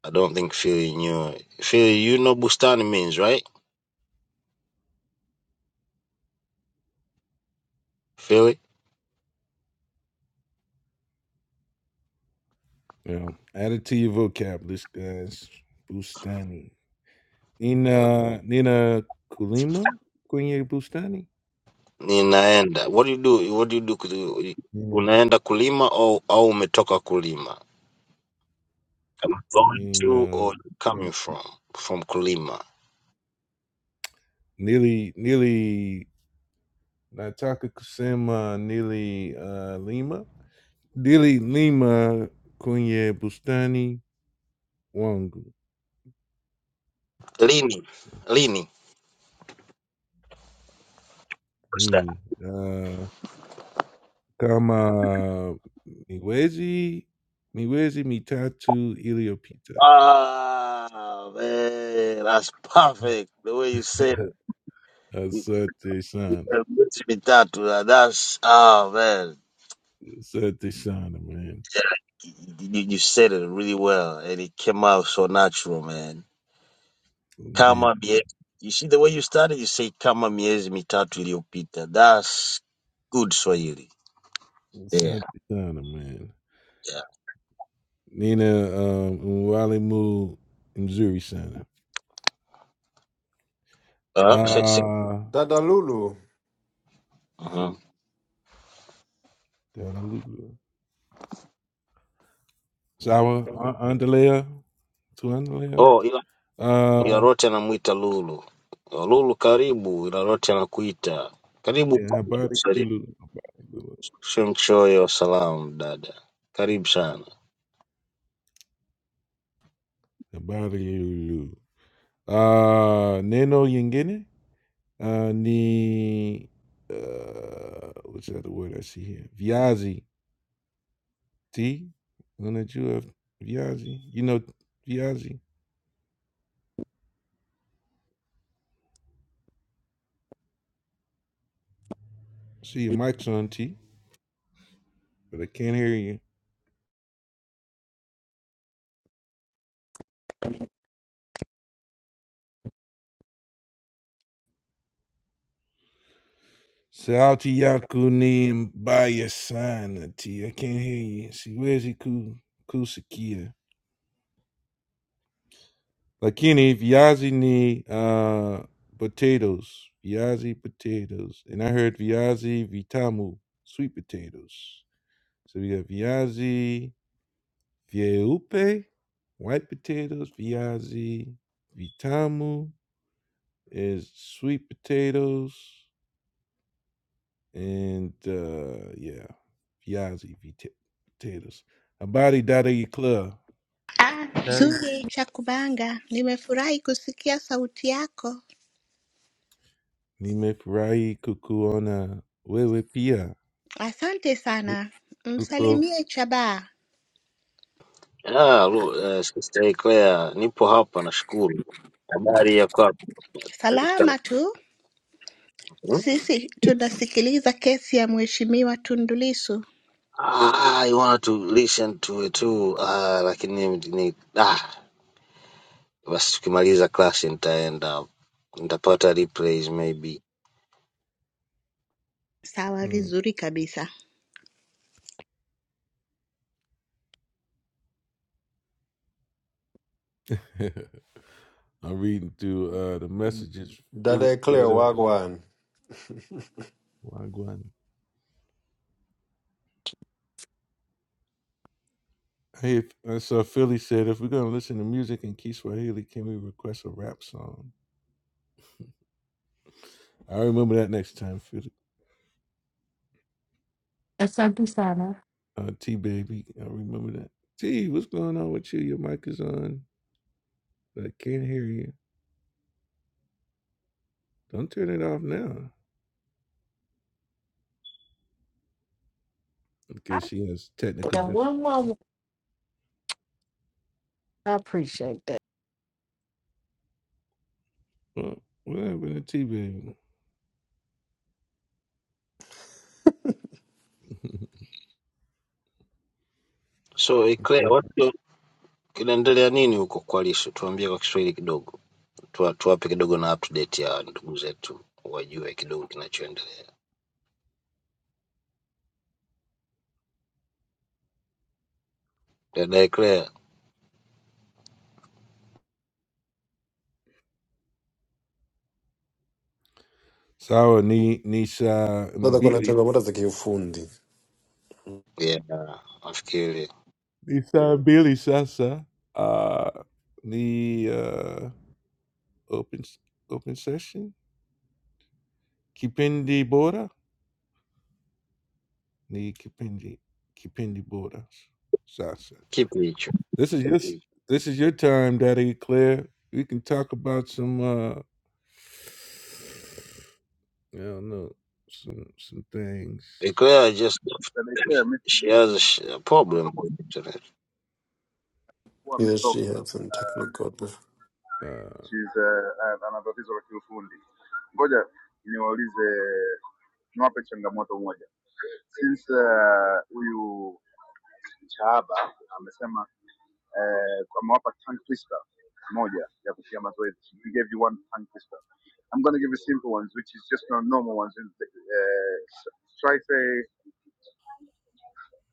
I don't think Philly knew it. Philly, you know Bustani means, right? Philly?
yeah add it to your vocab list guys bustani nina nina kulima kwenye bustani
ninaenda what do you do what do you do ku-
Yeah,
unaenda kulima au au umetoka kulima I'm
I
going
mean,
to
uh,
or coming
n-
from from kulima
nearly, nearly Nataka Kusema, nearly uh, Lima, nearly Lima, Kwenye Bustani Wangu
lini lini What's that?
Mini, uh, kama Miwezi, Miwezi Mitatu Iliyopita.
ah man that's perfect the way you said it You- you-
Asante sana,
you- miezi mitatu uh, that's ah man
asante sana, man.
you, you you said it really well and it came out so natural man
Indeed,
kama mie, you see the way you started you say kama miezi mitatu iliyopita that's good swahili yeah,
asante sana, man.
yeah.
Nina um, Mwalimu Mzuri sana.
Uh, se, se,
Uh,
Dada Lulu,
uh-huh.
Dadaluga. Shower, Andalea, to Andalea.
oh ila, ila
Uh,
rote anamwita lulu Oh, lulu karibu ila rote anakuita karibu
yeah, Habari lulu, habari lulu.
shemshoyo salam dada karibu sana
Habari Lulu. Uh, Neno Yingine, uh, ni, uh, what's that word I see here? Viazi, T, Luna you have Viazi. You know Viazi. See your mic's on T, but I can't hear you. Shout out to Yakuni and Bayasana T. I can't hear you. See, where's he Ku Kusakita? Lakini, viazi ni need uh potatoes, Viazi potatoes. And I heard Viazi Vitamu, sweet potatoes. So we got Viazi Vieupe, white potatoes, Viazi Vitamu is sweet potatoes. and uh yeah, Yazzie v Ta- Taters. Abadi Daddy Club.
Ah,
Very
zuri, Chakubanga, nimefurahi kusikia sauti yako.
Nimefurahi kukuona wewe pia.
Asante sana.
Uko.
Msalimie Chaba.
ah, Lu- eh, sister Eclair, nipo hapa nashukuru habari ya kwako Karibu sana.
Salama tu
Hmm?
sisi, tunasikiliza kesi ya Mheshimiwa Tundu Lissu.
Ah, I want to listen to it too. Ah, lakini ni, ni ah, basi tukimaliza klasi nitaenda nitapata replays maybe
Sawa,
Mm.
vizuri kabisa.
I'm reading through uh, the messages. Philly
Dada Claire
said, uh,
Wagwan.
Wagwan. Hey, if, uh, so Philly said, if we're going to listen to music in Kiswahili, can we request a rap song? I remember that next time, Philly.
Asante Sana,
Uh, T Baby, I remember that. T, what's going on with you? Your mic is on, but I can't hear you. Don't turn it off now because she has technical
one more. I appreciate that.
difficulties. What happened to T Baby?
so eh, Claire, watu kinaendelea nini huko kwa lisho tuambie kwa kiswahili kidogo Tuwa, tuwape kidogo na update ya ndugu zetu wajue kidogo kinachoendelea dada Eclair,
Sarah, Ni- Nisha, and
Dada kuna
Billy.
changamoto za kiufundi.
yeah nafikiri
Nisha and Billy, Sasa. Uh, the uh, open s- open session. Kipendi Bora. Ni Kipendi. Kipendi Bora. Sasa.
kipi hicho
This is your s- this is your time, Daddy Claire. We can talk about some uh I don't know some some things.
Eclair just
Dada Ikea,
she has a
mimi
sh- a problem with internet
Yes, she
ametoka,
had some technical.
Uh,
uh, ana tatizo la kiufundi. Ngoja niwaulize, niwape changamoto moja. Since huyu uh, Chahaba amesema eh, amewapa tongue twister moja ya kufia mazoezi, he gave you one tongue twister. I'm going to give you simple ones which is just not normal ones. Uh, try say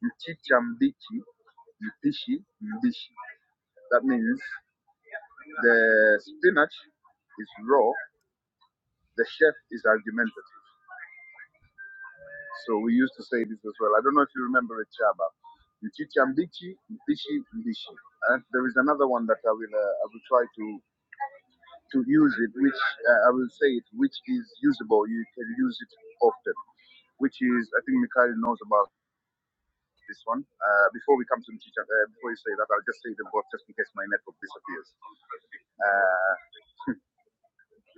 mchicha mbichi, mpishi mbishi. That means The spinach is raw. The chef is argumentative. So we used to say this as well. I don't know if you remember it, Chaba. Mchicha mbichi, mpishi mbishi. And there is another one that I will uh, I will try to to use it, which uh, I will say it, which is usable. You can use it often, which is I think Mikhail knows about this one. Uh, before we come to mchicha, uh, before you say that, I'll just say the word just in case my network disappears. Uh,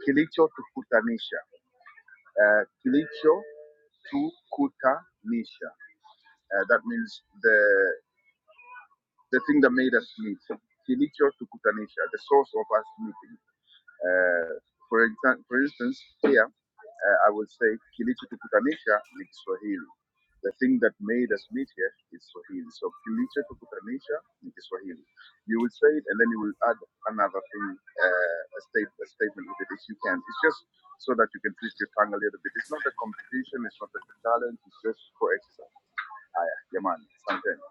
kilicho tukutanisha. uh, kilicho tukutanisha. Uh, that means the the thing that made us meet. Kilicho tukutanisha, the source of us meeting. Uh, for example, for instance, here. Uh, I would say kilichotukutanisha ni Kiswahili. The thing that made us meet here is Swahili. So kilichotukutanisha ni Kiswahili. You will say it, and then you will add another thing, uh, a, state, a statement with it if you can. It's just so that you can twist your tongue a little bit. It's not a competition. It's not a challenge. It's just for exercise. Haya, jamani, asanteni.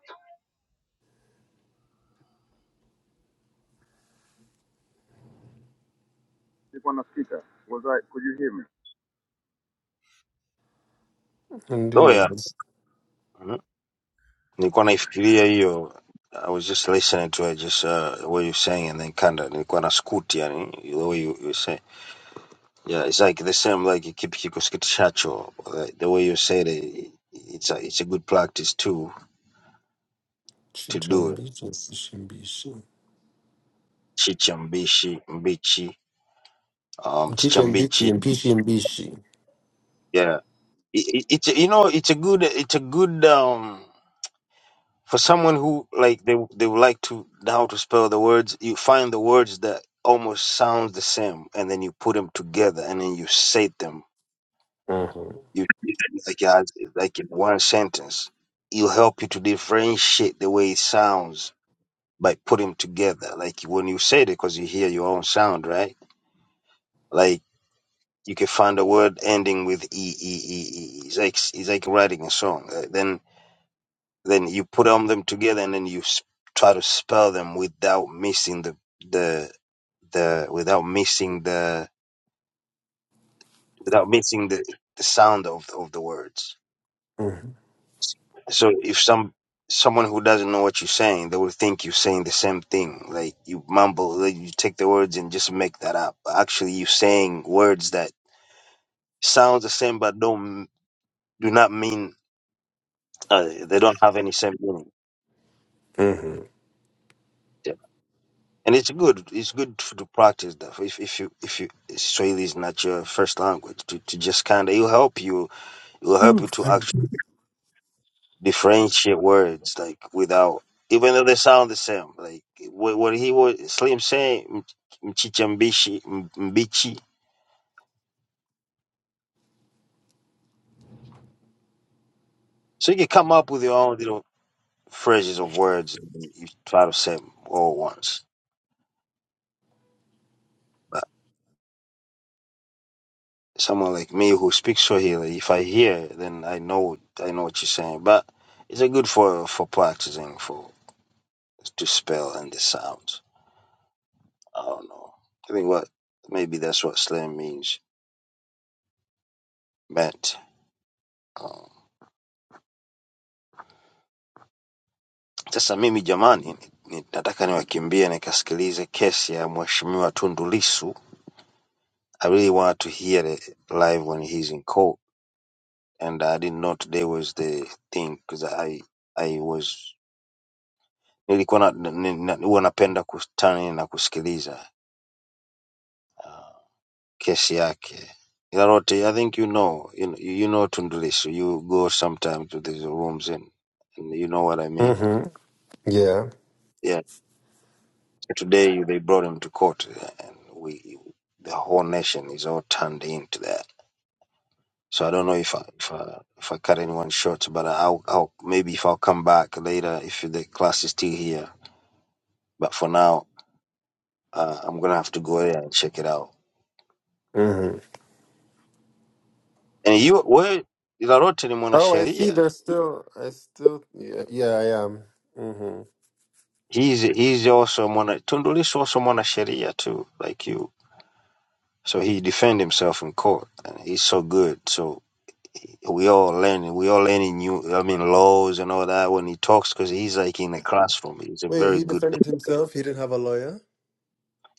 Nilikuwa nasikika. Was I? Could you hear me?
Oh yeah.
Ndiyo,
Mhm. Nilikuwa naifikiria hiyo. I was just listening to it, just uh, what you're saying and then kinda nilikuwa na scoot yani the way you, you were saying. Yeah, it's like the same like kipiki kusikitishacho. Like the way you said it, it's a it's a good practice too to
chicha
do it.
mbichi, mpishi mbishi.
Chicha mbichi, um, chicha
Chicha mbichi, mpishi mbishi.
Yeah, it, it, it's you know it's a good it's a good um for someone who like they they would like to know how to spell the words. You find the words that almost sounds the same, and then you put them together, and then you say them.
Mhm,
You like as- like in one sentence. It'll help you to differentiate the way it sounds By putting together. Like when you say it, because you hear your own sound, right? Like you can find a word ending with e e e e. e. It's like it's like writing a song. Uh, Then then you put on them together, and then you s- try to spell them without missing the the the without missing the without missing the the sound of of the words.
mhm,
So if some someone who doesn't know what you're saying, they will think you're saying the same thing. Like you mumble, like you take the words and just make that up. actually, you're saying words that sound the same but don't do not mean uh, they don't have any same meaning.
mhm.
Yeah. And it's good. It's good to, to practice that. If if you if you Swahili is not your first language, to, to just kind of it'll help you. It will help you to
Mhm,
actually. differentiate words like without even though they sound the same like what, what he was slim saying "M- mchichambishi m- mbichi so you can come up with your own little phrases of words and you try to say 'em all once but someone like me who speaks swahili if i hear then i know i know what you're saying but it's a good for for practicing for to spell and the sounds i don't know i think what maybe that's what slam means meant um, Sasa mimi jamani, ni- nataka niwakimbie nikasikilize kesi ya mheshimiwa Tundu Lissu. I really want to hear it live when he's in court and I didn't know today was the thing because I I was nilikuwa na, ni- na, huwa napenda kustani na kusikiliza uh, kesi yake Ilarote, I think you know, you, you know Tundu Lissu. You go sometimes to these rooms and, and you know what I mean.
Mhm. Yeah.
Yeah. Today they brought him to court, and we, the whole nation is all turned into that. So I don't know if I if I, if I cut anyone short, but I'll, I'll maybe if I'll come back later if the class is still here. But for now, uh, I'm gonna have to go there and check it out.
mhm.
And you, where Larote ni
Oh, I see.
mwanasheria.
There's still. I still. Yeah, yeah I am. Mm-hmm.
He's he's also mwana Tundu Lissu also mwanasheria too, like you. So he defend himself in court, and he's so good. So Yeah, we all learning. We all learning new. I mean laws and all that when he talks because he's like in the classroom. He's a
Wait,
very
he
good.
defended himself. He didn't have a lawyer.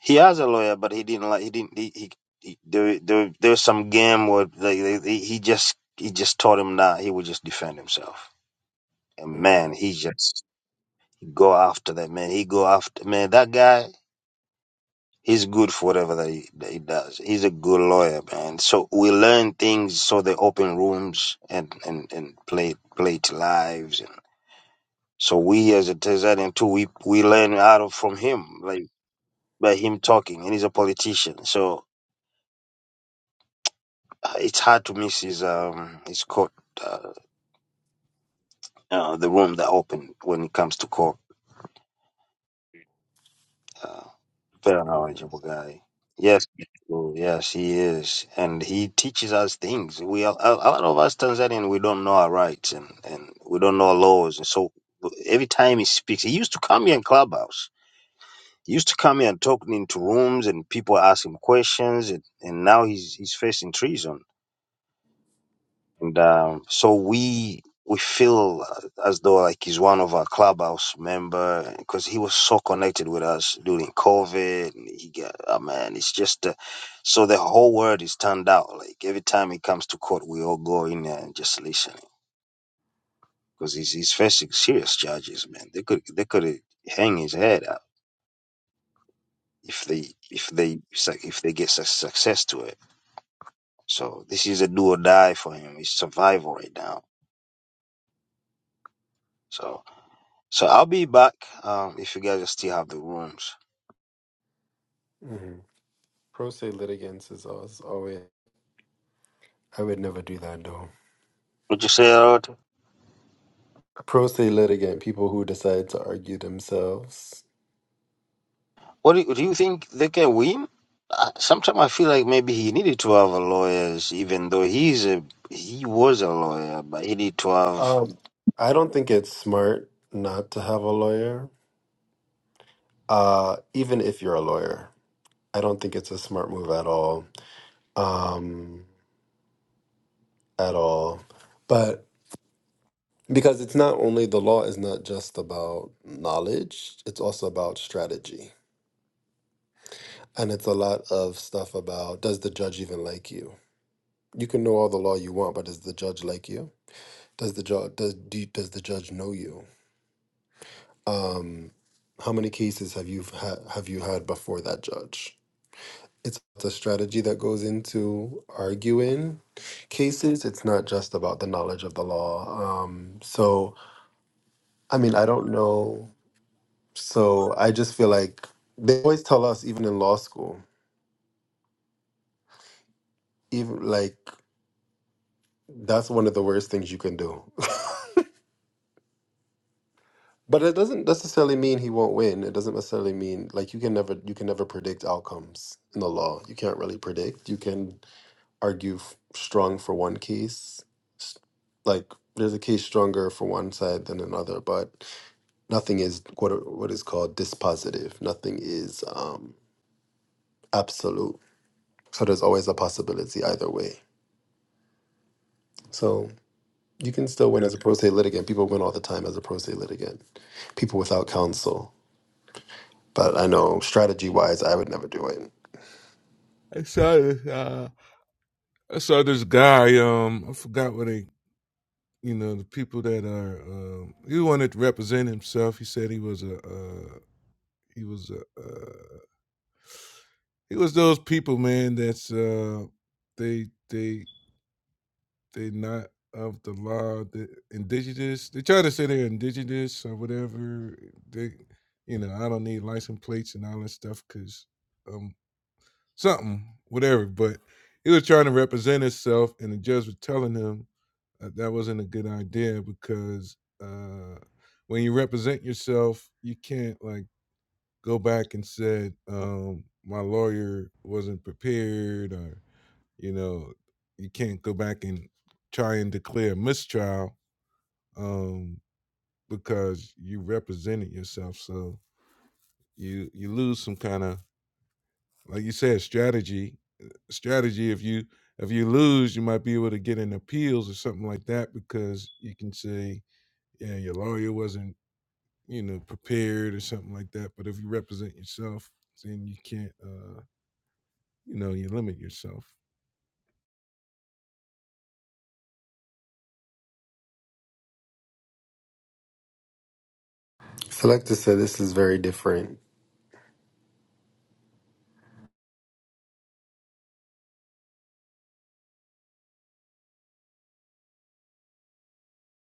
He has a lawyer, but he didn't like. He didn't. He, he, he there there there's some game where they, they, they- he just he just taught him that he would just defend himself. And man, he
Mm-hmm.
just go after that man. He go after man. That guy. He's good for whatever that he, that he does. He's a good lawyer, man. So we learn things. So they open rooms and and and play play to lives So we as a Tanzanian too, we we learn out of from him, like by him talking, and he's a politician. So uh, it's hard to miss his um his quote, uh, uh, the room that opened when it comes to court. Uh, very knowledgeable guy. Yes, oh, yes, he is, and he teaches us things. We are, a a lot of us Tanzanian, we don't know our rights and and we don't know our laws, and so every time he speaks, he used to come here in clubhouse He used to come here and talk into rooms and people ask him questions and, and now he's he's facing treason. And um, so we we feel uh, as though like he's one of our clubhouse member because he was so connected with us during COVID. And he got oh man, it's just uh, so the whole world is turned out. Like every time he comes to court, we all go in there and just listen because he's he's facing serious charges, man. They could they could hang his head up if they if they if they get su- success to it. So this is a do or die for him. It's survival right now. So so I'll be back um, if you guys still have the rooms.
hmm Pro se litigants is always always. I would never do that though.
Would you say a lot?
Pro se litigant, people who decide to argue themselves.
What do you, do you think they can win? Uh, Sometimes I feel like maybe he needed to have a lawyers, even though he's a he was a lawyer, but he needed to have.
Um, I don't think it's smart not to have a lawyer. Uh, even if you're a lawyer, I don't think it's a smart move at all. Um, at all, but because it's not only the law is not just about knowledge; it's also about strategy And it's a lot of stuff about does the judge even like you? You can know all the law you want, but does the judge like you? Does the judge does do you, does the judge know you? Um, how many cases have you ha- have you had before that judge? It's the strategy that goes into arguing cases. It's not just about the knowledge of the law. Um, so I mean, I don't know. So I just feel like they always tell us, even in law school, even like that's one of the worst things you can do But it doesn't necessarily mean he won't win. It doesn't necessarily mean like you can never you can never predict outcomes in the law. You can't really predict. You can argue f- strong for one case. S- Like there's a case stronger for one side than another, but nothing is what a- what is called dispositive. Nothing is um absolute. So there's always a possibility either way. So you can still win
Yeah.
as a pro se litigant. People win all the time as a pro se litigant. People without counsel. But I know strategy wise, I would never do it.
I saw this. Uh, I saw this guy. Um, I forgot what they. You know, the people that are. Um, he wanted to represent himself. He said he was a. Uh, he was a. Uh, he was those people, man. That's uh, they they they not of the law. The indigenous. They try to say they're indigenous or whatever. They, you know, I don't need license plates and all that stuff because. I'm something, whatever. But he was trying to represent himself, and the judge was telling him that, that wasn't a good idea because uh, when you represent yourself, you can't like go back and said um, my lawyer wasn't prepared, or you know, you can't go back and try and declare mistrial um, because you represented yourself. So you you lose some kind of like you said, strategy. uh, Strategy. If you if you lose, you might be able to get an appeals or something like that because you can say, yeah, your lawyer wasn't you know prepared or something like that. But if you represent yourself, then you can't. uh You know, you limit yourself.
Selector said, this is very different.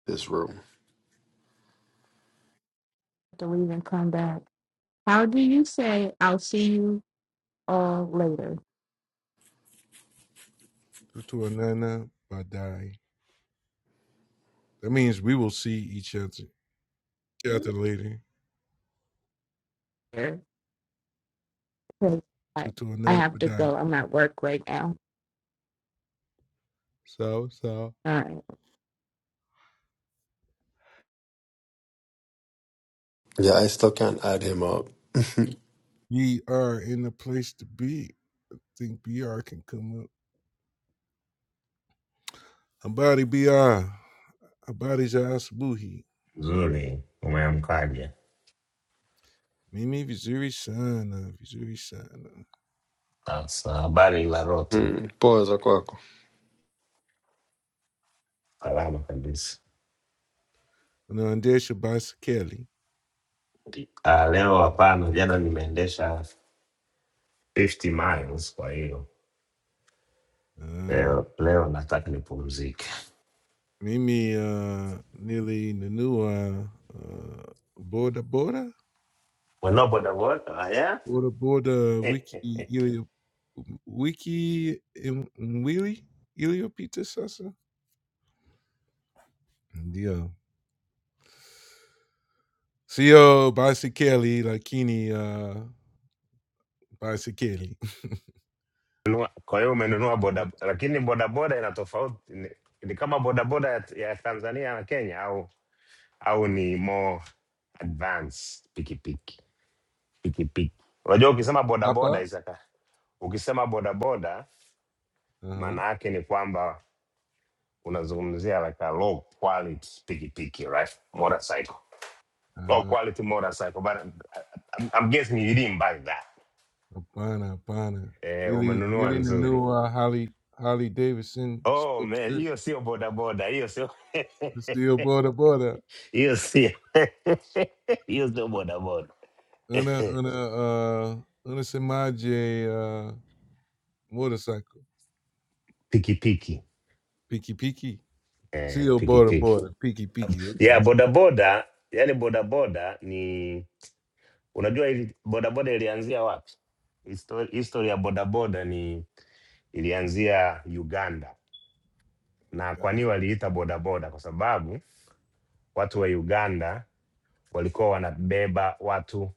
This room.
have to leave and come back. How do you say I'll see you all later.
Tutu Anana Badai. That means we will see each other, each other later.
Because I,
Tutu
I
Anana
have to
Badai.
go. I'm at work right now.
So so
All right.
Yeah, I still can't add him up.
we are in the place to be. I think BR can come up. I'm body BR. Abadija Asubuhi,
Nzuri, umeamkaje?
Mimi Vizuri Sana, Vizuri Sana.
Sasa habari la rote,
Hmm. Boy, is
salama kabisa.
Kuna Andesha Basikeli,
Uh, leo hapana, jana nimeendesha 50 miles, kwa hiyo
uh,
leo, leo nataka nipumzike.
Mimi uh, Nili Nanua, uh, Boda Boda,
Unanunua bodaboda haya?
Boda Boda Wiki Ilio, Wiki Im- Mwili Iliyopita Sasa. Ndio. Sio Basikeli, lakini uh, Basikeli.
Nunua- Kwa hiyo umenunua boda, lakini bodaboda ina tofauti, ni, ni kama bodaboda ya, ya Tanzania na Kenya au au ni more advanced pikipiki pikipiki. Unajua ukisema bodaboda
Hapa?
Isaka, ukisema bodaboda maana
Uh-huh.
yake ni kwamba unazungumzia like a low quality pikipiki right motorcycle low quality motorcycle but I'm, I'm I'm guessing you didn't buy that
Abana, Abana.
eh,
Ili,
umenunua
ili
nzuri
Nanua, Holly, Holly Davidson,
oh
Sports
man
Tech,
hiyo sio bodaboda hiyo sio
Steel Border Border,
hiyo sio hiyo sio bodaboda
Una, Una, uh, Una Samaje, uh, Motorcycle,
pikipiki
Piki Piki,
eh,
Steel Border
pikipiki
Border, Piki Piki.
yeah
Okay.
bodaboda yani bodaboda ni unajua ili bodaboda ilianzia wapi Histori- history ya bodaboda ni ilianzia Uganda. Na kwa nini waliita bodaboda? Kwa sababu watu wa Uganda walikuwa wanabeba watu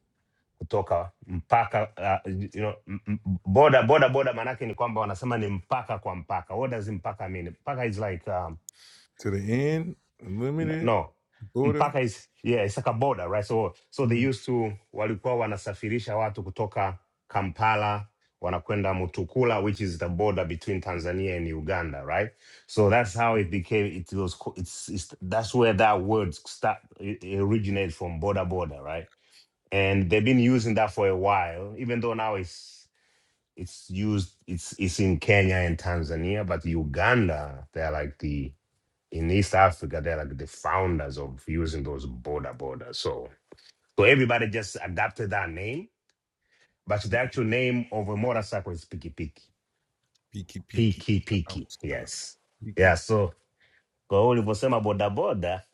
kutoka mpaka uh, you know, boda boda boda, maanake ni kwamba wanasema ni mpaka kwa mpaka. What does mpaka mean? Mpaka is like um,
To the end,
N-
Unlimited,
no
Border,
mpaka is, yeah, it's like a border right so, so they
mm,
used to walikuwa wanasafirisha watu kutoka kampala wanakwenda mutukula which is the border between tanzania and uganda right so that's how it became it was co- it's, it's that's where that word start it it originates from border border right and they've been using that for a while even though now it's it's used it's it's in kenya and tanzania but uganda they're like the in East Africa, they're like the founders of using those border borders. So so everybody just adapted that name, but the actual name of a motorcycle is Piki Piki.
Piki Piki,
Piki Piki.
Outside,
Yes.
Piki,
Yeah, so kwa hiyo ulivyosema bodaboda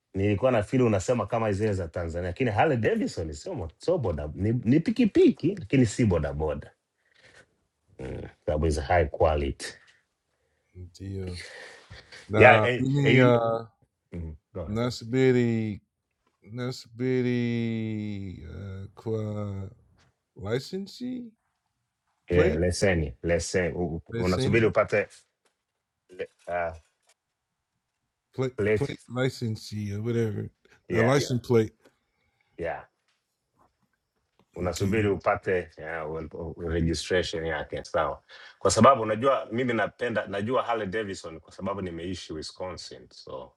nilikuwa na fili unasema kama zile za Tanzania, lakini Harley Davidson sio mo- sio boda, ni, ni pikipiki lakini si bodaboda mm, That is high quality
deal.
yeah,
Nah,
and, and
me,
you,
uh,
mm, go ahead.
Nasbiri nasibiri uh, kwa licensee plate
Yeah, leseni leseni, U- u-
that
unasubiri
same
upate uh,
plate
Plate,
plate licensee or whatever the
yeah
license plate
yeah
the,
unasubiri upate yeah, well, registration yake sawa kwa sababu unajua mimi napenda najua Harley Davidson kwa sababu nimeishi Wisconsin so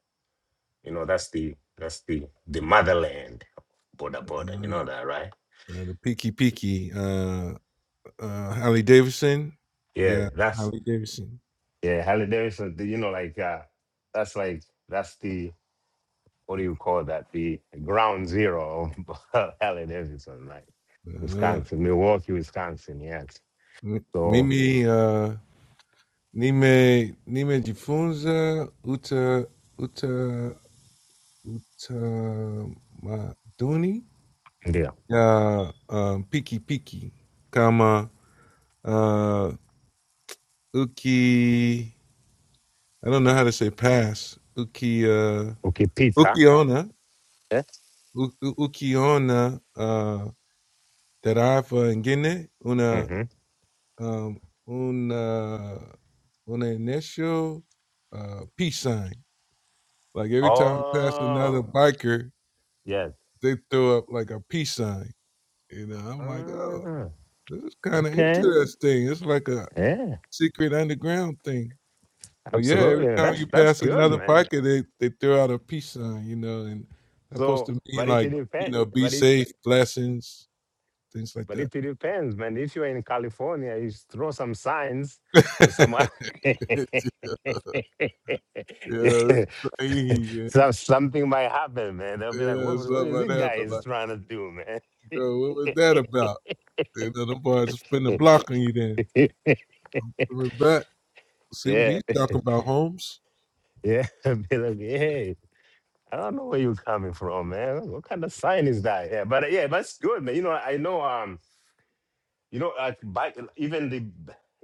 you know that's the that's the the motherland of boda boda you
uh,
know that right
uh, the peaky peaky uh uh Harley Davidson yeah
yeah that's
Harley Davidson
yeah Harley Davidson the- you know like uh, that's like that's the what do you call that the ground zero of Harley Davidson like
uh,
Wisconsin Milwaukee Wisconsin yes
m-
so
mimi uh nime nime jifunza uta uta uta maduni
ndio
Ya um, Piki Piki, comma uh, Uki. I don't know how to say pass. Uki uh,
ukipita
Ukiona
Yes.
U- U- Ukiona uh, Tarafa Ngine una
hmm
um, una una initial uh, peace sign. Like every time I pass another
Oh,
biker,
yes.
they throw up like a peace sign. You know, I'm like, oh,
Ah,
this is kind of
okay.
interesting. It's like a
Yeah,
secret underground thing. But yeah, every
absolutely.
time you
That's that's
pass
good,
another
man.
pocket, they they throw out a peace sign, you know, and that's supposed
So,
to mean
but it
like you
depends.
know, be
But it
safe, blessings, things like
but
that.
it depends, man. If you're in California, you s- throw some signs with some
yeah, yeah, it's crazy, man.
some something might happen, man. They'll be like, what,
Yeah,
what
something
is
like
this
that.
guy
But
is
like,
trying to do, man?
bro, what was that about? You know, them boys spin the block on you. Then we're back. See what
yeah,
he's talking about, Holmes.
yeah. Be like, hey. I don't know where you're coming from, man. What kind of sign is that? Yeah, but uh, yeah, that's good, man. You know, I know, um, you know, like bi- even the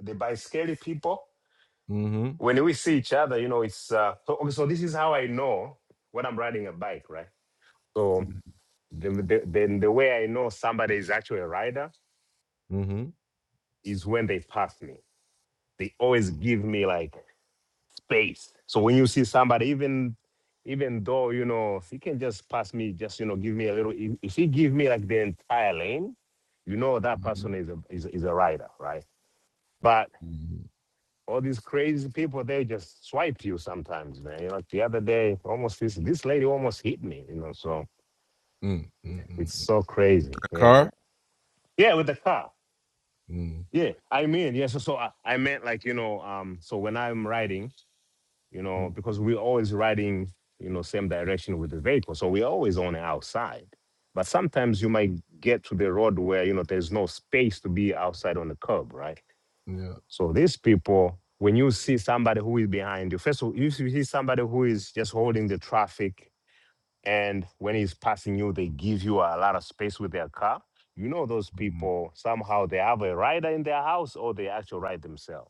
the biscary people,
Mm-hmm.
when we see each other, you know, it's uh, so. Okay, so this is how I know when I'm riding a bike, right? So
Mm-hmm.
the, the, then the way I know somebody is actually a rider
Mm-hmm.
is when they pass me. They always give me like space. So when you see somebody, even even though you know if he can just pass me, just you know give me a little. If, if he give me like the entire lane, you know that person is a is, a- is a rider, right? But
Mm-hmm.
all these crazy people, they just swipe you sometimes, man. You know, the other day, almost this this lady almost hit me. You know, so
Mm-hmm. Mm-hmm.
it's so crazy.
A
Yeah,
car?
yeah, with the car.
Mm,
Yeah, I mean, yeah. So, so I, I meant like you know, um, so when I'm riding. you know,
mm,
because we're always riding, you know, same direction with the vehicle. So we're always on the outside. But sometimes you might get to the road where, you know, there's no space to be outside on the curb, right?
yeah,
So these people, when you see somebody who is behind you, first of all, if you see somebody who is just holding the traffic and when he's passing you, they give you a lot of space with their car, you know those
Mm,
people somehow they have a rider in their house or they actually ride themselves.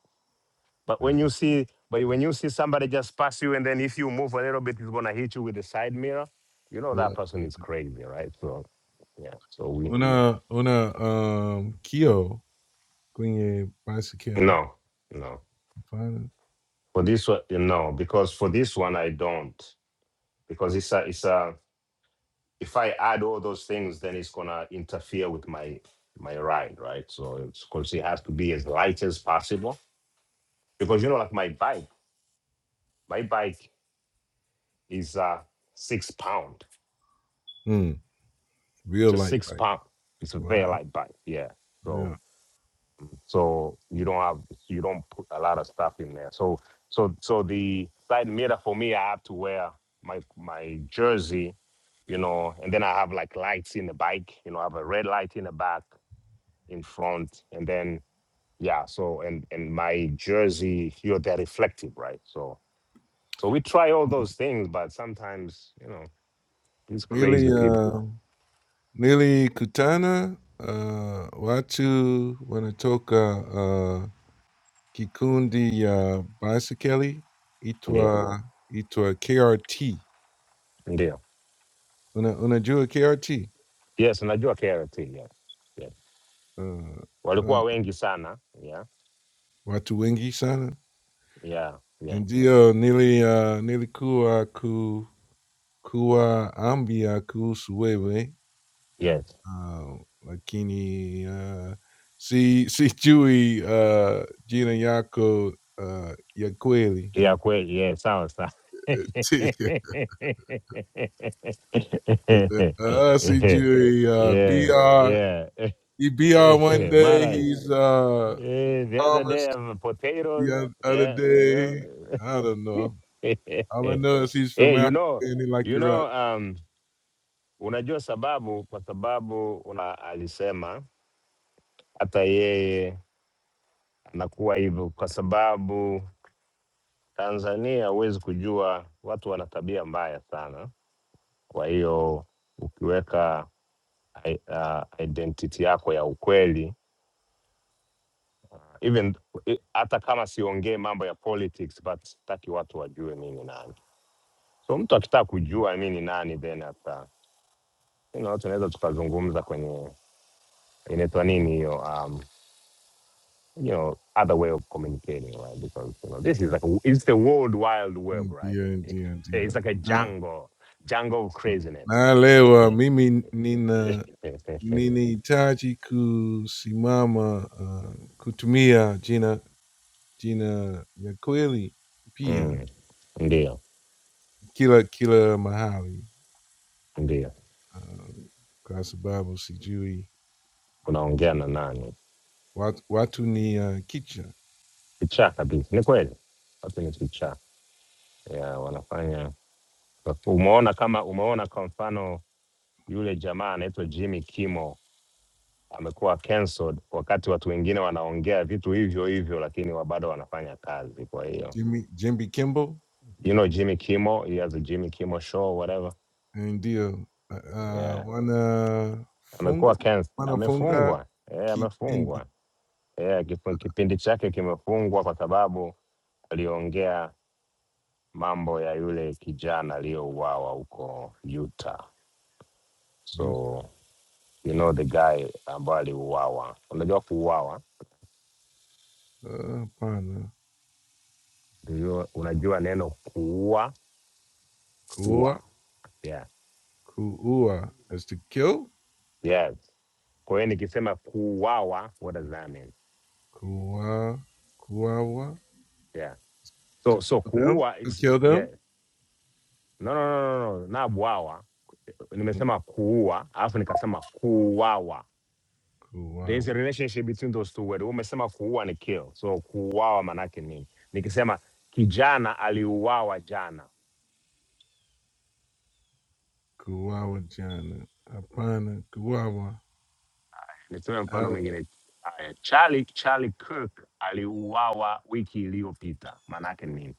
But when you see, but when you see somebody just pass you, and then if you move a little bit, it's gonna hit you with the side mirror. You know
yeah.
that person
yeah.
is crazy, right? So yeah. So we
Una, una, um, Kyo, Queen bicycle,
no, no.
fine.
For this one, no, because for this one I don't, because it's a, it's a. If I add all those things, then it's gonna interfere with my my ride, right? So it's because it has to be as light as possible. Because you know, like my bike, my bike is uh six pound,
Mm, real
just
light
six
bike.
pound. It's a very
Wow.
light bike, yeah. So
Yeah.
so you don't have you don't put a lot of stuff in there so so so the side mirror for me i have to wear my my jersey you know and then i have like lights in the bike you know i have a red light in the back in front and then yeah so and and my jersey here they're reflective right so so we try all those things but sometimes you know these
Nearly,
crazy people
uh, nearly Kutana, uh, Watu, Wanatoka, uh, Kikundi, uh, bicycle,
ndio
Itwa, Itwa KRT.
ndio
Una, unajua KRT?
yes najua krt yes yes
Uh, uh,
walikuwa wengi sana yeah
watu wengi sana.
yeah yeah
Ndio nili uh, nilikuwa ku, kuwa ambia kuhusu wewe
yes
uh, lakini uh, si sijui uh, jina yako uh, ya kweli
ya kweli yeah, sawa sawa
uh, sijui uh,
yeah,
br
yeah.
he br one day
Marais.
he's uh,
Eh, the other day I
Thomas
have
the
potatoes.
oth- other
Yeah, you know.
day I don't know all I
eh,
know is he's from
you
Africa
know,
and he like
you
to
know,
rap
um, unajua sababu kwa sababu una alisema hata yeye anakuwa hivyo kwa sababu Tanzania huwezi kujua watu wana tabia mbaya sana Kwa hiyo ukiweka i- ah, identity yako ya ukweli ah, even i- hata kama siongee mambo ya politics but sitaki watu wajue mi ni nani. So mtu akitaka kujua mi ni nani then hata you know, tunaweza tukazungumza kwenye inaitwa nini hiyo um, you know, other way of communicating right? because you know, this is like a, it's the world wild web right?
ndio ndio
It's
ndio
like a
Ah.
jungle, jungle of craziness yeah.
Naelewa mimi nina ninahitaji kusimama uh, kutumia jina jina ya kweli pia
mm, ndio
kila kila mahali
ndio
uh, kwa sababu sijui
unaongea na nani
watu, watu ni uh, kicha
kichaa kabisa ni kweli watu ni kichaa yeah, wanafanya umeona kama umeona kwa mfano yule jamaa anaitwa jimmy kimo amekuwa cancelled wakati watu wengine wanaongea vitu hivyo hivyo lakini wa- bado wanafanya kazi kwa hiyo
Jimmy, Jimmy Kimball
you know jimmy kimo he has a jimmy kimo show whatever
ndio uh, uh,
yeah. amekuwa
wanafunga
cancelled
wanafunga
amefungwa yeah,
kipindi
amefungwa yeah, kif- kipindi chake kimefungwa kwa sababu aliongea mambo ya yule kijana aliyouawa huko Utah.
YouTube.
So you know the guy ambaye aliuawa. Unajua kuuawa,
Uh, Hapana,
ndio unajua neno kuua ua.
kuua
Yeah.
kuua is to kill
Yes. Kwa hiyo nikisema kuuawa, what does that mean?
Kuwa, kuawa
Yeah.
to
So so
kill them,
kuua
to
is
kill
yeah.
them.
No no no no no, na bwawa.
Mm,
Nimesema kuua, alafu nikasema kuuawa. There's a
kuawa,
relationship between those two words. Umesema kuua ni kill. So kuuawa manake nini? Nikisema kijana aliuawa jana.
kuawa. Jana, Apana, Kuwawa.
Nitoe mfano
Alec,
mwingine. Aya, Charlie Charlie Kirk aliuawa wiki iliyopita. Manake nini?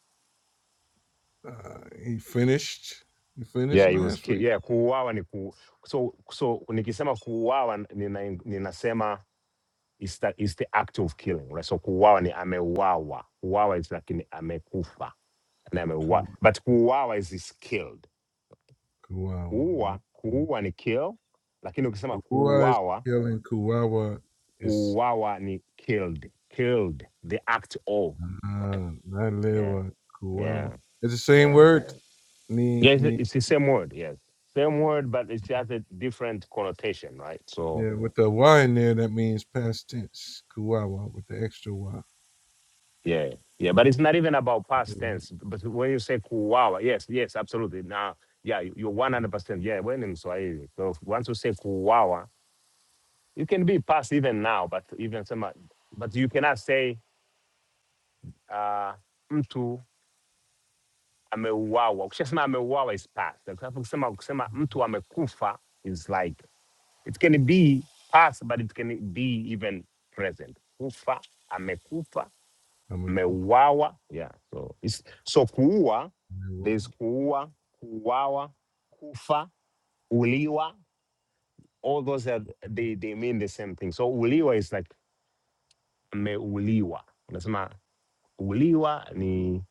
uh, he finished. He finished
Yeah, he was
last
killed.
week.
Yeah, kuuawa ni ku so so nikisema kuuawa nina, ninasema is the, is the act of killing. Right? So kuuawa ni ameuawa. Kuuawa is like ni amekufa. Na ameuawa.
Ku-
But kuuawa is is killed.
Kuwawa.
Kuua, kuua ni kill, lakini ukisema
Kuwa is
kuuawa,
killing kuawa? Is
kuuawa ni killed, killed, the act of. Right?
uh, not
Yeah,
Lewa. kuawa.
yeah,
It's the same
yeah.
word. Ni
Yeah, it's,
ni.
it's the same word. Yes, same word, but it has a different connotation, right? So
Yeah, with the Y in there, that means past tense. Kuawa with the extra Y.
yeah, yeah, but it's not even about past
Kuwawa.
tense. But when you say kuuawa, yes, yes, absolutely. Now, yeah, you- you're one hundred percent. Yeah, when in Swahili, so once you say kuuawa, you can be past even now, but even some, but you cannot say. uh mtu ameuawa. Ukishasema ameuawa is past, Kwa sababu kusema kusema mtu amekufa is like it can be past but it can be even present. Kufa, amekufa,
I mean,
ameuawa. Yeah, so it's, so kuua
Kuwawa.
there's kuua, kuuawa, kufa, uliwa. All those are they they mean the same thing. So uliwa is like ameuliwa. Unasema uliwa ni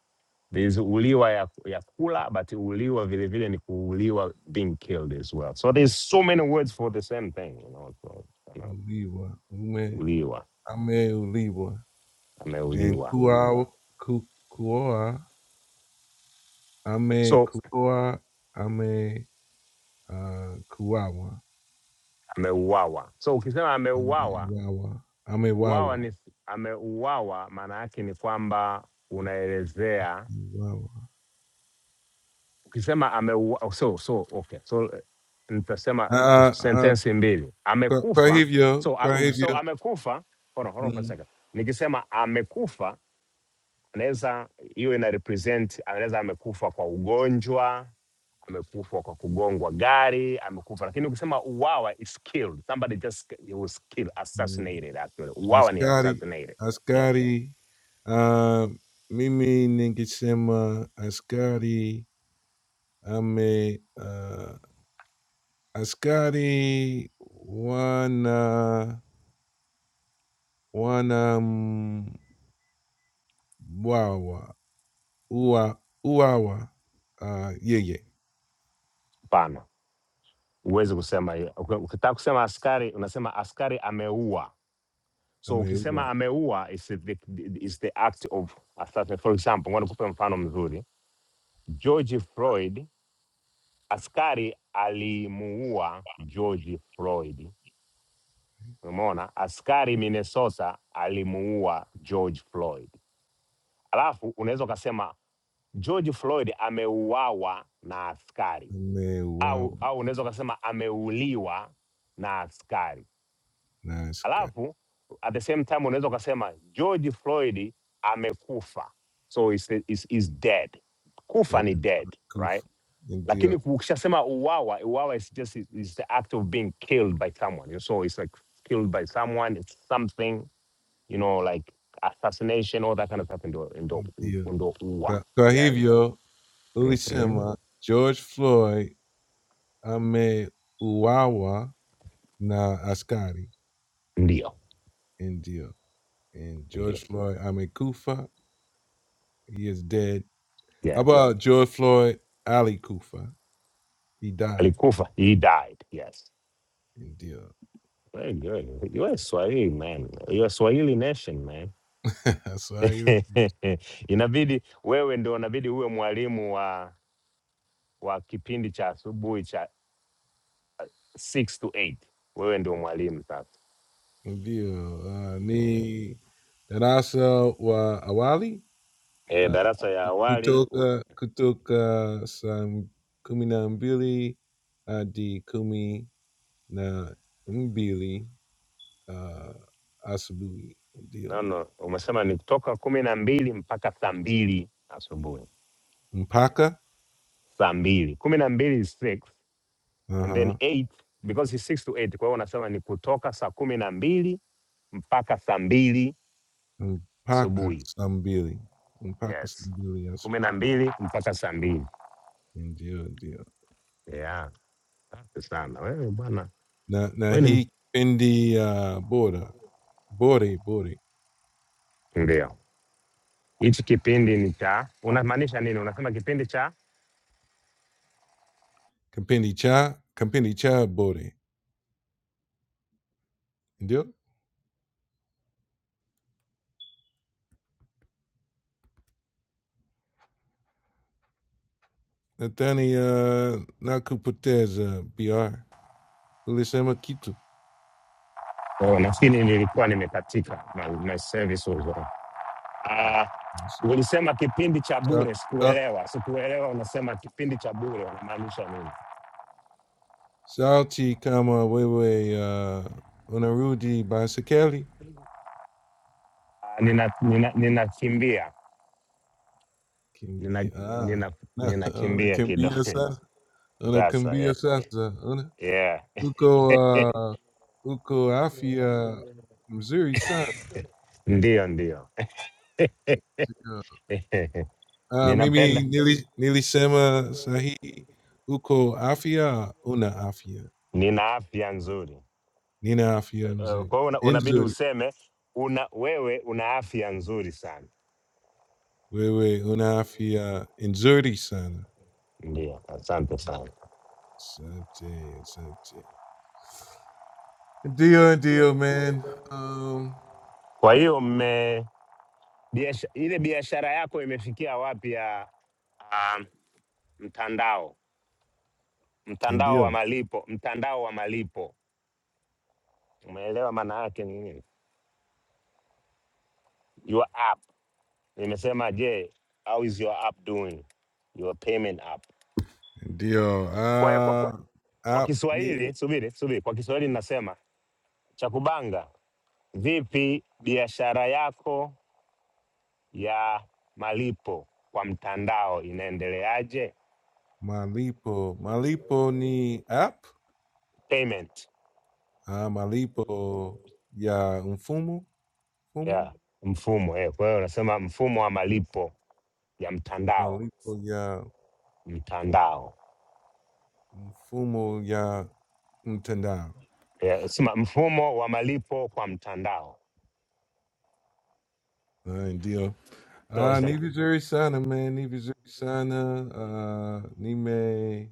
There's uliwa ya, ya kula, but uliwa vile vile ni kuuliwa, being killed as well. So there's so many words for the same thing, you know. So, you know
Uliwa, Ume,
uliwa,
Ame Uliwa, and
ameuliwa.
Kuawa, Ku- Kuoa, Ame
So
Kuoa, Ame uh, Kuawa,
ameuawa. So ukisema
Ame
ameuawa,
Wawa, Ame
uawa
Wawa,
ni ameuawa, maana yake ni kwamba unaelezea
Ame Wawa.
ukisema ameuawa. oh, So, so, okay. So eh, nitasema tu-
Ah, ah, ah,
sentensi mbili.
kwa kwa
Amekufa.
hivyo,
So,
kwa
a- so
hivyo,
amekufa. Hold on, hold on for a
mm,
second. Nikisema amekufa anaweza hiyo ina represent anaweza amekufa kwa ugonjwa amekufa kwa kugongwa gari amekufa lakini ukisema uwawa is killed somebody just he was killed
mm,
assassinated actually uwawa ni
askari,
assassinated yeah
askari, uh, mimi ningesema askari, ame, uh, askari wana Wanamwawa, uwa uwawa, uh, yeye
pana huwezi kusema hiyo. Uki- ukitaka kusema askari unasema askari ameua so ukisema
ameua
ameua is the, is the act of assassination for example ngoja nikupe mfano mzuri george floyd askari alimuua george floyd Umeona, askari Minnesota alimuua George Floyd, alafu unaweza ukasema George Floyd ameuawa na askari
ameuawa
au, au unaweza ukasema ameuliwa na askari,
na aska-
alafu at the same time unaweza ukasema George Floyd amekufa, so is, is, is dead.
eh,
Kufa ni dead right,
kufa.
lakini
Ndio,
ukishasema uwawa, uwawa is just is, is the act of being killed by someone, so it's like killed by someone, it's something you know, like assassination, all that kind of stuff in the in the in
ndio.
the UWA.
Kwa kwa
Yes.
hivyo
Mm-hmm.
ulisema George Floyd ameuawa na askari.
Ndio.
Ndio. And
Ndio.
George Floyd amekufa. He is dead. How
Yes.
about George Floyd Ali Kufa? He died.
Alikufa. He died. Yes.
Ndio.
Very good. You are Swahili man. You are Swahili nation man.
That's why he
inabidi wewe ndo inabidi uwe mwalimu wa wa kipindi cha asubuhi cha 6 to 8. Wewe ndio mwalimu sasa.
Ndio, ah,
Mm.
ni darasa wa awali
E,
ah,
darasa ya awali u-
kutoka kutoka saa kumi na mbili hadi kumi na mbili ah, asubuhi,
no,
ndio
no, umesema ni kutoka kumi na mbili mpaka saa mbili asubuhi.
mpaka
saa mbili kumi na mbili is six and then
aha,
eight because it's six to eight kwa hiyo wanasema ni kutoka saa kumi na mbili mpaka saa mbili
mpaka
asubuhi
saa mbili mpaka saa
yes
mbili
kumi
asubuhi,
na mbili mpaka saa mbili
ndio ndio
yeah safi sana wewe bwana
na, na
wewe ni
hii kipindi ah, bora bore bore
ndio hichi kipindi ni cha unamaanisha nini unasema kipindi cha
kipindi cha kipindi cha bore ndio Nathani uh, uh, BR. Ulisema Kitu.
oh, nafikiri nilikuwa nimekatika my, my service was wrong. Ah, ulisema kipindi cha bure sikuelewa sikuelewa unasema kipindi cha bure unamaanisha nini
Sauti kama wewe uh, unarudi basikeli.
Ah,
Uh,
nina nina ninakimbia nina,
Kimbi ah.
nina,
Na,
ninakimbia
unakimbia
kidogo
sasa.
sasa
Unakimbia
yeah.
sasa. Una,
Yeah.
uko uh, uko afya mzuri sana.
Ndio, ndio.
Uh, mimi
ninapenda,
nili, nilisema sahihi. Uko afya, una afya.
nina afya nzuri.
Nina
Eh,
afya
eh,
mzuri.
Kwa hiyo una, unabidi
Nzuri.
useme una wewe una afya nzuri sana.
Wewe una afya nzuri sana.
Ndio, asante sana.
Asante, asante. Ndio ndio man. Um,
Kwa hiyo mme biasha, ile biashara yako imefikia wapi ya um, mtandao mtandao wa
Ndio,
malipo mtandao wa malipo, umeelewa maana yake ni nini? your app nimesema je how is your app doing your payment app
ndio.
kwa hiyo kwa,
Uh,
kwa
app ni
kiswahili subiri subiri kwa kiswahili ninasema cha kubanga vipi biashara yako ya malipo kwa mtandao inaendeleaje
malipo. Malipo ni app.
payment
Uh, malipo ya mfumo. Mfumo.
yeah mfumo eh. kwa hiyo unasema mfumo wa malipo ya mtandao
Malipo ya
mtandao
mfumo ya mtandao.
yeah, sema mfumo wa malipo kwa mtandao
Uh, ndio.
so,
Uh,
it's an-
Nivi Jury Sana, man. Nivi Jury Sana. Uh, Nime.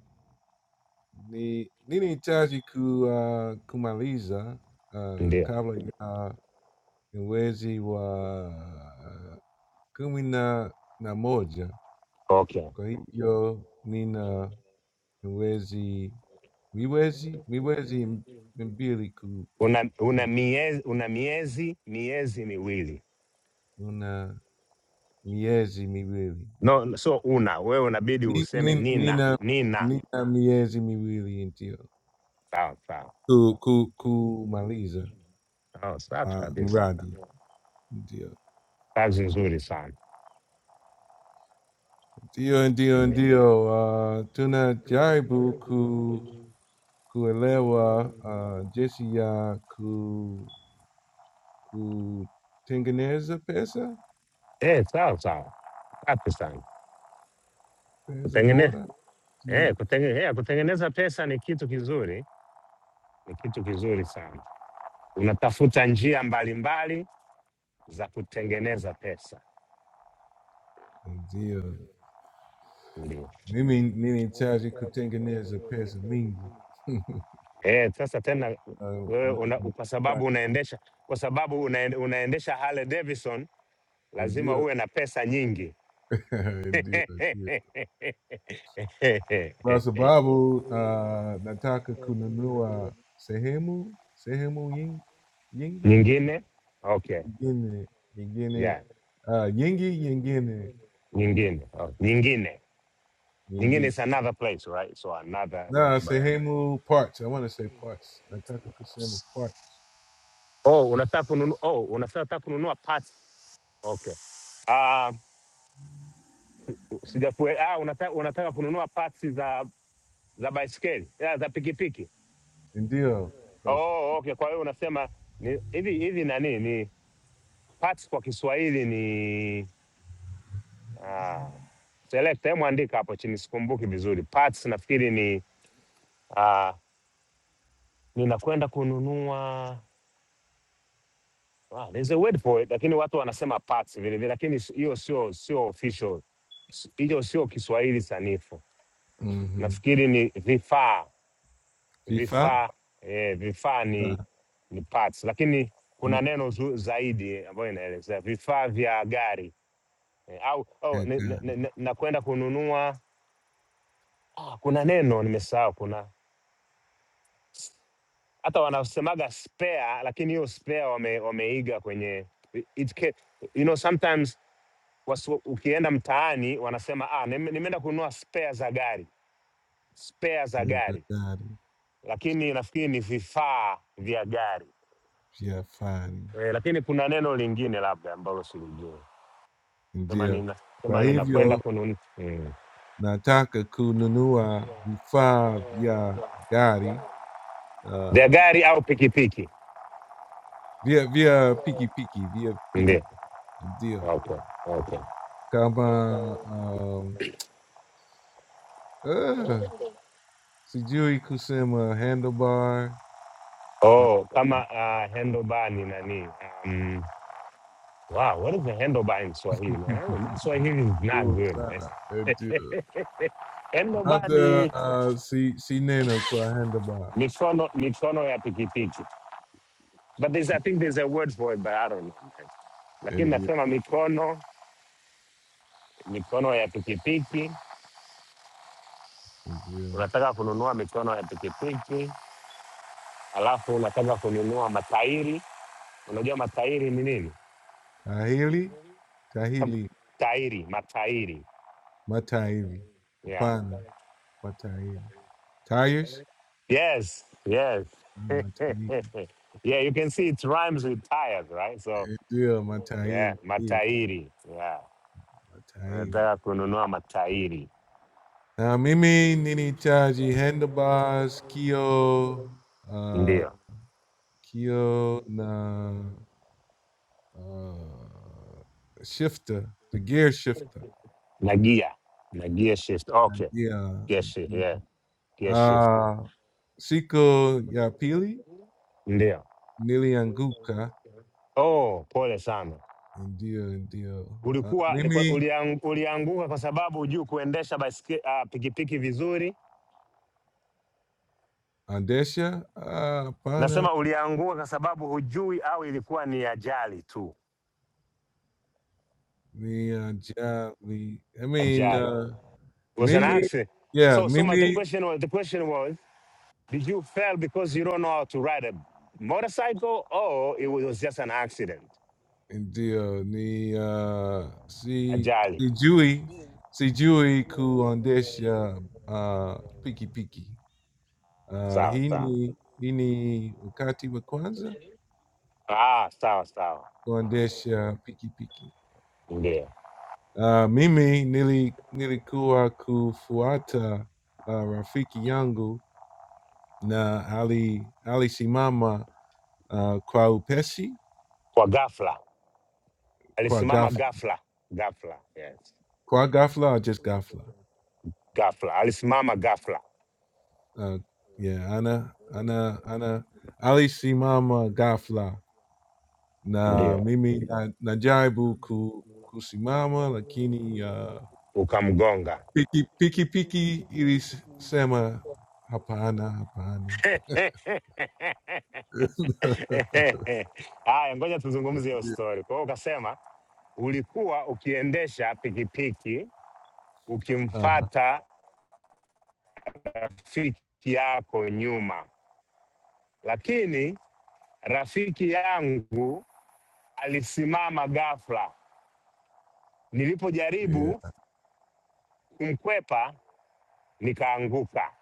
Ni, Nini Chaji ku, uh, Kumaliza. Uh,
ndio
kabla ya mwezi wa uh, kumi na, na moja.
okay
Kwa hiyo nina mwezi miwezi miwezi m- mbili ku,
una, una miezi una miezi miezi miwili
una miezi miwili.
no, so una wewe unabidi
Ni,
useme
ni,
nina
nina,
nina.
nina miezi miwili ndio.
Sawa sawa
Cu, cu, kumaliza.
sawa, safi
Ah,
kabisa,
mradi. Ndio.
kazi nzuri sana
Ndio, ndio,
mm.
ndio. Uh, tunajaribu ku, kuelewa uh, jinsi ya ku, kutengeneza pesa,
Eh, sawa sawa, safi sana
pesa
kutengeneza
bora. Ndio.
eh, kutenge, eh, kutengeneza pesa ni kitu kizuri, ni kitu kizuri sana. Unatafuta njia mbalimbali za kutengeneza pesa
Ndio.
ndio.
Mimi ninahitaji kutengeneza pesa mingi.
Eh, sasa tena
Ah,
wewe una, kwa
na-
sababu unaendesha kwa sababu una, unaendesha Harley Davidson lazima
Ndio,
uwe na pesa nyingi
ndio, ndio. Kwa Sababu uh, nataka kununua sehemu sehemu yin- yingi
nyingine okay
nyingine nyingine
yeah
uh, yingi nyingine yin-
nyingine oh, nyingine nyingine
nyingine
is another place right so another one
na
to buy
sehemu parts. I want to say parts. Nataka kusema parts.
oh unataka kununua oh unataka kununua parts okay ah sijakue ah unataka unataka kununua parts za za baiskeli yeah, za pikipiki
Ndio.
oh okay kwa hiyo unasema ni hivi hivi nani ni parts kwa Kiswahili ni. Ah, selekta, hebu andika hapo chini, sikumbuki vizuri. Parts nafikiri ni ah, ninakwenda kununua ah, there's a word for it, lakini watu wanasema parts vile vile, lakini s- hiyo sio sio official, S- hiyo sio Kiswahili sanifu.
Mm-hmm.
Nafikiri ni vifaa
Vifaa
vifaa eh, vifaa ni
Vifaa
ni parts, lakini kuna
ni-
neno zu, zaidi eh, ambayo inaelezea vifaa vya gari eh, au au
ya
ni- ni- ni- ni- nakwenda kununua ah, kuna neno nimesahau, kuna hata wanasemaga spare, lakini hiyo spare wame, wameiga kwenye it can, you know sometimes wasu, ukienda mtaani wanasema ah, nime- nimeenda kununua spare za gari, spare za
gari za
gari,
gari
lakini nafikiri ni vifaa vya gari
vya fani.
e, lakini kuna neno lingine labda ambalo silijui, kama
Ndio.
nina
Kwa
kama ninakwenda
hivyo
kununua mm.
nataka kununua vifaa vya gari
vya
uh,
gari au pikipiki,
via via peaky peaky via peaky
ndio
Dia.
okay, okay.
Kama um uh, Sijui Kusema Handlebar
Oh, kama uh, handlebar ni nani? Um, Wow, what is the handlebar in Swahili, man? I don't, my Swahili is not
Duro
good,
Sana Ndio.
man. handle
Labda
ni
uh, si sineno kwa handlebar
mikono, mikono ya pikipiki. But there's, I think there's a word for it, but I don't know. man. Lakini
Ndio.
nasema mikono, mikono ya pikipiki.
Ndio.
Unataka kununua mikono ya pikipiki, alafu unataka kununua matairi. Unajua matairi ni nini?
Tahili
Kama-
Tahili
Tairi, matairi.
Matahili
Yeah.
Hapana Matahili Tires
Yes, yes.
Ah, Matahili
yeah, you can see it rhymes with tires, right? So
Ndio
yeah,
Matahili Ndio,
matairi yeah.
Matahili
Nataka kununua matairi
Uh, Mimi, Nini Chaji, Handlebars, Kyo, uh,
ndio,
Kyo na uh, Shifter, the gear shifter.
na gia na gear shift. Okay,
Yeah.
gear shift,
yeah.
yeah. Gear shift
Uh, Siko Yapili,
ndio.
Nilianguka,
Oh, pole sana.
Ndio, Ndio. Uh,
Ulikuwa ni
Mimi,
uliang, ulianguka kwa sababu hujui kuendesha baisike, Ah, pikipiki vizuri.
Andesha, uh, Pana,
Nasema ulianguka kwa sababu hujui au ilikuwa ni ajali tu?
the uh, Ja, the, I mean,
Ajali.
uh,
It was an
Mimi,
accident.
yeah,
So, so my, the
Mimi
question was, the question was Did you fail because you don't know how to ride a motorcycle, or it was just an accident?
Ndio ni uh,
A
si
jolly.
sijui sijui kuondesha uh, pikipiki. Uh,
Sawa
hii
sawa.
ni hii ni wakati wa kwanza
Ah, sawa sawa. Sawa, sawa.
kuondesha pikipiki.
Ndio.
Uh, mimi nili, nilikuwa kufuata uh, rafiki yangu na ali alisimama uh, kwa upesi
Kwa ghafla.
kwa
Alisimama
ghafla,
ghafla. Ghafla. Yes.
kwa ghafla or just ghafla
Ghafla. Alisimama ghafla.
Uh, yeah, Ana, Ana, Ana. Ali Simama Gafla. Na
Ndio.
mimi na najaribu ku, kusimama lakini uh,
Ukamgonga.
piki piki piki ilisema hapana hapana.
Haya, ngoja tuzungumze hiyo story. Kwa hiyo ukasema ulikuwa ukiendesha pikipiki
uh-huh.
ukimfata rafiki yako nyuma, lakini rafiki yangu alisimama ghafla.
yeah.
Nilipojaribu kumkwepa nikaanguka.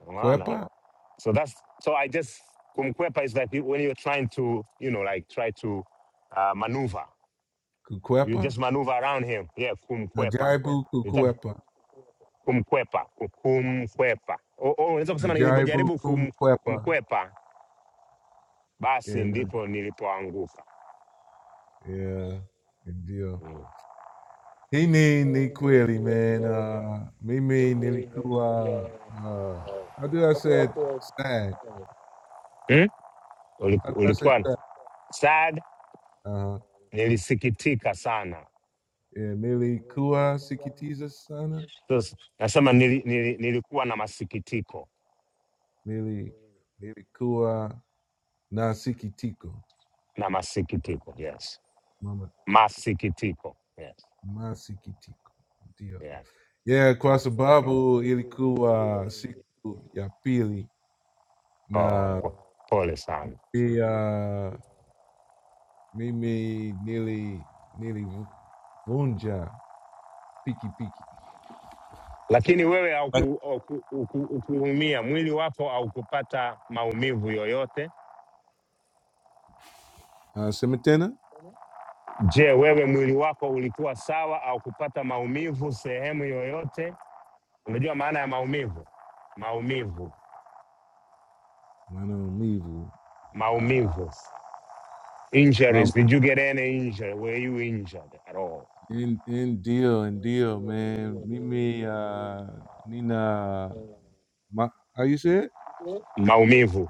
Unaona eh?
Kwepa
So that's so I just kumkwepa is like when you're trying to you know like try to uh, maneuver. You
kukwepa
just maneuver around him. Yeah, kumkwepa.
najaribu
Nitaka
kukwepa
kumkwepa, ku- kumkwepa. O- o, Unaweza kusema
najaribu
nilivyojaribu kum,
kumkwepa.
kumkwepa basi
Yeah, na-
ndipo nilipoanguka.
yeah, ndio.
Mm.
He need ni kweli, man. Uh, me me Uh, I do. I said sad.
Mm.
I
uliku-
do. I said
ulikuwa
sad.
sad,
Uh huh.
nilisikitika sana.
Yeah, nili kua sikitiza sana.
Sasa, Nasema nili, nili, nilikuwa na masikitiko
Nili nili kua na sikitiko.
na masikitiko, yes,
Mama
masikitiko, yes,
ma sikitiko. Ndio.
yeah.
Yeah, kwa
Oh.
sababu ilikuwa siku ya pili
Oh,
na
po- pole sana,
pia mimi nili nilivunja piki. piki.
lakini wewe haukuumia, mwili wako haukupata maumivu yoyote.
Semitena,
Je, wewe mwili wako ulikuwa sawa au kupata maumivu sehemu yoyote? Unajua maana ya maumivu? Maumivu
mano mivo. Ah,
Maumivu. Injuries.
mam-
Did you get any injury? Were you injured at all?
in in deal in deal, man. Mimi uh, Nina, ma, how you say it?
Maumivu.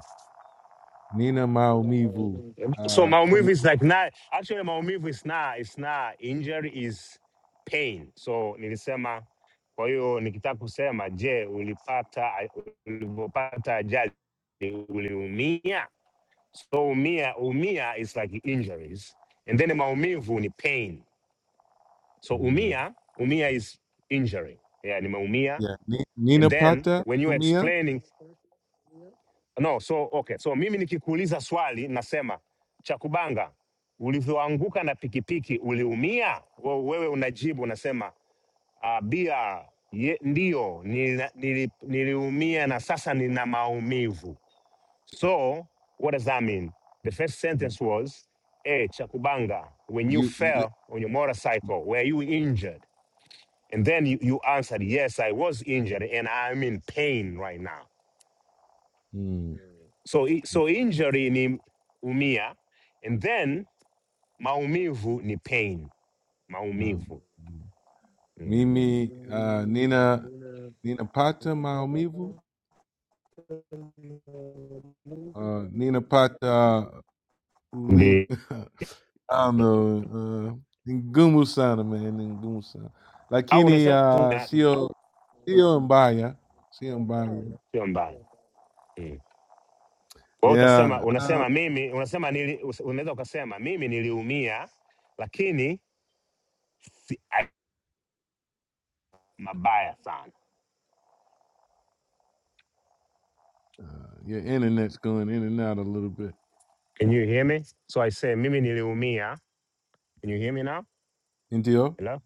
Nina maumivu.
So
Uh, kwenye-
maumivu is like not actually maumivu is not it's not injury is pain. So nilisema kwa hiyo nikitaka kusema je, ulipata ulipopata ajali uliumia? So umia umia is like injuries and then maumivu ni pain. So
Mia.
umia umia is injury. Yeah, nimeumia
yeah. Ni, Nina
and then
pata
when you
umia.
explaining No, so okay, so mimi nikikuuliza swali nasema Chakubanga, ulivyoanguka na pikipiki uliumia? We- Wewe unajibu unasema uh, bia ye, ndiyo nili, nili, niliumia na sasa nina maumivu. So what does that mean? The first sentence was hey, Chakubanga, when you
You, you
fell on your motorcycle, were you injured? And then you, you answered, yes, I was injured and I'm in pain right now.
mm,
So, i- so injury ni umia and then maumivu ni pain,
mam-
maumivu. Mm.
Mimi uh, Nina Nina pata maumivu. Uh, Nina pata uli.
Ndi-
I don't know. Uh, Ngumu Sana, man. Ngumu Sana.
Au
Lakini,
unasema tu
uh,
na-
sio, sio mbaya. Sio mbaya.
sio mbaya. Mm. Kwa hiyo utasema
Yeah. Uh,
unasema mimi unasema nili, us- unaweza ukasema mimi niliumia lakini si ai- mabaya sana.
uh, your internet's going in and out a little bit.
Can you hear me? So I say mimi niliumia. Can you hear me now?
Ndio?
Hello?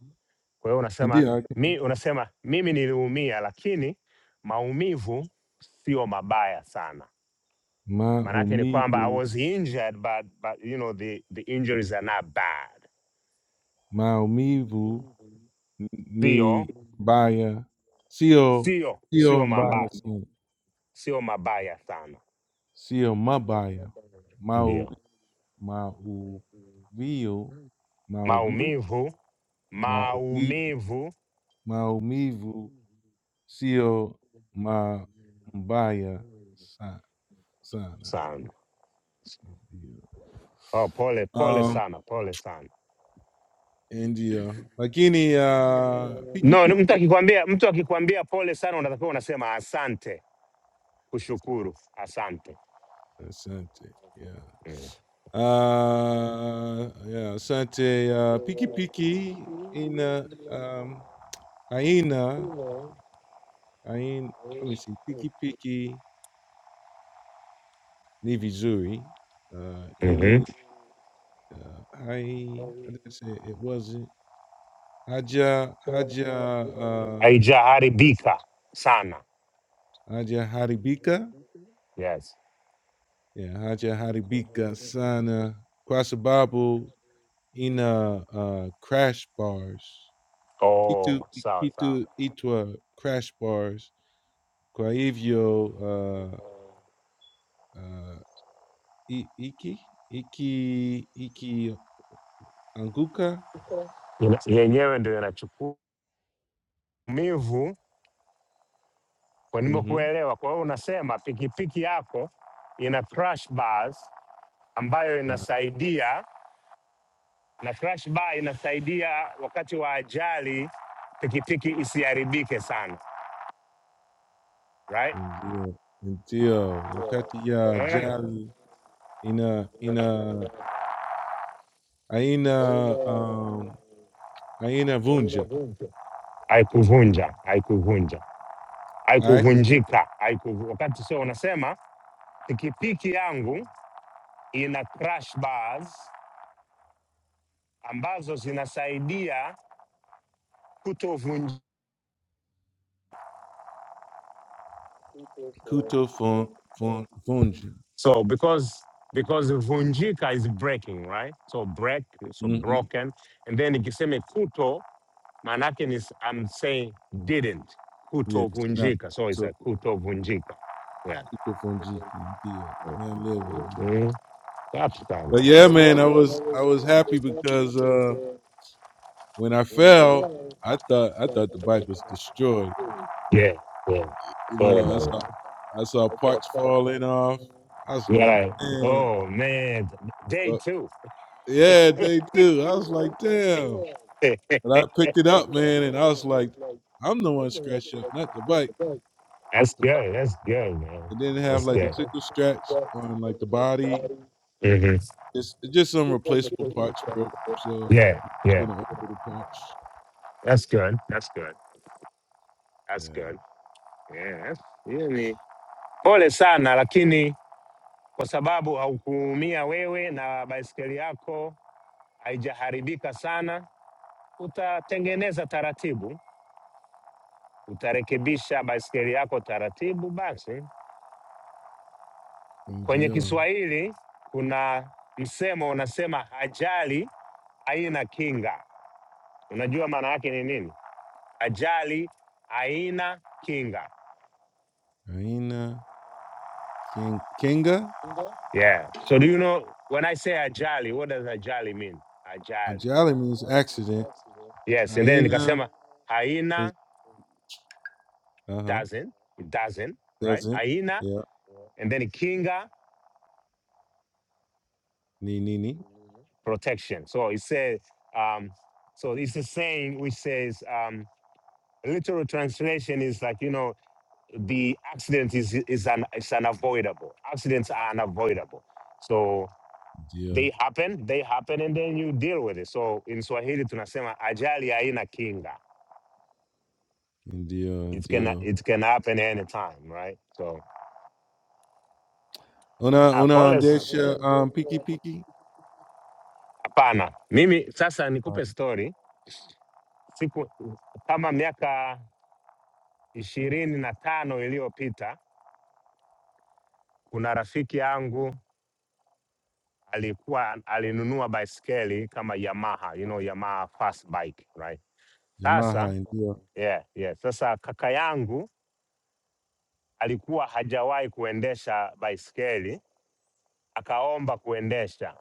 Kwa hiyo unasema
Ndio, okay.
mi, unasema mimi niliumia lakini maumivu sio mabaya sana Maanake ni kwamba I
Maumivu,
was injured but, but you know the, the injuries are not bad,
maumivu
sio
ni mbaya. Sio,
sio sio
sio mbaya
mabaya,
sana.
sio mabaya sana,
Sio mabaya. Mau,
ndio
mau mauvivu, mauvivu,
maumivu
mauvivu,
maumivu
maumivu Sio Ma Mbaya sa- sana
sana.
ndio.
Oh, pole pole
Um,
sana, pole sana.
ndio lakini uh, piki
No, ni
piki
mtu akikwambia mtu akikwambia pole sana, unatakiwa unasema asante, kushukuru, asante.
asante yeah.
Mm.
Uh, yeah, asante uh, piki piki ina um, aina ain let me see piki piki ni vizuri uh,
Mm-hmm.
ili uh, hai how did I say it It wasn't haja haja uh,
Haijaharibika sana.
Haja Haribika.
Yes.
Yeah, Haja Haribika Sana Kwasababu Ina uh, Crash Bars. Kitu
Oh, sawa sawa.
Kitu Itwa Crash Bars. Kwa hivyo uh, uh, i- Iki Iki Iki Anguka.
ina- yenyewe ndio inachukua umivu kwa
Mm-hmm.
nimekuelewa. Kwa hiyo unasema pikipiki yako ina crash bars ambayo inasaidia, na crash bar inasaidia wakati wa ajali pikipiki isiharibike sana, right?
Ndio, ndio. Wakati ya
Eh,
jali ina ina aina um, aina vunja.
haikuvunja, haikuvunja, haikuvunjika, haikuvu... wakati sio, unasema pikipiki yangu ina crash bars ambazo zinasaidia kutovunjika
Kuto Fon Fon Fonji.
So because because vunjika is breaking, right? So break, so
Mm-hmm.
broken, and then ikiseme kuto, manake is I'm saying didn't
Yes.
kuto
Now,
vunjika. So it's a
so
kuto vunjika. Yeah.
Kuto Fonji. Yeah. Now live on that.
Mm-hmm.
But yeah, man, I was I was happy because uh when I fell, I thought I thought the bike was destroyed.
Yeah. Yeah.
You
Sorry
know, I
about
saw
it.
I saw parts falling off. I was
You're
like,
like,
man,
oh man, day
but
two.
yeah, they do. I was like, damn. But I picked it up, man, and I was like, I'm the one scratched up, not the bike.
that's good. That's good, man.
and then have
That's
like a
good.
sickle scratch on like the body.
hmm
It's, it's just some replaceable parts broke, so I'm
Yeah.
just
Yeah.
gonna order the parts.
That's good. That's good. That's
Yeah,
good. Yeah, hiyo ni pole sana, lakini kwa sababu haukuumia wewe na baiskeli yako haijaharibika sana, utatengeneza taratibu, utarekebisha baiskeli yako taratibu. Basi
from
kwenye
Gio,
Kiswahili kuna msemo unasema, ajali haina kinga. Unajua maana yake ni nini? Ajali haina kinga.
hyena, king, kinga.
Yeah. So do you know when I say ajali, what does ajali mean? Ajali.
Ajali means accident.
Yes, and then
Hyena
nikasema
is
haina
uh huh
doesn't it doesn't right
doesn't.
haina
Yeah,
and then kinga
ni ni ni.
protection. So it says um, so it's a saying which says um, literal translation is like you know the accident is is an is unavoidable. Accidents are unavoidable. So
Gio,
they happen, they happen, and then you deal with it. So in Swahili tunasema ajali haina kinga.
indio,
It can
indio.
it can happen anytime, right? So
Una
yeah,
una
Paul
andesha um piki piki.
Hapana, mimi sasa
Uh,
nikupe story. Siku kama miaka ishirini na tano iliyopita, kuna rafiki yangu alikuwa alinunua baiskeli kama Yamaha, you know, Yamaha fast bike, right?
Yamaha
Sasa
indio.
yeah, yeah. Sasa kaka yangu alikuwa hajawahi kuendesha baiskeli, akaomba kuendesha.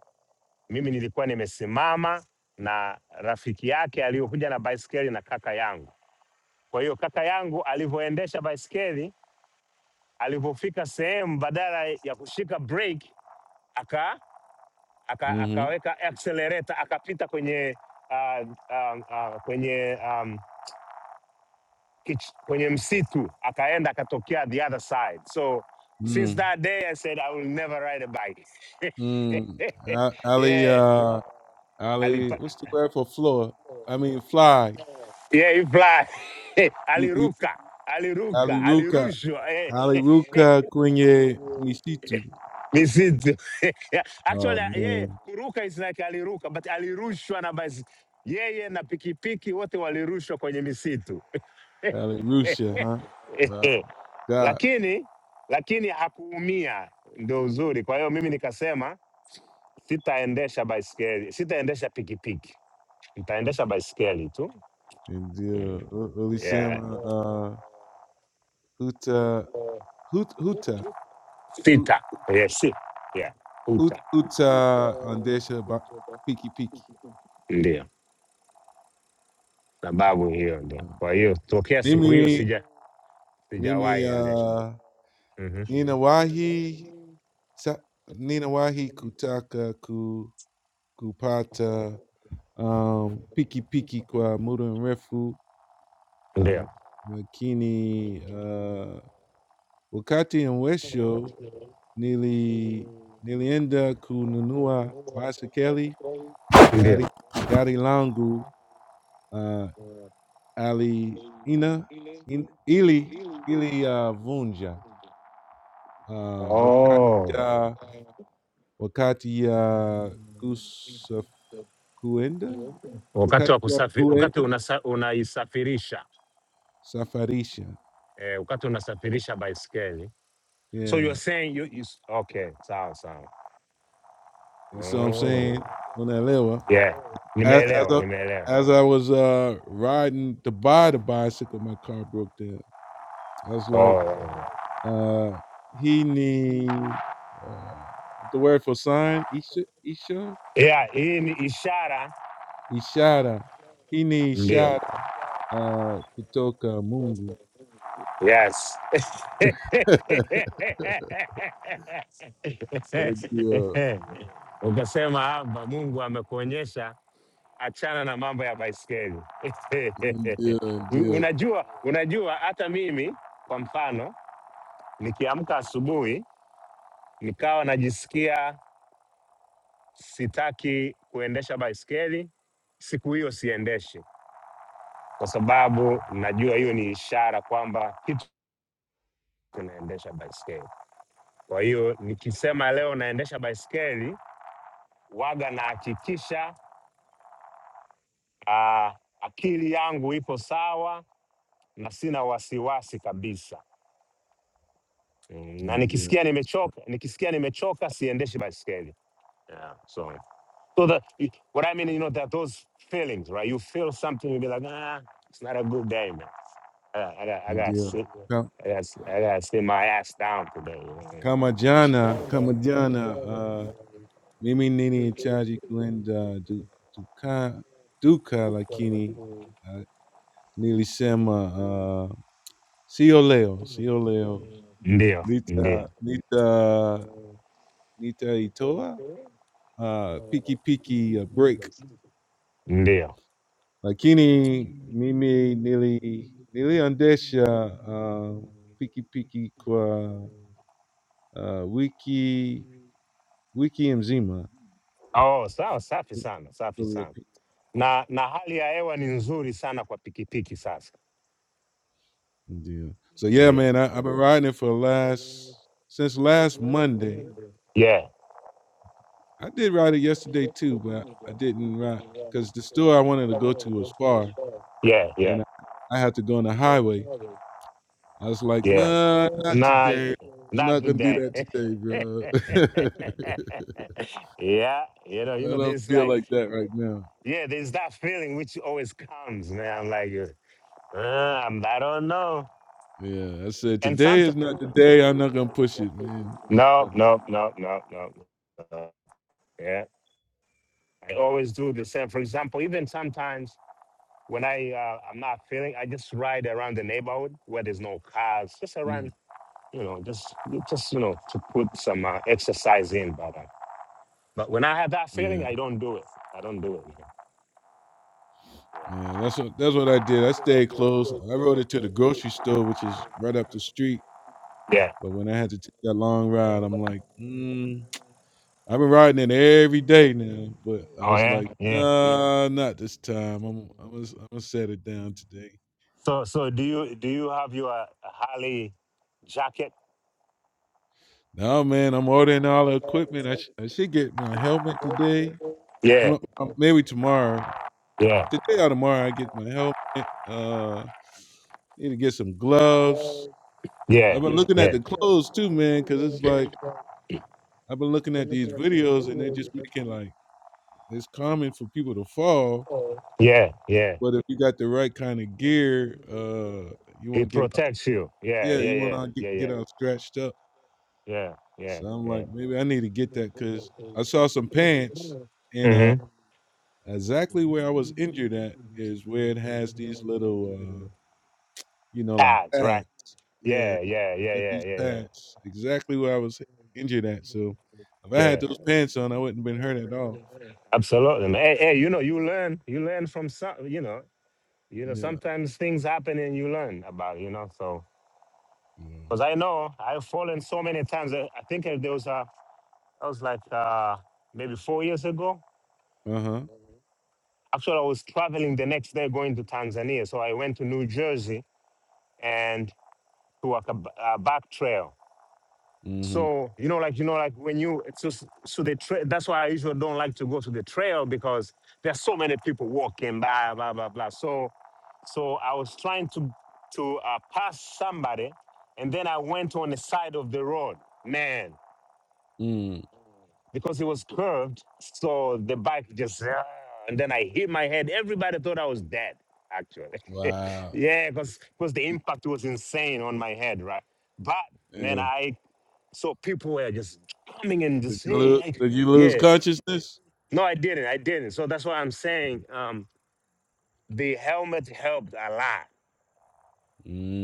Mimi nilikuwa nimesimama na rafiki yake aliyokuja na baiskeli na kaka yangu. Kwa hiyo kaka yangu alivyoendesha baiskeli Alipofika sehemu, badala ya kushika brake aka, aka,
Mm-hmm.
akaweka accelerator akapita kwenye uh, um, uh, kwenye um, kich, kwenye msitu akaenda akatokea the other side. So since
Mm.
that day I said I will never ride a bike.
Mm. A- Ali
yeah,
uh Ali,
alipa,
what's the word for floor? I mean, fly.
yeah, you fly.
You, you,
aliruka
Ali
aliruka
Ruka.
alirushwa eh.
Ali Ruka Kwenye Mishitu.
Misitu. Actually,
Oh,
yeah.
man.
kuruka is like aliruka but alirushwa na basi yeye na pikipiki wote walirushwa kwenye misitu.
Ali Rusha, huh? Wow. God.
lakini lakini hakuumia, ndio uzuri. Kwa hiyo mimi nikasema sitaendesha baiskeli, sitaendesha pikipiki, nitaendesha baiskeli tu.
And uh, U-
Yeah.
Ulisema, uh, Huta, Hut, Huta, Hut,
Sita. Yeah, si. Yeah.
Hut,
Uta.
Huta, Andesha, Ba- Piki Piki.
Ndio sababu hiyo, ndio.
Um,
Kwa hiyo tokea siku hiyo
Mimi,
sija sijawahi
Mimi,
endesha.
uh,
Mhm.
Nina Wahi, Ta- Nina Wahi Kutaka Ku, Kupata um Piki Piki Kwa Muda and Refu, uh
Ndio,
Makini uh Wakati mwisho Nili Nilienda Kununua Masekeli, Gari
ndio.
Gari Langu, uh Ali Ina in, Ili Ili uh Vunja uh Wakati
Oh,
ya Wakati ya Kusa Kuenda
wakati
Wakati
wa
ya
kusafi, wakati
Kuenda
unasa, unaisafirisha
Safarisha.
eh, wakati unasafirisha baiskeli. So
Yeah.
you're saying you, you, s- okay, sawa sawa.
You see what I'm Oh,
Mm.
saying? On that level.
Yeah,
As, as,
nimeelewa,
I,
nimeelewa.
as I was uh, riding to buy the bicycle, my car broke down. I was like,
Oh.
uh, he need uh, the word for sign, Isha, Isha,
Yeah, hii ni ishara
Ishara. He need
Yeah.
shada uh, kutoka Mungu.
Yes.
Ndio,
Ukasema hapa Mungu amekuonyesha, achana na mambo ya baiskeli.
ndio,
U-
ndio,
unajua, unajua hata mimi kwa mfano nikiamka asubuhi nikawa najisikia sitaki kuendesha baiskeli, siku hiyo siendeshi. kwa sababu najua hiyo ni ishara kwamba kitu kinaendesha baiskeli. Kwa hiyo nikisema leo naendesha baiskeli, waga nahakikisha ah, akili yangu ipo sawa na sina wasiwasi kabisa. Mm, Na
ndio,
nikisikia nimechoka, nikisikia nimechoka siendeshi baiskeli. Yeah, so So that what I mean, you know, that those feelings, right? You feel something, you be like, ah, it's not a good day, man. I, I got, I got,
ndio.
sit,
Ka-
I got, I got to sit my ass down today. you know?
Kama jana, kama jana uh, Mimi Nini and Chaji Gwenda Du Duka Duka Lakini uh, Nilisema uh Sio Leo Sio Leo
Ndio,
Nita
ndio,
Nita Nita Itoa uh Piki Piki uh, Break
ndio.
Lakini Mimi Nili Nili Andesha uh Piki Piki Kwa uh Wiki Wiki Mzima
Oh, sawa, safi sana, safi sana. Na na hali ya hewa ni nzuri sana kwa pikipiki sasa.
Yeah. So yeah,
Ndio.
man, I, I've been riding it for the last since last Monday.
Yeah,
I did ride it yesterday too, but I didn't ride because the store I wanted to go to was far,
yeah, yeah,
and I, I had to go on the highway. I was like,
yeah.
nah, not
Na
today. I'm
not
not gonna do
today.
that today, bro.
yeah, you know, you
I
know,
don't
there's
feel
like
like that right now.
Yeah, there's that feeling which always comes, man. Like, uh, uh, I'm, I don't know.
Yeah, I said
And
today is
sometimes,
not the day. I'm not gonna push it, man.
no,
But
no, no, no, no. no. Yeah, I always do the same. For example, even sometimes when I uh, I'm not feeling, I just ride around the neighborhood where there's no cars, just
mm,
around, you know, just just you know to put some uh, exercise in. But uh, but when I have that
yeah.
feeling, I don't do it. I don't do it.
Yeah, that's what that's what I did. I stayed close. I rode it to the grocery store, which is right up the street.
Yeah.
But when I had to take that long ride, I'm like, mm, I've been riding it every day now. But I
Oh
was
yeah.
like,
Yeah.
nah, not this time. I'm I'm gonna, I'm gonna set it down today.
So so do you do you have your Harley jacket?
No, man, I'm ordering all the equipment. I, sh- I should get my helmet today.
Yeah,
No, uh, Maybe tomorrow.
yeah,
Today or tomorrow, I get my helmet. Uh, need to get some gloves.
yeah,
I've been looking at
yeah,
the clothes too, man, because it's like. I've been looking at these videos and they're just making like it's common for people to fall,
yeah, yeah.
but if you got the right kind of gear, uh, you won't
It
get out.
protects you. Yeah,
Yeah,
yeah,
you won't
yeah,
out- get
yeah,
get
yeah,
out scratched up.
yeah, yeah,
So I'm
yeah.
like, maybe I need to get that because I saw some pants and uh,
Mm-hmm.
exactly where I was injured at is where it has these little, uh, you know, like
Pads,
pads.
right?
Yeah,
Yeah, yeah, yeah,
got
yeah,
these
yeah, yeah,
pads exactly where I was injured at. So if I had
yeah.
those pants on, I wouldn't have been hurt at all.
Absolutely. man. Hey, hey, you know, you learn, you learn from some, you know, you know,
Yeah.
sometimes things happen and you learn about, you know, so. Because I know I've fallen so many times. I I think uh, there was a, that was like uh, maybe four years ago.
Uh huh.
Actually, I was traveling the next day going to Tanzania. So I went to New Jersey and to walk a, b- a back trail.
Mhm.
So, you know, like, you know, like when you, it's just, so the trail, that's why I usually don't like to go to the trail because there's so many people walking, blah, blah, blah, blah. So, so I was trying to, to uh, pass somebody and then I went on the side of the road. Man,
Mm.
because it was curved. So the bike just, "Ah," and then I hit my head. Everybody thought I was dead, actually.
Wow.
yeah, because the impact was insane on my head, right? But man,
Yeah.
I so people were just coming and
Did
just
you
hey,
lose
I-"
did you lose
yeah.
consciousness?
No, I didn't. I didn't. So that's why I'm saying um, the helmet helped a lot.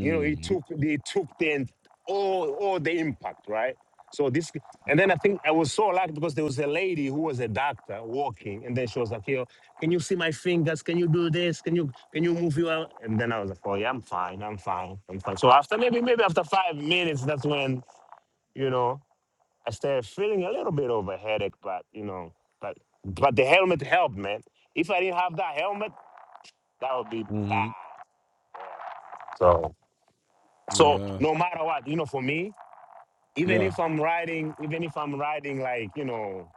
you know, it took it took the en- all all the impact, right? So this, and then I think I was so lucky because there was a lady who was a doctor walking, and then she was like, "Yo, can you see my fingers? Can you do this? Can you can you move your?" And then I was like, "Oh yeah, I'm fine, I'm fine, I'm fine." So after maybe maybe after five minutes, that's when you know I started feeling a little bit of a headache, but you know, but but the helmet helped, man. If I didn't have that helmet, that would be
Mhm.
bad. So so
Yeah.
no matter what, you know, for me, even
Yeah.
if I'm riding, even if I'm riding like you know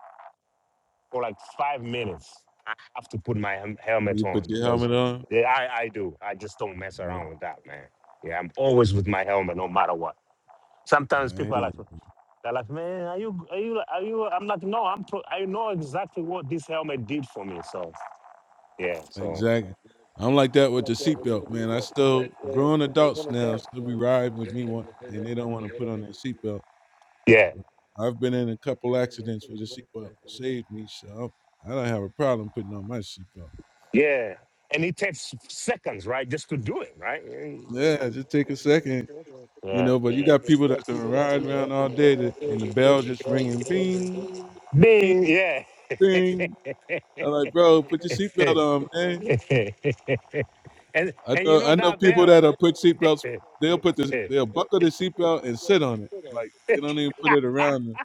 for like five minutes, I have to put my hem- helmet
You put
on
your
because
helmet on?
yeah, I I do. I just don't mess
Yeah.
around with that, man. Yeah, I'm always with my helmet, no matter what. Sometimes
I hear
people are
you.
like, they're like, man, are you are you are you? I'm like, no, I'm pro- I know exactly what this helmet did for me. So yeah, so
Exactly. I'm like that with the seatbelt, man. I still grown adults now still be riding with me one and they don't want to put on their seatbelt.
yeah,
But I've been in a couple accidents where the seatbelt saved me, so I don't have a problem putting on my seatbelt.
yeah. And it takes seconds, right, just to do it, right? It's like,
Yeah, just take a second. you
yeah,
know. But you got people that's gonna ride around all day, to, and the bell just ringing, bing, bing,
me,
bing.
yeah.
I'm like, bro, put your seatbelt
and
on, man. I
and you
know,
know
I know
that
people
bell.
that will put seatbelts. They'll put the, they'll buckle the seatbelt and sit on it, like they don't even put it around them.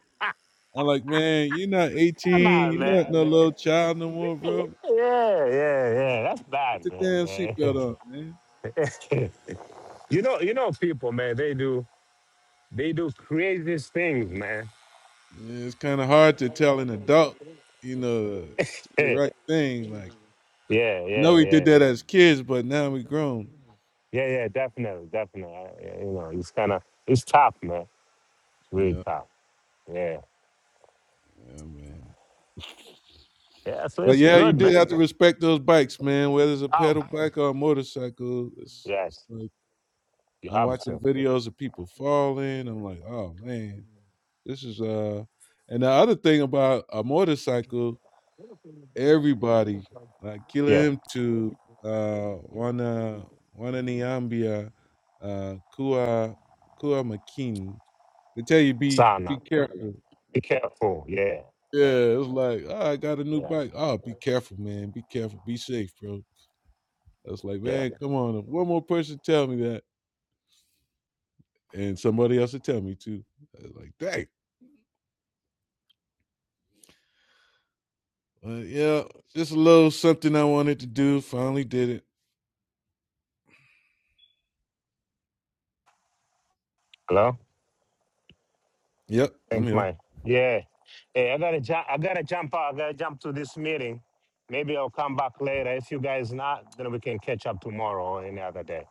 I'm like, man, you're not
Come
18,
on,
you're
man.
not no little child no
Yeah,
more, bro. Put
yeah, yeah. That's
the
bad,
damn
man.
seatbelt on, man.
Yeah. you know, you know, people, man. They do, they do crazy things, man.
Yeah, it's kind of hard to tell an adult, you know, to do the
yeah,
right thing. Like,
yeah,
I know
yeah,
we did that as kids, but now we grown.
yeah, yeah. Definitely, definitely. I- I- You know, it's kind of, it's tough, man. It's
Yeah.
really tough. Yeah,
Yeah, man.
yeah. So
But
it's
yeah, you
good,
do
man.
have to respect those bikes, man. Whether it's a
Oh,
pedal bike or a motorcycle, it's, it's
yes,
like
you
I'm
have
watching
to.
videos of people falling. I'm like, oh man, this is uh. And the other thing about a motorcycle, everybody like Killer
Yeah.
him to uh wanna wanna Niambia, uh Kua Kua Makini. They tell you be be
Sana.
careful.
Be careful. Yeah. Yeah.
Yeah, it's like oh, I got a new
Yeah.
bike. Oh, be careful, man. Be careful. Be safe, bro I was like,
Yeah.
man, come on, if one more person tell me that, and somebody else would tell me too. I was like, dang, But, yeah, just a little something I wanted to do. Finally did it.
Hello?
Yep, I'm
Thank
here.
my yeah. Hey, I gotta jump I gotta jump out. I gotta jump to this meeting. Maybe I'll come back later. If you guys not, then we can catch up tomorrow or any other day.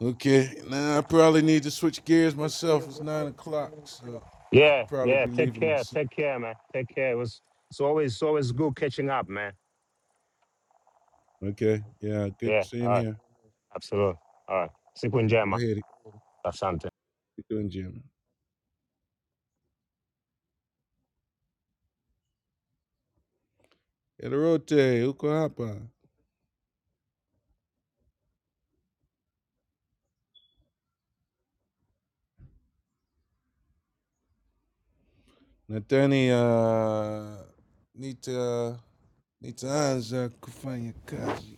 Okay, now I probably need to switch gears myself. It's nine o'clock, so I'll
Yeah,
probably
yeah.
be
Take
leaving
care.
myself.
Take care, man. Take care. It was it's always it's always good catching up, man.
Okay, yeah, good
Yeah,
to see
all
him
right.
here.
Absolutely. All right. Siku
Go
njema.
ahead,
Asante.
you doing, Jim? Erote, uko hapa. Natani, uh, nita, nitaanza kufanya kazi.